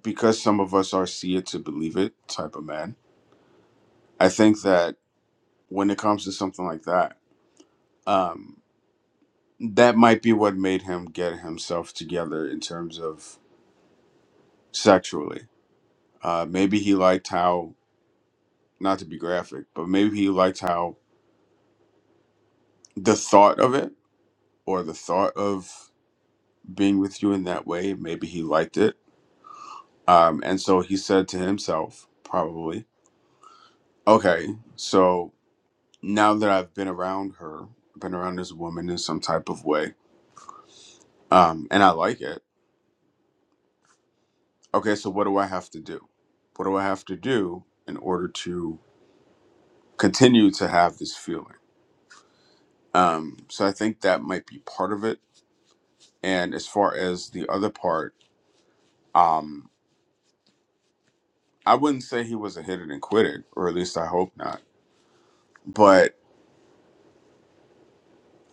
S2: because some of us are see it to believe it type of man, I think that when it comes to something like that, um, that might be what made him get himself together in terms of sexually. Uh, maybe he liked how not to be graphic, but maybe he liked how the thought of it or the thought of being with you in that way, maybe he liked it. Um, and so he said to himself, probably, okay, so now that I've been around her, been around this woman in some type of way, um, and I like it, okay, so what do I have to do? What do I have to do in order to continue to have this feeling? Um, so I think that might be part of it. And as far as the other part, um, I wouldn't say he was a hit it and quit it, or at least I hope not. But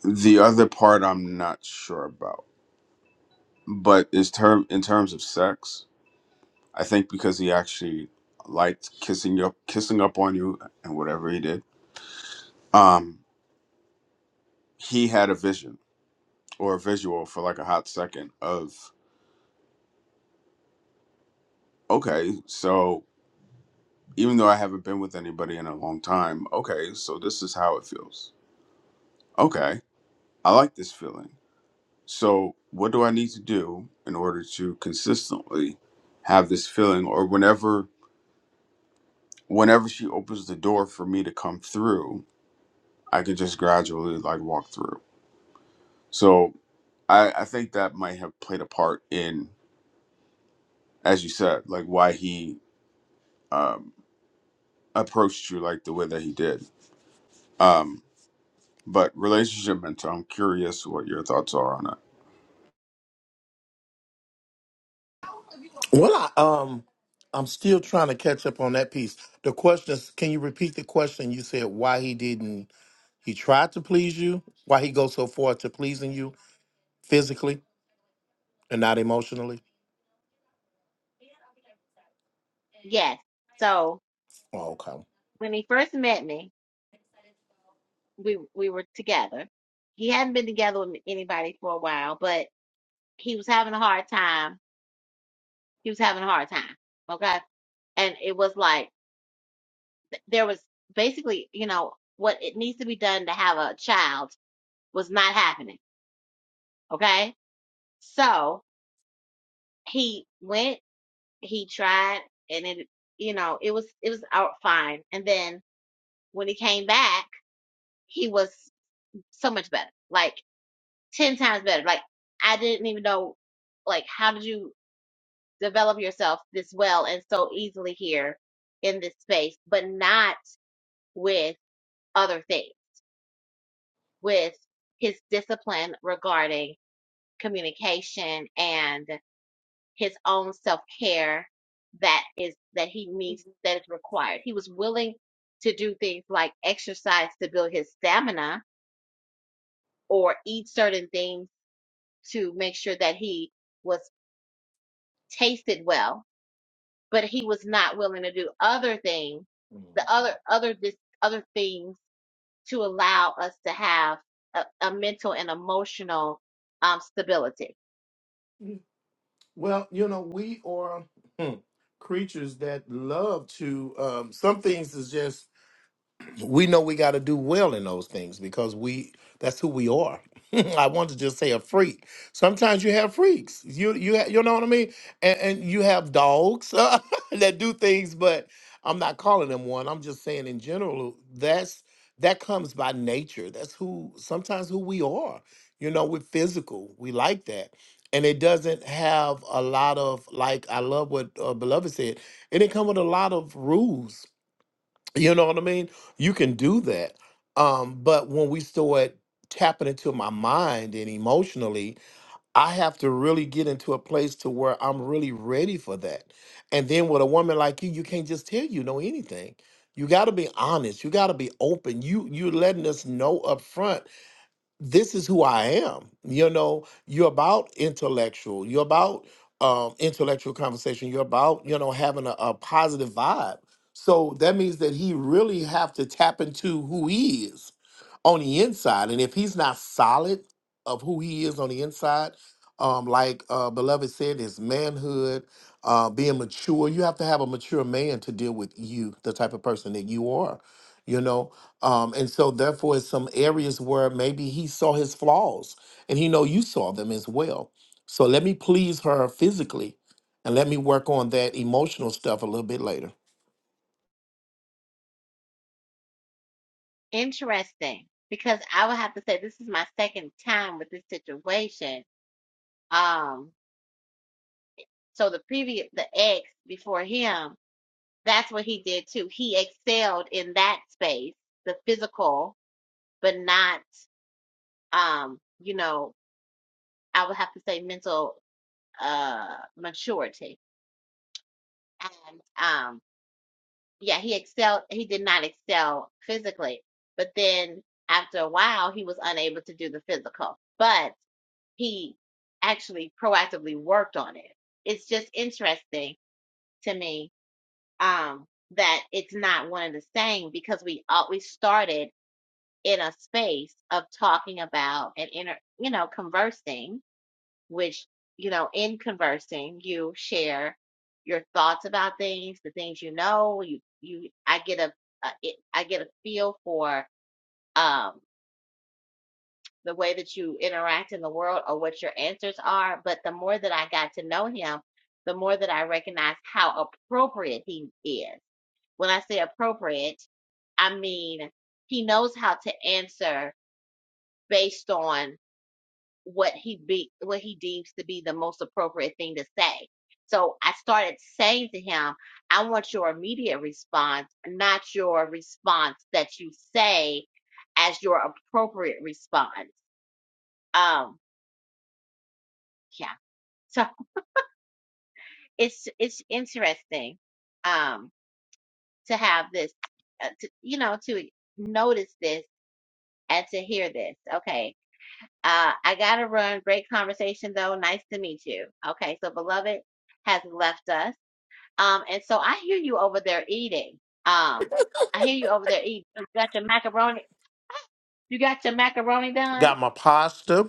S2: the other part I'm not sure about. But is term in terms of sex, I think because he actually liked kissing you kissing up on you and whatever he did, um, he had a vision or a visual for like a hot second of okay, so even though I haven't been with anybody in a long time, okay, so this is how it feels. Okay. I like this feeling So, what do I need to do in order to consistently have this feeling or whenever whenever she opens the door for me to come through, I can just gradually like walk through. So, I I think that might have played a part in as you said, like why he um approached you like the way that he did. Um but relationship mentor, I'm curious what your thoughts are on that.
S3: Well, I, um, I'm still trying to catch up on that piece. The question is, can you repeat the question? You said why he didn't, he tried to please you, why he goes so far to pleasing you physically and not emotionally.
S1: Yes. So
S3: Oh, okay.
S1: when he first met me, we we were together. He hadn't been together with anybody for a while, but he was having a hard time. He was having a hard time. Okay. And it was like th- there was basically, you know, what it needs to be done to have a child was not happening. Okay. So he went he tried and it you know it was it was out fine and then when he came back he was so much better like 10 times better like i didn't even know like how did you develop yourself this well and so easily here in this space but not with other things with his discipline regarding communication and his own self-care that is that he needs that is required. He was willing to do things like exercise to build his stamina or eat certain things to make sure that he was tasted well, but he was not willing to do other things, the other other this other things to allow us to have a, a mental and emotional um stability.
S3: Well, you know, we are hmm, creatures that love to. Um, some things is just we know we got to do well in those things because we that's who we are. I want to just say a freak. Sometimes you have freaks. You you ha- you know what I mean? And, and you have dogs that do things, but I'm not calling them one. I'm just saying in general that's that comes by nature. That's who sometimes who we are. You know, we're physical. We like that. And it doesn't have a lot of like I love what uh, beloved said. It didn't come with a lot of rules you know what I mean? You can do that. Um, but when we start tapping into my mind and emotionally, I have to really get into a place to where I'm really ready for that. And then with a woman like you, you can't just tell you know anything. You got to be honest. You got to be open. You you're letting us know up front this is who I am. You know, you're about intellectual. You're about um, intellectual conversation. You're about you know having a, a positive vibe. So that means that he really have to tap into who he is on the inside. And if he's not solid of who he is on the inside, um, like uh, beloved said, his manhood, uh, being mature. You have to have a mature man to deal with you, the type of person that you are you know um and so therefore it's some areas where maybe he saw his flaws and he know you saw them as well so let me please her physically and let me work on that emotional stuff a little bit later
S1: Interesting. Because I would have to say this is my second time with this situation Um, so the previous, the ex before him, that's what he did too. He excelled in that space, the physical, but not, um, you know, I would have to say mental, uh, maturity. And, um, yeah, he excelled, he did not excel physically, but then after a while, he was unable to do the physical, but he actually proactively worked on it. It's just interesting to me um, that it's not one and the same because we always started in a space of talking about and inter, you know, conversing, which, you know, in conversing, you share your thoughts about things, the things you know, you, you, I get a, a it, I get a feel for, um, the way that you interact in the world or what your answers are. But the more that I got to know him, the more that I recognize how appropriate he is When I say appropriate, I mean he knows how to answer based on what he be what he deems to be the most appropriate thing to say. So I started saying to him, I want your immediate response, not your response that you say as your appropriate response. Um, yeah. So it's it's interesting um to have this uh, to, you know to notice this and to hear this. Okay Uh, I gotta run. Great conversation though. Nice to meet you. Okay, so beloved has left us. Um, and so I hear you over there eating. Um, I hear you over there eating. You got your macaroni. You got your macaroni done.
S3: got my pasta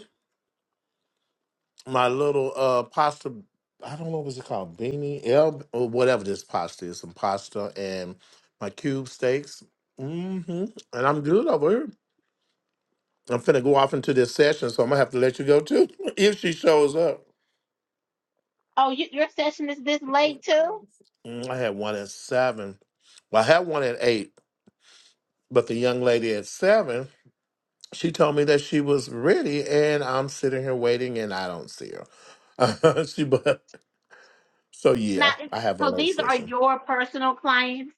S3: my little uh pasta i don't know what's it called beanie el or whatever this pasta is some pasta and my cube steaks hmm and i'm good over here I'm finna go off into this session, so I'm gonna have to let you go too if she shows up.
S1: Oh, you, your session is this late too.
S3: Mm, I had one at seven. Well, I had one at eight, but the young lady at seven, she told me that she was ready, and I'm sitting here waiting, and I don't see her. she, but so yeah,
S1: Not
S3: I have a
S1: so
S3: late
S1: these are
S3: session.
S1: your personal clients.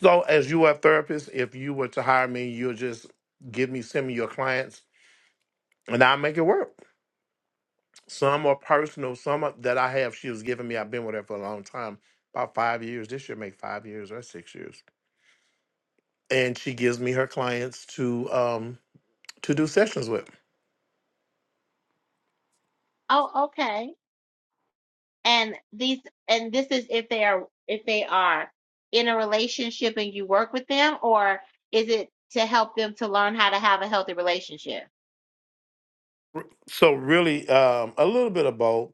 S3: So, as you are a therapist, if you were to hire me, you'll just give me send me your clients, and I'll make it work. Some are personal. Some are, that I have, she was giving me. I've been with her for a long time, about five years. This year, make five years or six years. And she gives me her clients to um, to do sessions with.
S1: Oh, okay. And these, and this is if they are if they are in a relationship and you work with them, or is it to help them to learn how to have a healthy relationship?
S3: So really, um, a little bit of both.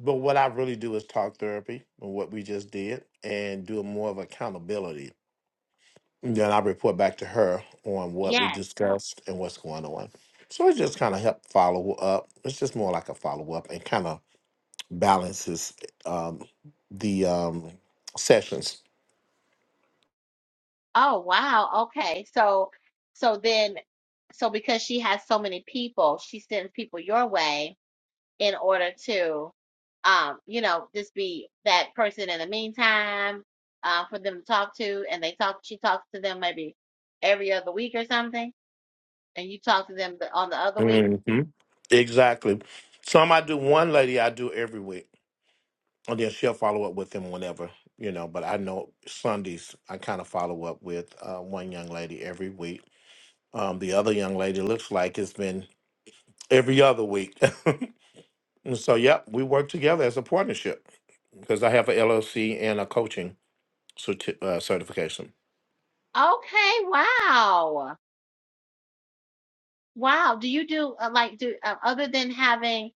S3: But what I really do is talk therapy and what we just did, and do more of accountability. And then I report back to her on what we
S1: Yes.
S3: discussed and what's going on. So it just kind of help follow up. It's just more like a follow up and kind of balances um, the um, sessions.
S1: Oh, wow. Okay. So, so then, so because she has so many people, she sends people your way in order to, um, you know, just be that person in the meantime, uh, for them to talk to, and they talk, she talks to them maybe every other week or something, and you talk to them the, on the other week.
S3: hmm Exactly. Some I do one lady I do every week, and then she'll follow up with them whenever you know. But I know Sundays I kind of follow up with uh, one young lady every week. Um, the other young lady looks like it's been every other week. and so, yep, we work together as a partnership because I have a LLC and a coaching certi- uh, certification.
S1: Okay. Wow. Wow. Do you do uh, like do uh, other than having,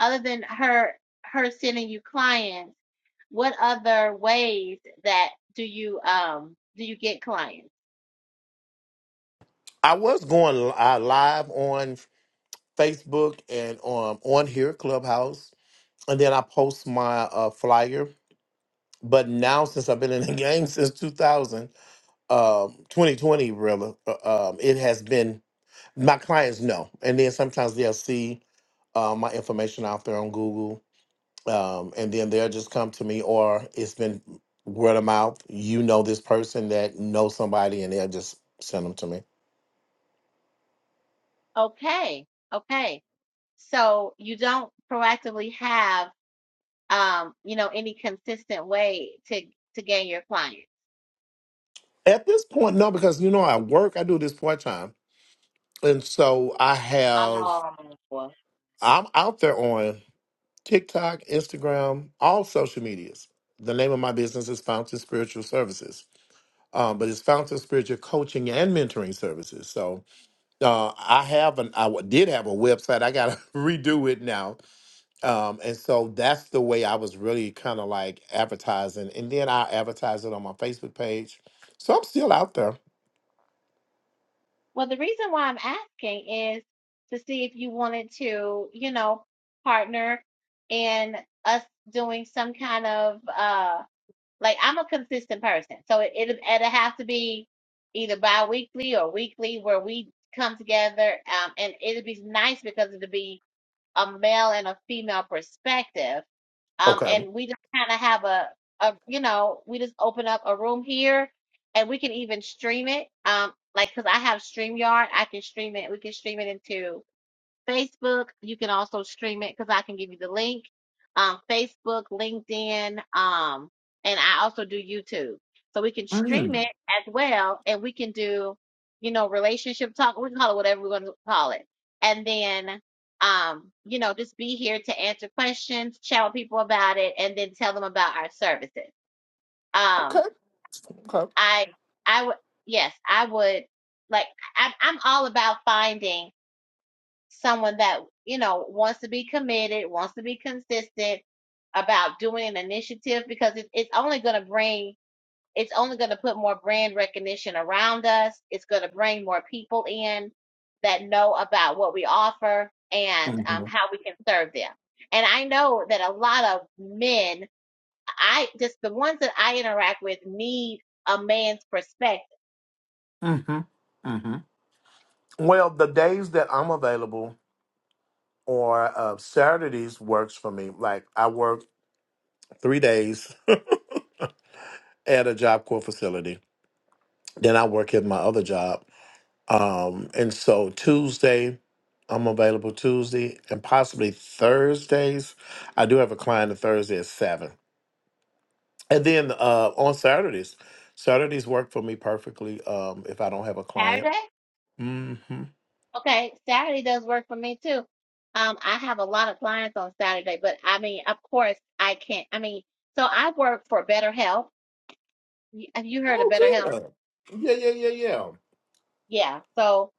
S1: other than her her sending you clients? What other ways that do you um do you get clients?
S3: I was going li- uh, live on Facebook and um, on here, Clubhouse. And then I post my uh, flyer. But now, since I've been in the game since 2000, um, 2020, really, uh, um, it has been my clients know. And then sometimes they'll see uh, my information out there on Google. Um, and then they'll just come to me, or it's been word of mouth. You know this person that knows somebody, and they'll just send them to me.
S1: Okay. Okay. So you don't proactively have um, you know, any consistent way to to gain your clients.
S3: At this point, no, because you know I work. I do this part time, and so I have.
S1: Um, well,
S3: I'm out there on TikTok, Instagram, all social medias. The name of my business is Fountain Spiritual Services, um, but it's Fountain Spiritual Coaching and Mentoring Services. So uh, I have an, I w- did have a website. I got to redo it now, um, and so that's the way I was really kind of like advertising, and then I advertised it on my Facebook page. So I'm still out there.
S1: the reason why I'm asking is to see if you wanted to, you know, partner in us doing some kind of uh Like I'm a consistent person, so it it it'll have to be either bi-weekly or weekly where we come together. Um, and it'd be nice because it'd be a male and a female perspective. Um,
S3: Okay.
S1: and we just kind of have a a you know we just open up a room here, and we can even stream it. Um, like because I have StreamYard, I can stream it. We can stream it into Facebook. You can also stream it because I can give you the link. Um, Facebook, LinkedIn, um, and I also do YouTube. So we can stream
S3: Mm.
S1: it as well, and we can do, you know, relationship talk. We can call it whatever we're going to call it, and then, um, you know, just be here to answer questions, chat with people about it, and then tell them about our services.
S3: Okay.
S1: Um,
S3: Okay.
S1: I, I would, yes, I would like. I'm, I'm all about finding someone that you know wants to be committed, wants to be consistent about doing an initiative because it, it's only going to bring it's only going to put more brand recognition around us. It's going to bring more people in that know about what we offer and um,
S3: hmm
S1: how we can serve them. And I know that a lot of men, I just the ones that I interact with need a man's perspective.
S3: hmm hmm Well, the days that I'm available. or uh, Saturdays works for me. Like I work three days at a Job Corps facility, then I work at my other job. Um, and so Tuesday, I'm available Tuesday and possibly Thursdays. I do have a client on Thursday at seven, and then uh, on Saturdays. Saturdays work for me perfectly um, if I don't have a client.
S1: Saturday.
S3: hmm
S1: Okay, Saturday does work for me too. Um, I have a lot of clients on Saturday, but I mean, of course, I can't. I mean, so I work for Better Help. You, have you heard of
S3: Oh,
S1: Better Help?
S3: good. Yeah, yeah, yeah, yeah.
S1: Yeah. So,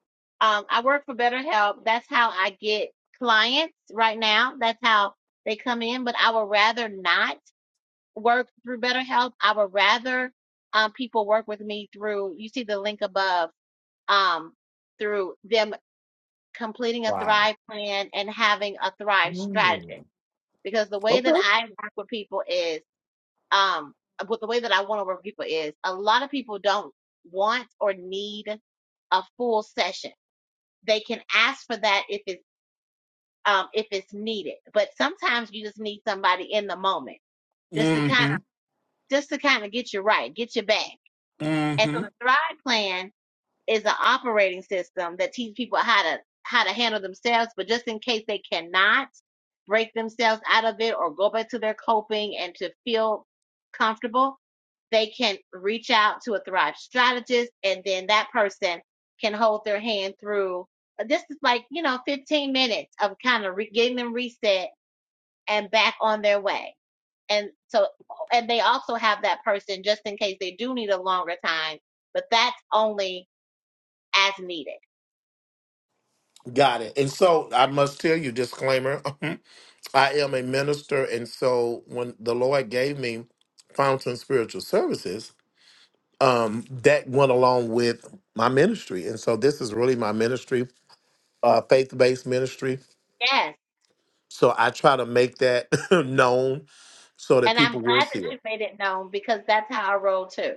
S1: um, I work for Better Help. That's how I get clients right now. That's how they come in. But I would rather not work through Better Help. I would rather um people work with me through. You see the link above. Um, through them completing a
S3: Wow.
S1: thrive plan and having a thrive strategy
S3: Mm.
S1: because the way that
S3: Okay.
S1: i work with people is um with the way that i want to work with people is a lot of people don't want or need a full session they can ask for that if it's um if it's needed but sometimes you just need somebody in the moment just to kind of just to kind of get you right get you back and
S3: Mm-hmm.
S1: so the thrive plan is an operating system that teaches people how to how to handle themselves but just in case they cannot break themselves out of it or go back to their coping and to feel comfortable they can reach out to a thrive strategist and then that person can hold their hand through uh, this is like you know 15 minutes of kind of re- getting them reset and back on their way and so and they also have that person just in case they do need a longer time but that's only as needed
S3: Got it. And so I must tell you, disclaimer, I am a minister. And so when the Lord gave me Fountain Spiritual Services, um, that went along with my ministry. And so this is really my ministry, uh, faith based ministry.
S1: Yes.
S3: So I try to make that known so that
S1: And I'm
S3: people will
S1: glad
S3: see
S1: that you
S3: it.
S1: made it known because that's how I roll too.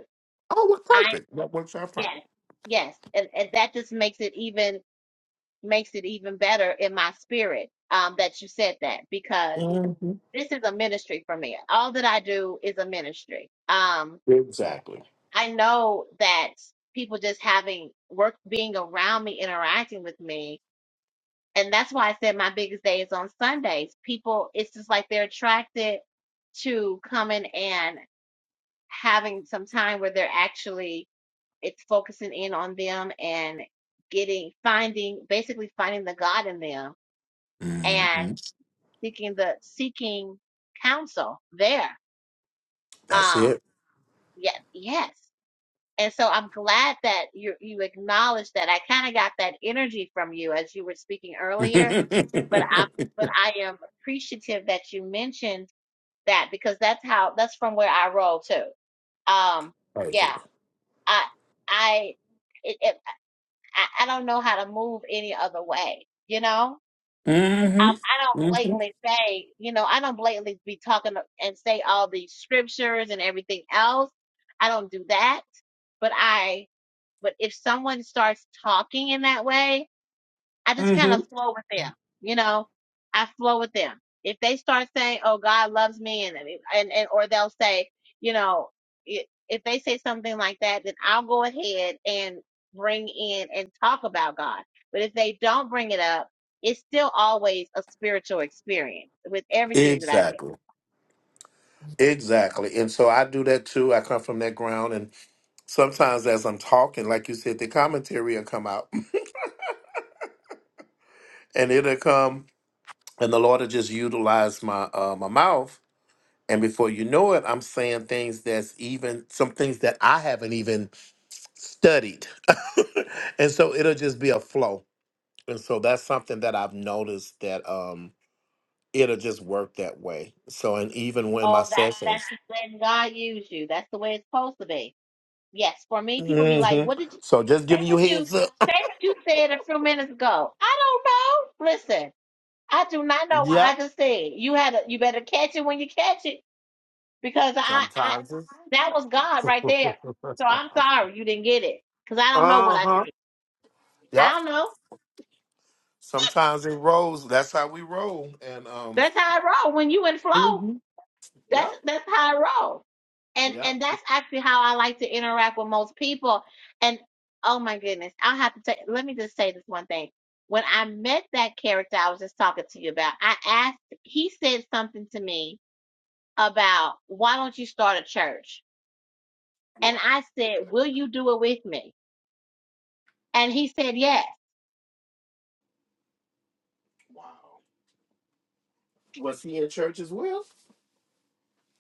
S3: Oh, well,
S1: I
S3: perfect. That works out fine.
S1: yes. Yes. And and that just makes it even makes it even better in my spirit um that you said that because
S3: hmm
S1: this is a ministry for me. All that I do is a ministry. Um
S3: Exactly.
S1: I know that people just having work being around me interacting with me and that's why I said my biggest day is on Sundays. People it's just like they're attracted to coming and. having some time where they're actually it's focusing in on them and getting finding basically finding the God in them and
S3: hmm
S1: seeking the seeking counsel there.
S3: That's
S1: Um
S3: it.
S1: yeah, yes. And so I'm glad that you you acknowledged that. I kind of got that energy from you as you were speaking earlier,
S3: perfect.
S1: but I but I am appreciative that you mentioned that because that's how that's from where I roll too. Um yeah. I I it, it I, I don't know how to move any other way. You know, um,
S3: Mm.
S1: I don't
S3: hmm hmm
S1: blatantly say, you know, I don't blatantly be talking and say all these scriptures and everything else. I don't do that. But I, but if someone starts talking in that way, I just
S3: hmm
S1: kind of flow with them. You know, I flow with them. If they start saying, "Oh, God loves me," and and, and or they'll say, you know, i- if they say something like that, then I'll go ahead and bring in and talk about God. But if they don't bring it up, it's still always a spiritual experience with everything that I do.
S3: Exactly. Exactly. And so I do that too. I come from that ground. And sometimes as I'm talking, like you said, the commentary will come out and it'll come and the Lord will just utilize my uh, my mouth. And before you know it, I'm saying things that's even some things that I haven't even studied. and so it'll just be a flow. And so that's something that I've noticed that um it'll just work that way. So and even when my
S1: Oh,
S3: sessions.
S1: that's that's when God used you. That's the way it's supposed to be Yes, for me, people be like,
S3: hmm
S1: "What did you
S3: So just
S1: say?
S3: giving you
S1: What you
S3: heads up.
S1: say? What you said a few minutes ago?" I don't know. Listen, I do not know what
S3: Yeah.
S1: I just said. You had a, you better catch it when you catch it because I, I
S3: Sometimes it.
S1: that was God right there. So I'm
S3: uh
S1: sorry you didn't get it because I don't know what I
S3: huh.
S1: said. I
S3: Yep.
S1: don't know.
S3: Sometimes it rolls. That's how we roll. And um.
S1: That's how I roll when you in flow.
S3: Mhm.
S1: That's
S3: Yep.
S1: that's how I roll. And
S3: Yep.
S1: and that's actually how I like to interact with most people. And oh my goodness, I'll have to say let me just say this one thing. When I met that character I was just talking to you about, I asked he said something to me about why don't you start a church?
S3: What?
S1: And I said, Will you do it with me? And he said yes.
S3: Wow. Was he in church as well?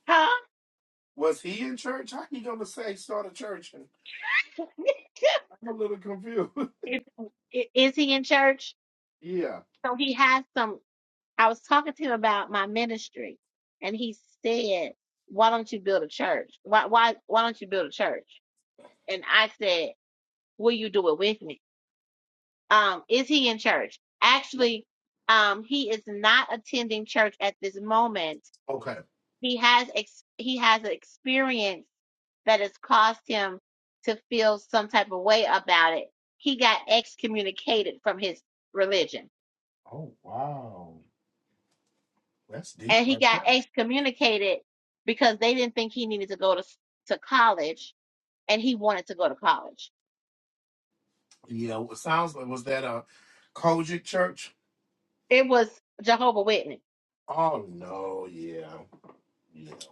S1: Huh?
S3: Was he in church? How you gonna say start a church? And I'm a little confused.
S1: Is is he in church?
S3: yeah.
S1: So he has some I was talking to him about my ministry, and he said, "Why don't you build a church? Why why why don't you build a church?" And I said, "Will you do it with me? Um, is he in church? Actually, um, he is not attending church at this moment.
S3: Okay.
S1: He has ex- he has an experience that has caused him to feel some type of way about it. He got excommunicated from his religion."
S3: Oh wow. That's deep
S1: and he
S3: right
S1: got
S3: there.
S1: excommunicated because they didn't think he needed to go to s- to college and he wanted to go to college.
S3: Yeah. It sounds like was that a Kojic church?
S1: It was Jehovah Witness.
S3: Oh no. Yeah. Yeah.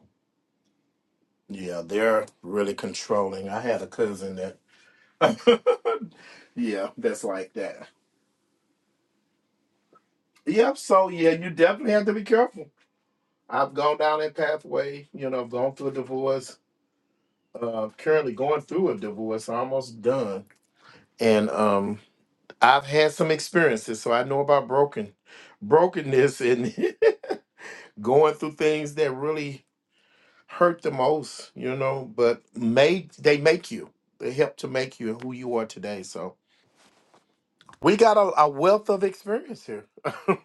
S3: Yeah, they're really controlling. I had a cousin that, yeah, that's like that. Yep. So yeah, you definitely have to be careful. I've gone down that pathway. You know, I've gone through a divorce. Uh, currently going through a divorce, almost done. And um, I've had some experiences, so I know about broken, brokenness, and going through things that really hurt the most. You know, but made they make you. They help to make you who you are today. So. We got a, a wealth of experience here.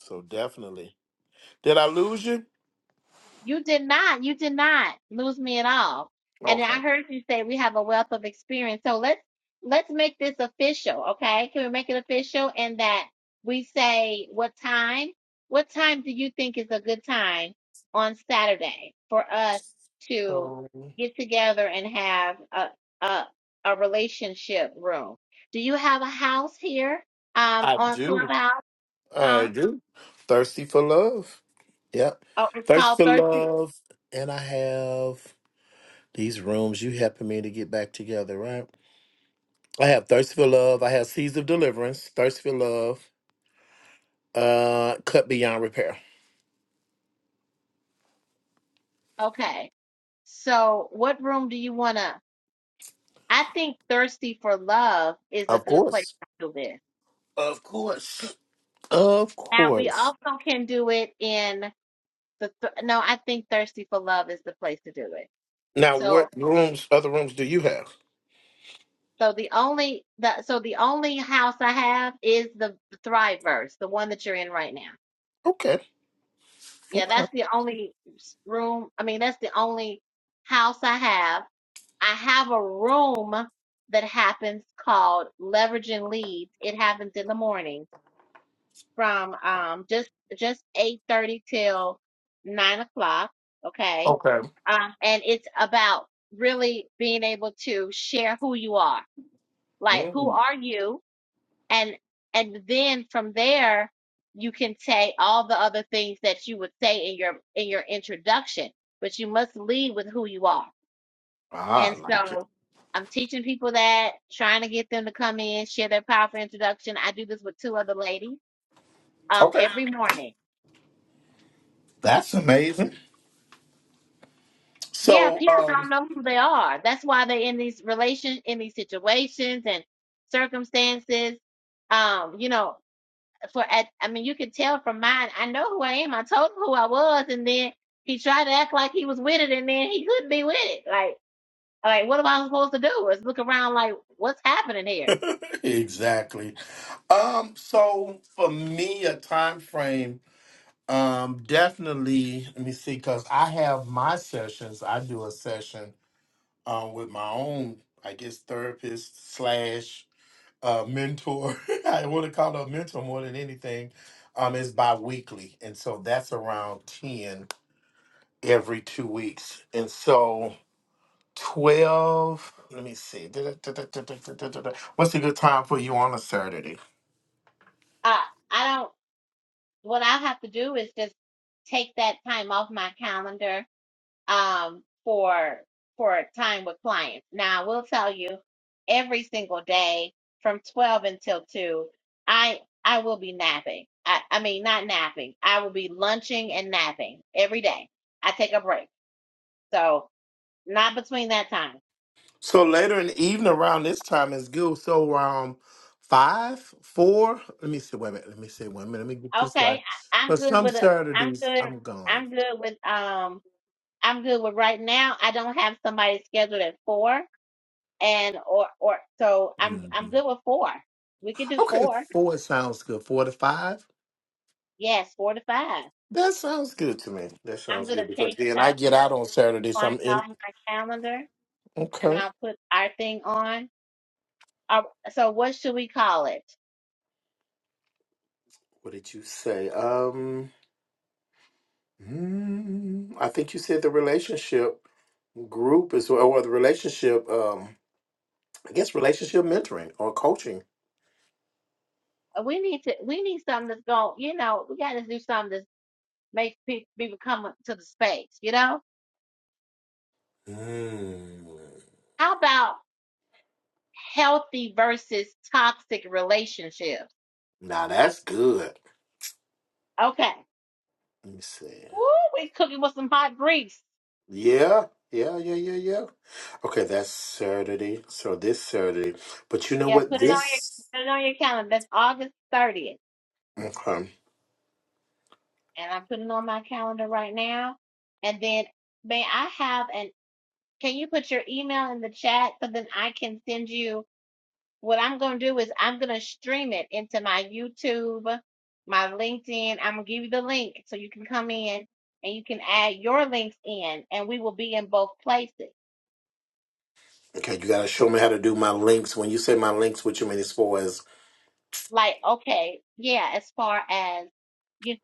S3: so definitely. Did I lose you?
S1: You did not. You did not lose me at all. And
S3: Okay.
S1: I heard you say we have a wealth of experience. So let's let's make this official, okay? Can we make it official in that we say what time? What time do you think is a good time on Saturday for us to
S3: Um,
S1: get together and have a a, a relationship room? Do you have a house here um
S3: I
S1: on
S3: do.
S1: Clubhouse?
S3: I
S1: Huh?
S3: do. Thirsty for love. Yep.
S1: Oh, it's called
S3: Thirsty for
S1: Thirsty.
S3: love. And I have these rooms. You helping me to get back together, right? I have Thirsty for Love. I have Seeds of Deliverance. Thirsty for Love. Uh Cut Beyond Repair.
S1: Okay. So, what room do you want to? I think thirsty for love is a
S3: Of
S1: good place
S3: course.
S1: to do this.
S3: Of course. Of
S1: Now, we
S3: course.
S1: also can do it in the th no, I think thirsty for love is the place to do it.
S3: Now
S1: So,
S3: what rooms other rooms do you have?
S1: so the only the so the only house I have is the Thriveverse, the one that you're in right now.
S3: Okay.
S1: Yeah,
S3: Okay.
S1: that's the only s- room. I mean, that's the only house I have. I have a room that happens called Leveraging Leads. It happens in the morning from um just just eight thirty till nine o'clock. Okay,
S3: Okay.
S1: um, and it's about really being able to share who you are, like who
S3: Mm.
S1: are you, and and then from there you can say all the other things that you would say in your in your introduction, but you must lead with who you are.
S3: Ah, I
S1: And
S3: like it.
S1: so I'm teaching people that, trying to get them to come in, share their powerful introduction. I do this with two other ladies um
S3: Okay.
S1: every morning
S3: That's amazing.
S1: Yeah,
S3: So,
S1: people don't
S3: um,
S1: know who they are. That's why they're in these relation in these situations and circumstances. Um, you know, for at I mean, you can tell from mine. I know who I am. I told him who I was, and then he tried to act like he was with it, and then he couldn't be with it. Like, like what am I supposed to do? Is look around like what's happening here?
S3: exactly. Um, so for me, a time frame, um, definitely. Let me see, because I have my sessions. I do a session um, with my own, I guess, therapist slash uh, mentor. I want to call her a mentor more than anything. Um, it's bi-weekly, and so that's around ten every two weeks, and so. 12. Let me see. What's a good time for you on a Saturday?
S1: Uh, I don't. What I have to do is just take that time off my calendar um, for for time with clients. Now, I will tell you, every single day from twelve until two, I I will be napping. I, I mean, not napping. I will be lunching and napping every day. I take a break, so not between that time.
S3: So later in the evening around this time is good. So around five, four. Let me see. Wait a minute. Let me see. Wait a minute. Let me get this right.
S1: Okay, I, I'm
S3: But
S1: good
S3: some
S1: with a. I'm
S3: Saturdays
S1: good.
S3: I'm gone.
S1: I'm good with um. I'm good with right now. I don't have somebody scheduled at four, and or or so I'm I'm
S3: Mhm.
S1: good with four. We could do
S3: Okay,
S1: four.
S3: four sounds good. Four to five.
S1: Yes, four to five.
S3: That sounds good to me. That
S1: I'm
S3: sounds
S1: gonna
S3: good because
S1: take
S3: then I
S1: uh,
S3: get
S1: this
S3: out on Saturday, so
S1: one
S3: I'm in.
S1: off my calendar and
S3: Okay.
S1: I'll put our thing on. Uh, so what should we call it?
S3: What did you say? Um, mm, I think you said the relationship. group as well, or the relationship, um, I guess relationship mentoring or coaching.
S1: Uh, We need to. We need something that's going. You know, we got to do something that makes pe- people come up to the space. You know,
S3: Mm.
S1: how about healthy versus toxic relationships?
S3: Now that's good.
S1: Okay.
S3: Let me see.
S1: Woo, we cooking with some hot grease.
S3: Yeah, yeah, yeah, yeah, yeah. Okay, that's Saturday. So this Saturday. But you know
S1: Yeah,
S3: what?
S1: put it on your
S3: This
S1: put it on your calendar. That's August thirtieth.
S3: okay.
S1: and I'm putting on my calendar right now. And then may I have an can you put your email in the chat so then I can send you what I'm gonna do is I'm gonna stream it into my YouTube, my LinkedIn. I'm gonna give you the link so you can come in and you can add your links in and we will be in both places.
S3: Okay, you gotta show me how to do my links. When you say my links, what you mean as far as
S1: Like, okay, yeah, as far as you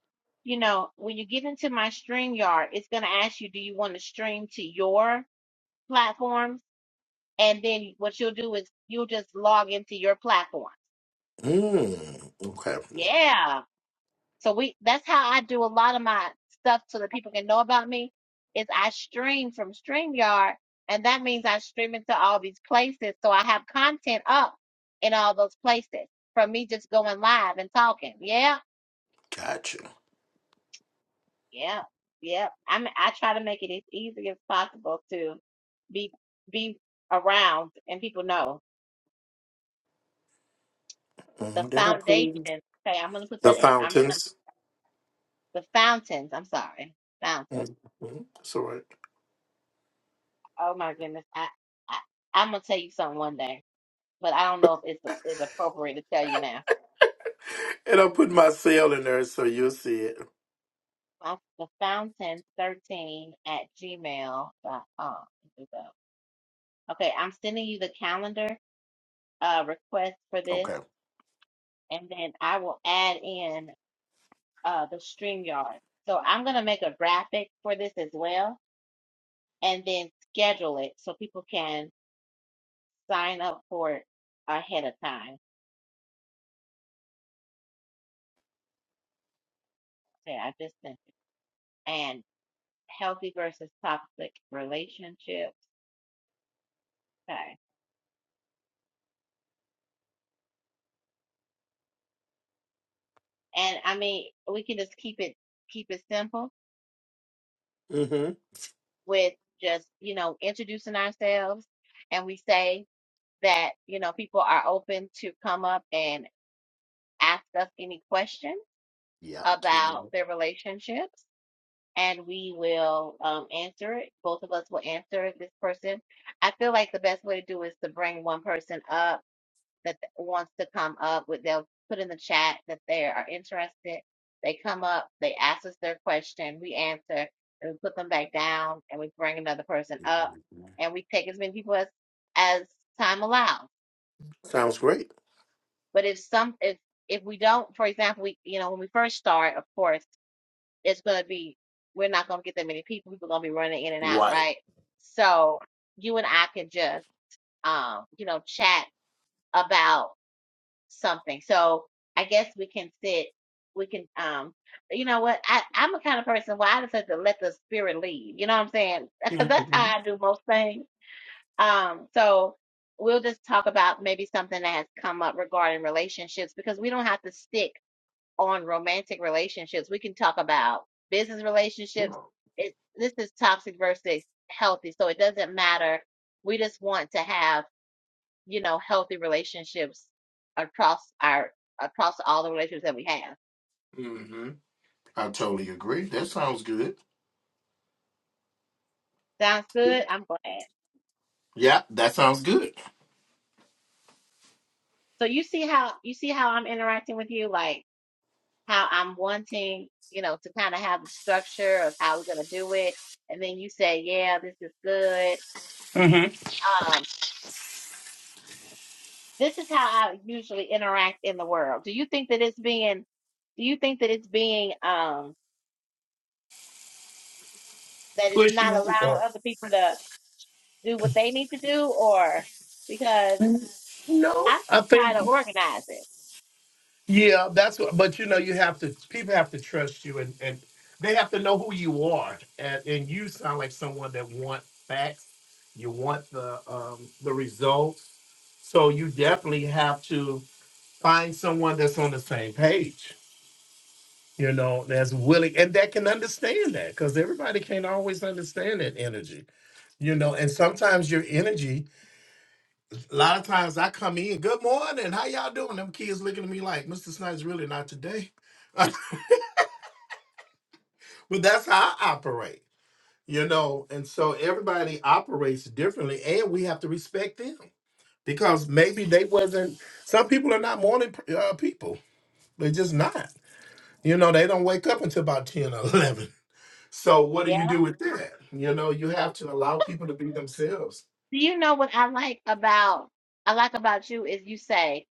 S1: you know, when you get into my StreamYard, it's gonna ask you, do you want to stream to your platform? and then what you'll do is you'll just log into your platform.
S3: mm, okay.
S1: Yeah. So we that's how I do a lot of my stuff so that people can know about me is I stream from StreamYard and that means I stream into all these places. So I have content up in all those places from me just going live and talking. Yeah,
S3: Gotcha.
S1: yeah, yeah. I mean, I try to make it as easy as possible to be be around and people know the
S3: Mhm, Did I put it in?
S1: foundation. Okay, I'm gonna put
S3: the
S1: that in. I'm gonna.
S3: fountains?
S1: The fountains. I'm sorry. Fountains.
S3: Mm-hmm. It's all right.
S1: Oh my goodness. I, I I'm gonna tell you something one day, but I don't know if it's is appropriate to tell you now.
S3: And I'll put my cell in there so you'll see it.
S1: My, the fountain thirteen at gmail dot com. Here we go. Okay, I'm sending you the calendar uh request for this,
S3: Okay.
S1: and then I will add in uh the StreamYard. So I'm gonna make a graphic for this as well, and then schedule it so people can sign up for it ahead of time. Okay, I just sent. and healthy versus toxic relationships. Okay. And I mean, we can just keep it keep it simple
S3: Mm-hmm.
S1: with just, you know, introducing ourselves and we say that, you know, people are open to come up and ask us any questions
S3: Yeah. Kim.
S1: about their relationships and we will um, answer it. Both of us will answer This person, I feel like the best way to do is to bring one person up that wants to come up with, they'll put in the chat that they are interested. They come up, they ask us their question, we answer, and we put them back down, and we bring another person up, and we take as many people as as time allows.
S3: Sounds great.
S1: But if some if if we don't, for example, we you know when we first start, of course, it's going to be we're not going to get that many people. People are going to be running in and out,
S3: Right.
S1: right? So you and I can just um you know chat about something. So I guess we can sit. We can, um, you know what? I I'm a kind of person where I just have to let the spirit lead. You know what I'm saying? Because that's
S3: Mm-hmm.
S1: how I do most things. Um, so we'll just talk about maybe something that has come up regarding relationships because we don't have to stick on romantic relationships. We can talk about business relationships. It this is toxic versus healthy, so it doesn't matter. We just want to have you know, healthy relationships across our across all the relationships that we have.
S3: Mm-hmm. I totally agree. That sounds good.
S1: Sounds good. I'm glad.
S3: Yeah, that sounds good.
S1: So you see how you see how I'm interacting with you, like how I'm wanting, you know, to kind of have the structure of how we're gonna do it, and then you say, yeah, this is good.
S3: Mm-hmm.
S1: Um, this is how I usually interact in the world. Do you think that it's being, do you think that it's being, um, that it's not
S3: Pushing.
S1: allowing other people to do what they need to do, or? because
S3: No,
S1: I
S3: I
S1: gotta
S3: think
S1: organize it.
S3: yeah, that's what. But you know, you have to. People have to trust you, and and they have to know who you are. And and you sound like someone that want facts. You want the um the results. So you definitely have to. find someone that's on the same page, you know, that's willing and that can understand that because everybody can't always understand that energy, you know. And sometimes your energy, a lot of times I come in, good morning, how y'all doing? Them kids looking at me like, Mr. Snipes, really not today. but that's how I operate, you know. And so everybody operates differently, and we have to respect them because maybe they wasn't. Some people are not morning uh, people; they're just not. You know, they don't wake up until about 10 or 11 So what do you
S1: Yeah.
S3: do with that? You know, you have to allow people to be themselves.
S1: Do you know what I like about I like about you is you say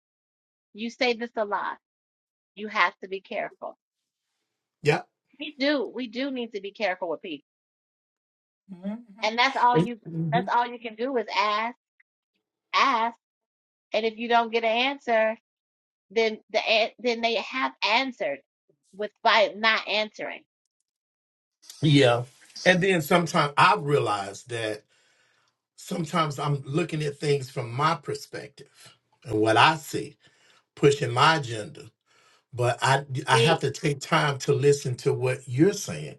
S1: you say this a lot. You have to be careful.
S3: Yeah.
S1: We do. We do need to be careful with people,
S3: Mhm.
S1: and that's all
S3: And-
S1: you. That's
S3: mhm.
S1: all you can do is ask, ask, and if you don't get an answer, then the an- then they have answered with by not answering.
S3: Yeah. And then sometimes I have realized that sometimes I'm looking at things from my perspective and what I see, pushing my agenda. But I I have
S1: See,
S3: to take time to listen to what you're saying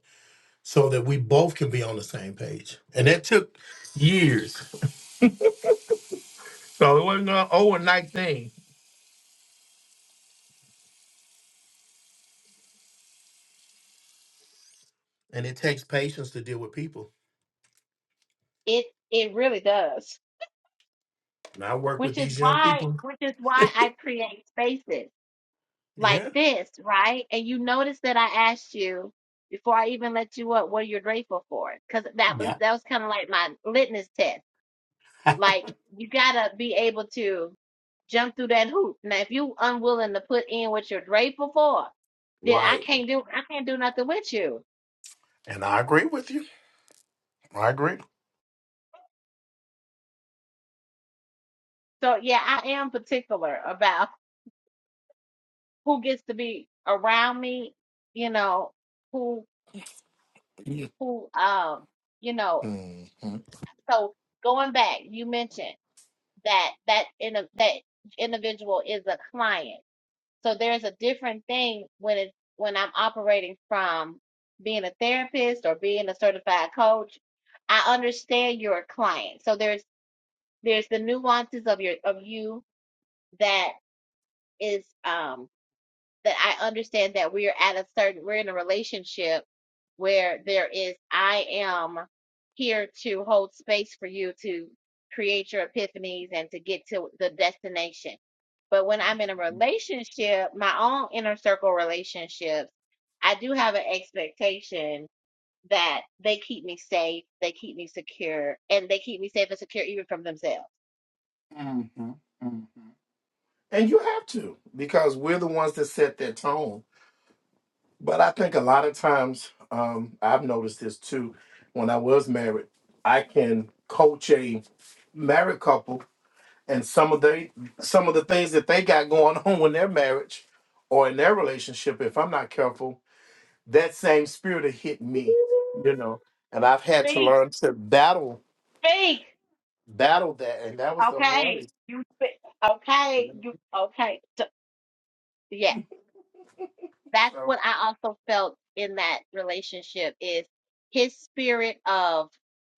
S3: so that we both can be on the same page. And that took years. So it wasn't an overnight thing. And it takes patience to deal with people.
S1: it it really does.
S3: And I work with
S1: Which is
S3: these young
S1: why
S3: people
S1: which is why I create spaces. like
S3: Yeah.
S1: this, right? And you notice that I asked you before I even let you up what you're grateful for, because that was
S3: Yeah.
S1: that was kind of like my litmus test. Like you gotta be able to jump through that hoop. Now, if you unwilling to put in what you're grateful for, then I
S3: Why?
S1: can't do I can't do nothing with you.
S3: And I agree with you. I agree.
S1: So yeah, I am particular about who gets to be around me. You know who
S3: Mhm,
S1: who um you know.
S3: mhm,
S1: So going back, you mentioned. that that in a, that individual is a client. So there's a different thing when it's when I'm operating from being a therapist or being a certified coach. I understand you're a client. So there's there's the nuances of your of you that is um that I understand that we're at a certain, we're in a relationship where there is, I am here to hold space for you to create your epiphanies and to get to the destination. But when I'm in a relationship, my own inner circle relationships, I do have an expectation that they keep me safe, they keep me secure, and they keep me safe and secure even from themselves.
S3: mhm. And you have to because we're the ones that set that tone. But I think a lot of times, um, I've noticed this too. When I was married, I can coach a married couple, and some of they some of the things that they got going on in their marriage or in their relationship, if I'm not careful. that same spirit had hit me, you know, and I've had to
S1: Speak,
S3: learn to battle,
S1: speak.
S3: battle that, and that was the
S1: Okay,
S3: hardest.
S1: you fit-
S3: You
S1: okay,
S3: know?
S1: you okay. So, yeah, that's
S3: So,
S1: what I also felt in that relationship is his spirit of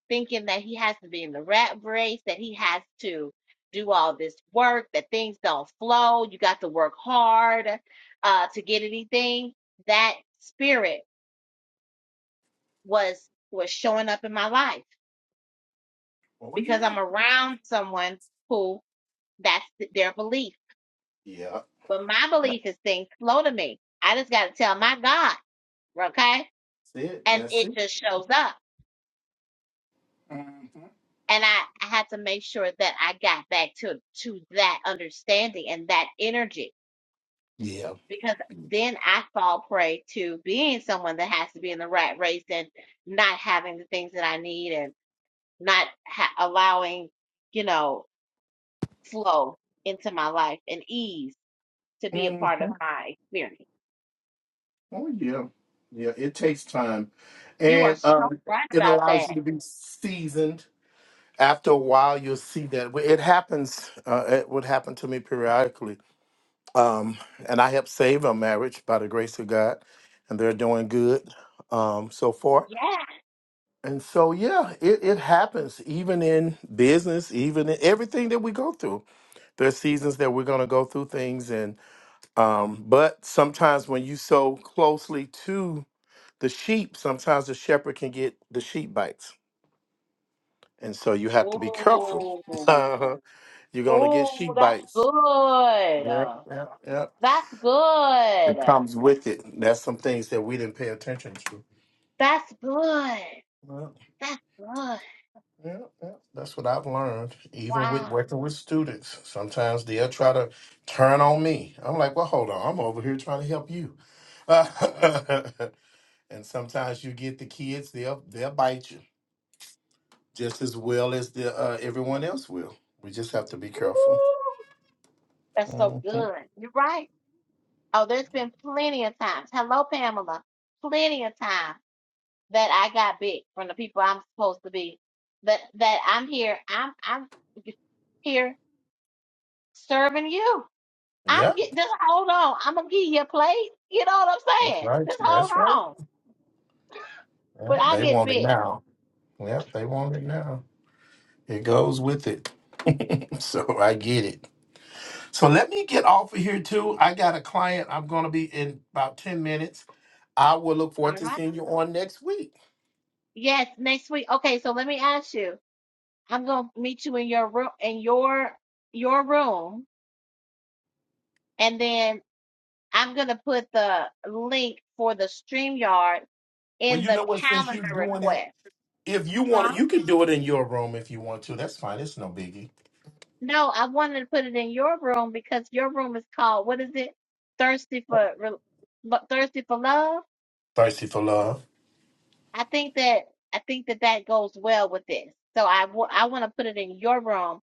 S1: thinking that he has to be in the rat race, that he has to do all this work, that things don't flow, you got to work hard uh to get anything. That spirit was was showing up in my life
S3: oh
S1: because
S3: yeah,
S1: I'm around someone who that's th- their belief
S3: yeah,
S1: But my
S3: that's
S1: belief is things flow to me. I just got to tell my God, okay?
S3: it,
S1: And
S3: that's
S1: it
S3: it.
S1: just shows up.
S3: hmm
S1: And I, I had to make sure that I got back to, to that understanding and that energy
S3: Yeah.
S1: because then I fall prey to being someone that has to be in the rat race and not having the things that I need and not ha- allowing, you know, flow into my life and ease to be a
S3: hmm
S1: part of my experience.
S3: Oh yeah, yeah. It takes time,
S1: You are
S3: and
S1: so
S3: um,
S1: right
S3: it
S1: about
S3: allows you
S1: that.
S3: to be seasoned. After a while, you'll see that Well, it happens. Uh, it would happen to me periodically Um, and I helped save our marriage by the grace of God, and they're doing good um, so far.
S1: Yeah.
S3: And so, yeah, it, it happens even in business, even in everything that we go through. There's seasons that we're going to go through things, and um, but sometimes when you sow closely to the sheep, sometimes the shepherd can get the sheep bites, and so you have to be careful.
S1: Oh,
S3: Uh-huh. You're going to get
S1: oh,
S3: sheep
S1: that's
S3: bites.
S1: good.
S3: Yeah, yeah, yeah.
S1: That's good.
S3: It comes with it. That's some things that we didn't pay attention to.
S1: That's good.
S3: Well,
S1: That's good.
S3: yeah, yeah, that's what I've learned. Even with
S1: Wow.
S3: working with students, sometimes they'll try to turn on me. I'm like, well, hold on, I'm over here trying to help you. and sometimes you get the kids; they'll they'll bite you just as well as the uh, everyone else will. We just have to be
S1: Ooh,
S3: careful.
S1: that's so
S3: Mhm.
S1: good. You're right. Oh, there's been plenty of times. Hello, Pamela. Plenty of times that I got bit from the people I'm supposed to be. That that I'm here. I'm I'm here serving you.
S3: Yeah,
S1: I'm get just hold on. I'm gonna give you a plate. You know what I'm
S3: that's
S1: saying?
S3: right.
S1: Just hold
S3: That's right.
S1: on.
S3: Yeah,
S1: But I
S3: they
S1: get
S3: want it
S1: big.
S3: now. Yeah, they want it now. It goes with it. So I get it. So let me get off of here too. I got a client. I'm going to be in about 10 minutes. I will look forward
S1: All
S3: to
S1: right.
S3: seeing you on next week.
S1: Yes, next week. Okay, so let me ask you. I'm gonna meet you in your room in your your room, and then I'm gonna put the link for the StreamYard
S3: Well,
S1: in
S3: you
S1: the
S3: know what? Since you're
S1: calendar
S3: doing it,
S1: request.
S3: if you want to,
S1: Huh?
S3: you can do it in your room if you want to. That's fine. It's no biggie.
S1: No, I wanted to put it in your room because your room is called what is it? Thirsty for Re- Lo- Thirsty for Love?
S3: Thirsty for love.
S1: I think that I think that that goes well with this. So I want to put it in your room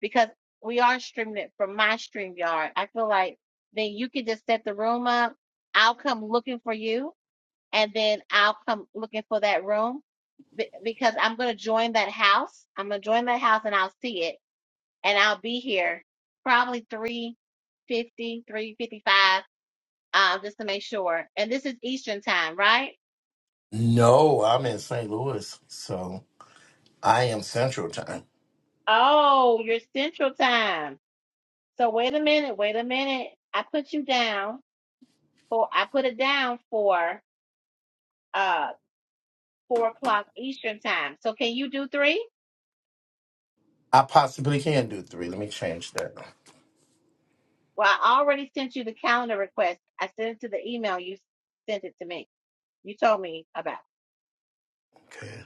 S1: because we are streaming it from my stream yard. I feel like then you can just set the room up. I'll come looking for you, and then I'll come looking for that room be- because I'm gonna join that house. I'm gonna join that house, and I'll see it, and I'll be here probably three fifty, three fifty five, um, just to make sure. And this is Eastern time, right?
S3: No, I'm in St. Louis. So I am Central Time.
S1: Oh, you're Central time. So wait a minute, wait a minute. I put you down for I put it down for uh four o'clock Eastern time. So can you do three?
S3: I possibly can do three. Let me change that.
S1: Well, I already sent you the calendar request. I sent it to the email you sent it to me. You told me about.
S3: Okay.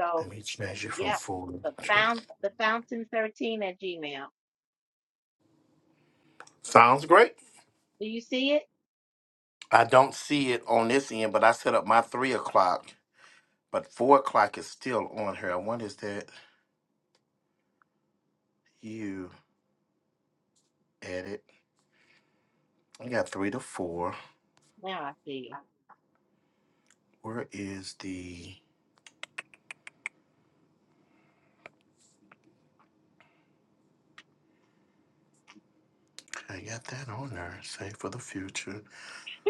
S1: So
S3: Let me change it from
S1: yeah,
S3: four
S1: the
S3: to.
S1: found the fountain thirteen at Gmail.
S3: Sounds great.
S1: Do you see it?
S3: I don't see it on this end, but I set up my three o'clock, but four o'clock is still on here. I wonder is that you edit? I got three to four.
S1: Now I see you.
S3: Where is the? I got that on there. Save for the future.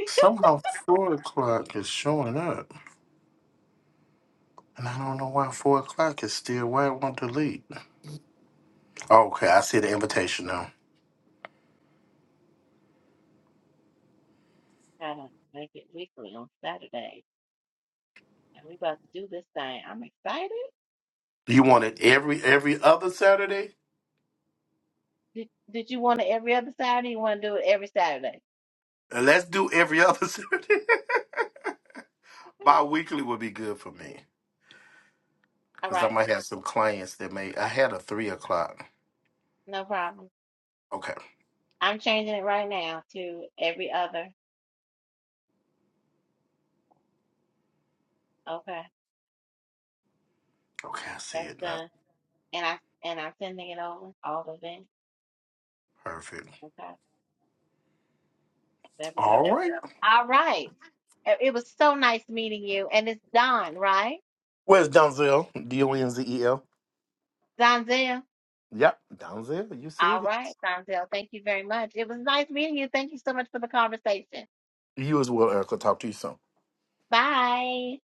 S3: Somehow four o'clock is showing up, and I don't know why four o'clock is still. Why it won't delete? Okay, I see the invitation now.
S1: I don't make it weekly on Saturday, and we about to do this thing. I'm excited.
S3: You want it every every other Saturday?
S1: Did, did you want it every other Saturday? You want to do it every Saturday?
S3: Let's do every other Saturday.
S1: Okay.
S3: Bi-weekly would be good for me.
S1: All
S3: Because I
S1: right,
S3: might have some clients that may. I had a three o'clock.
S1: no problem.
S3: Okay.
S1: I'm changing it right now to every other. Okay,
S3: Okay. I see
S1: that's
S3: it now.
S1: done. And I and I'm sending it over all of them.
S3: Perfect.
S1: Okay, there we go.
S3: All right.
S1: All right. It it was so nice meeting you. And it's Don, right?
S3: Where's Donzel? D O N Z E L.
S1: Donzel.
S3: Yep. Donzel. You
S1: All
S3: said it.
S1: right, Donzel. Thank you very much. It was nice meeting you. Thank you so much for the conversation.
S3: You as well, Erica. talk to you soon.
S1: Bye.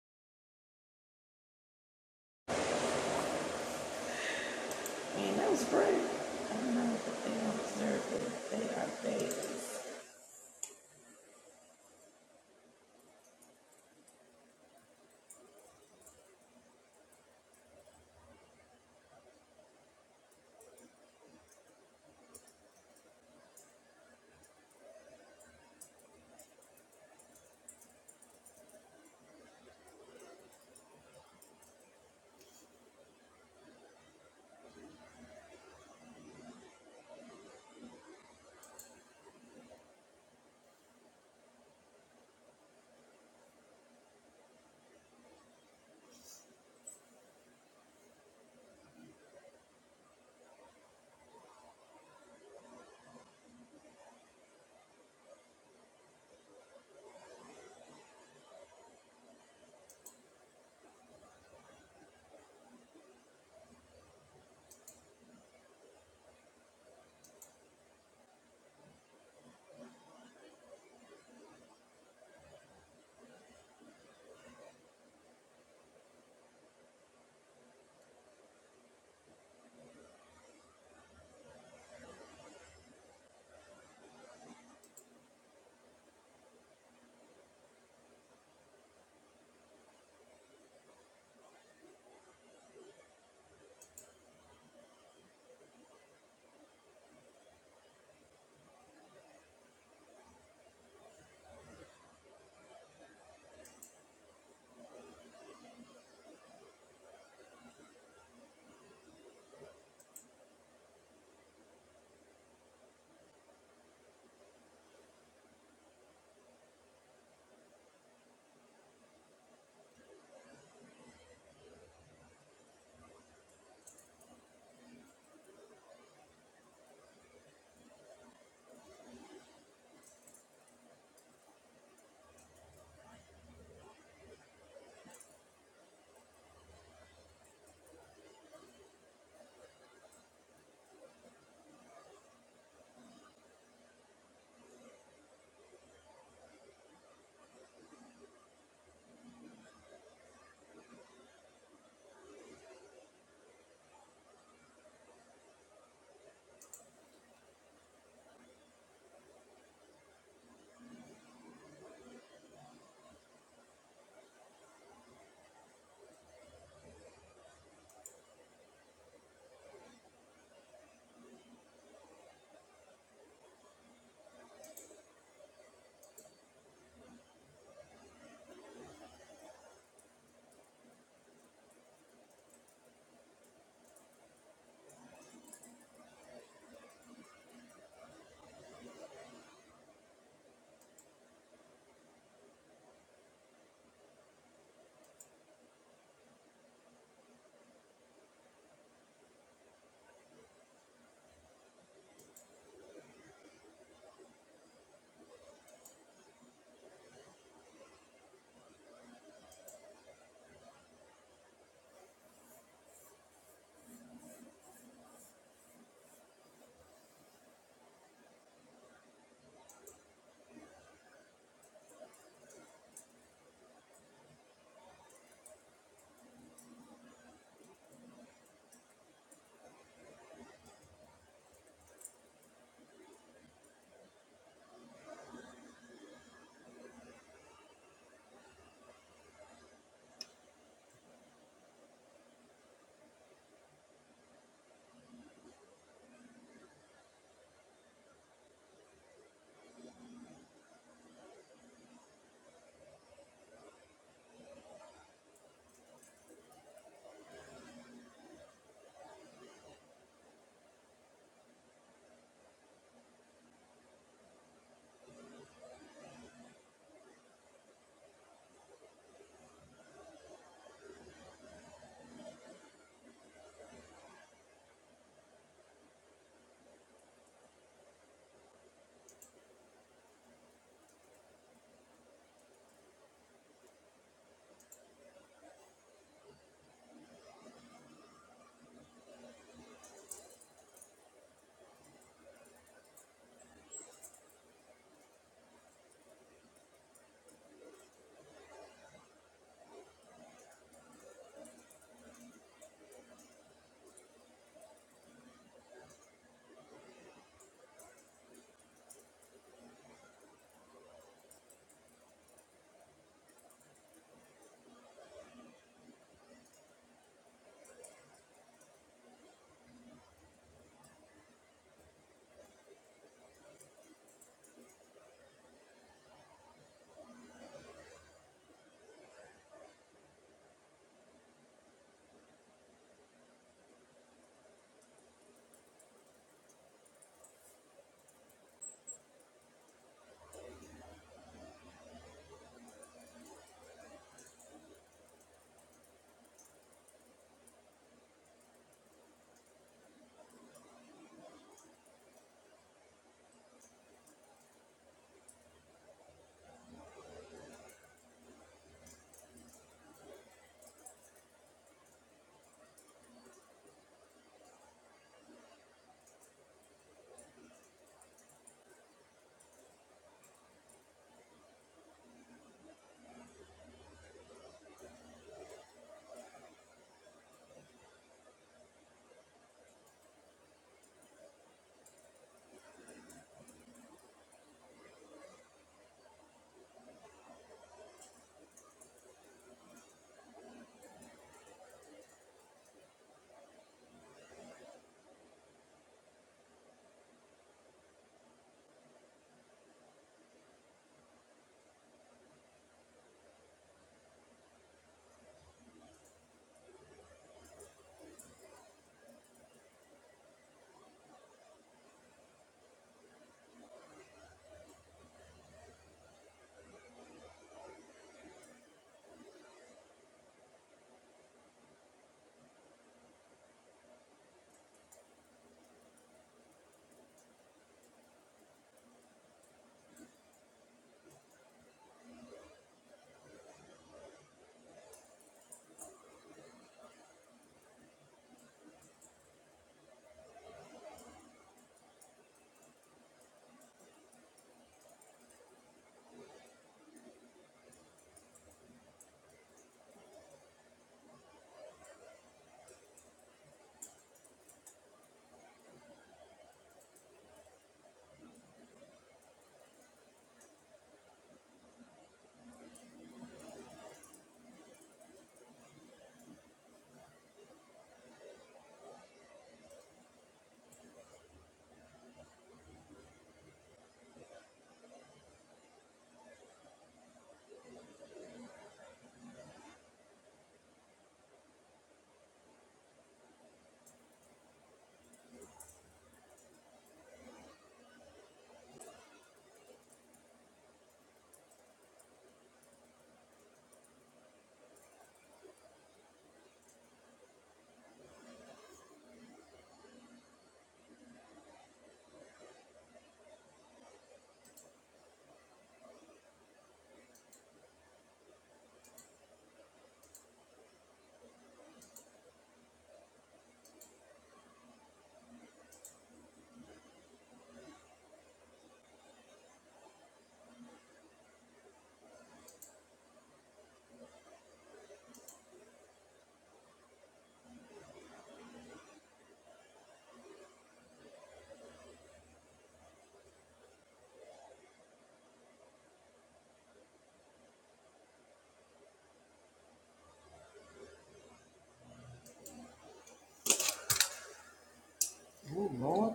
S1: Ooh, Lord.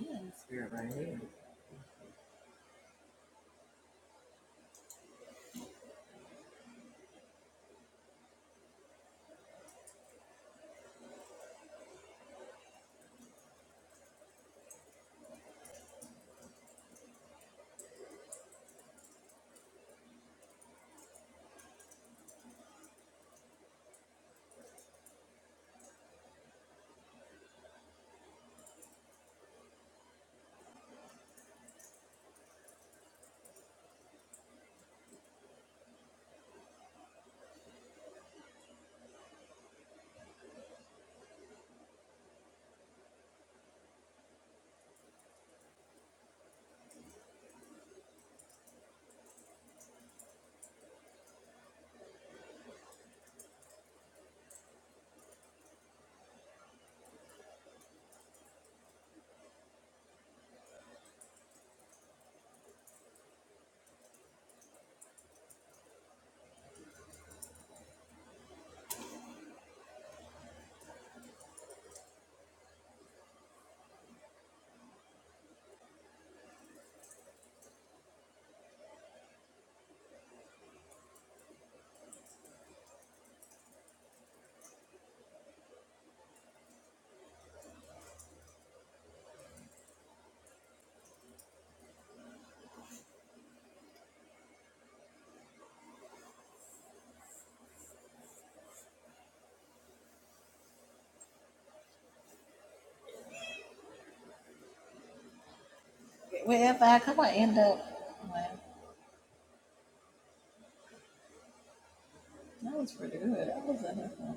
S1: Man, this spirit right here. Wherever I come, I end up. Like, that was pretty good. That was enough.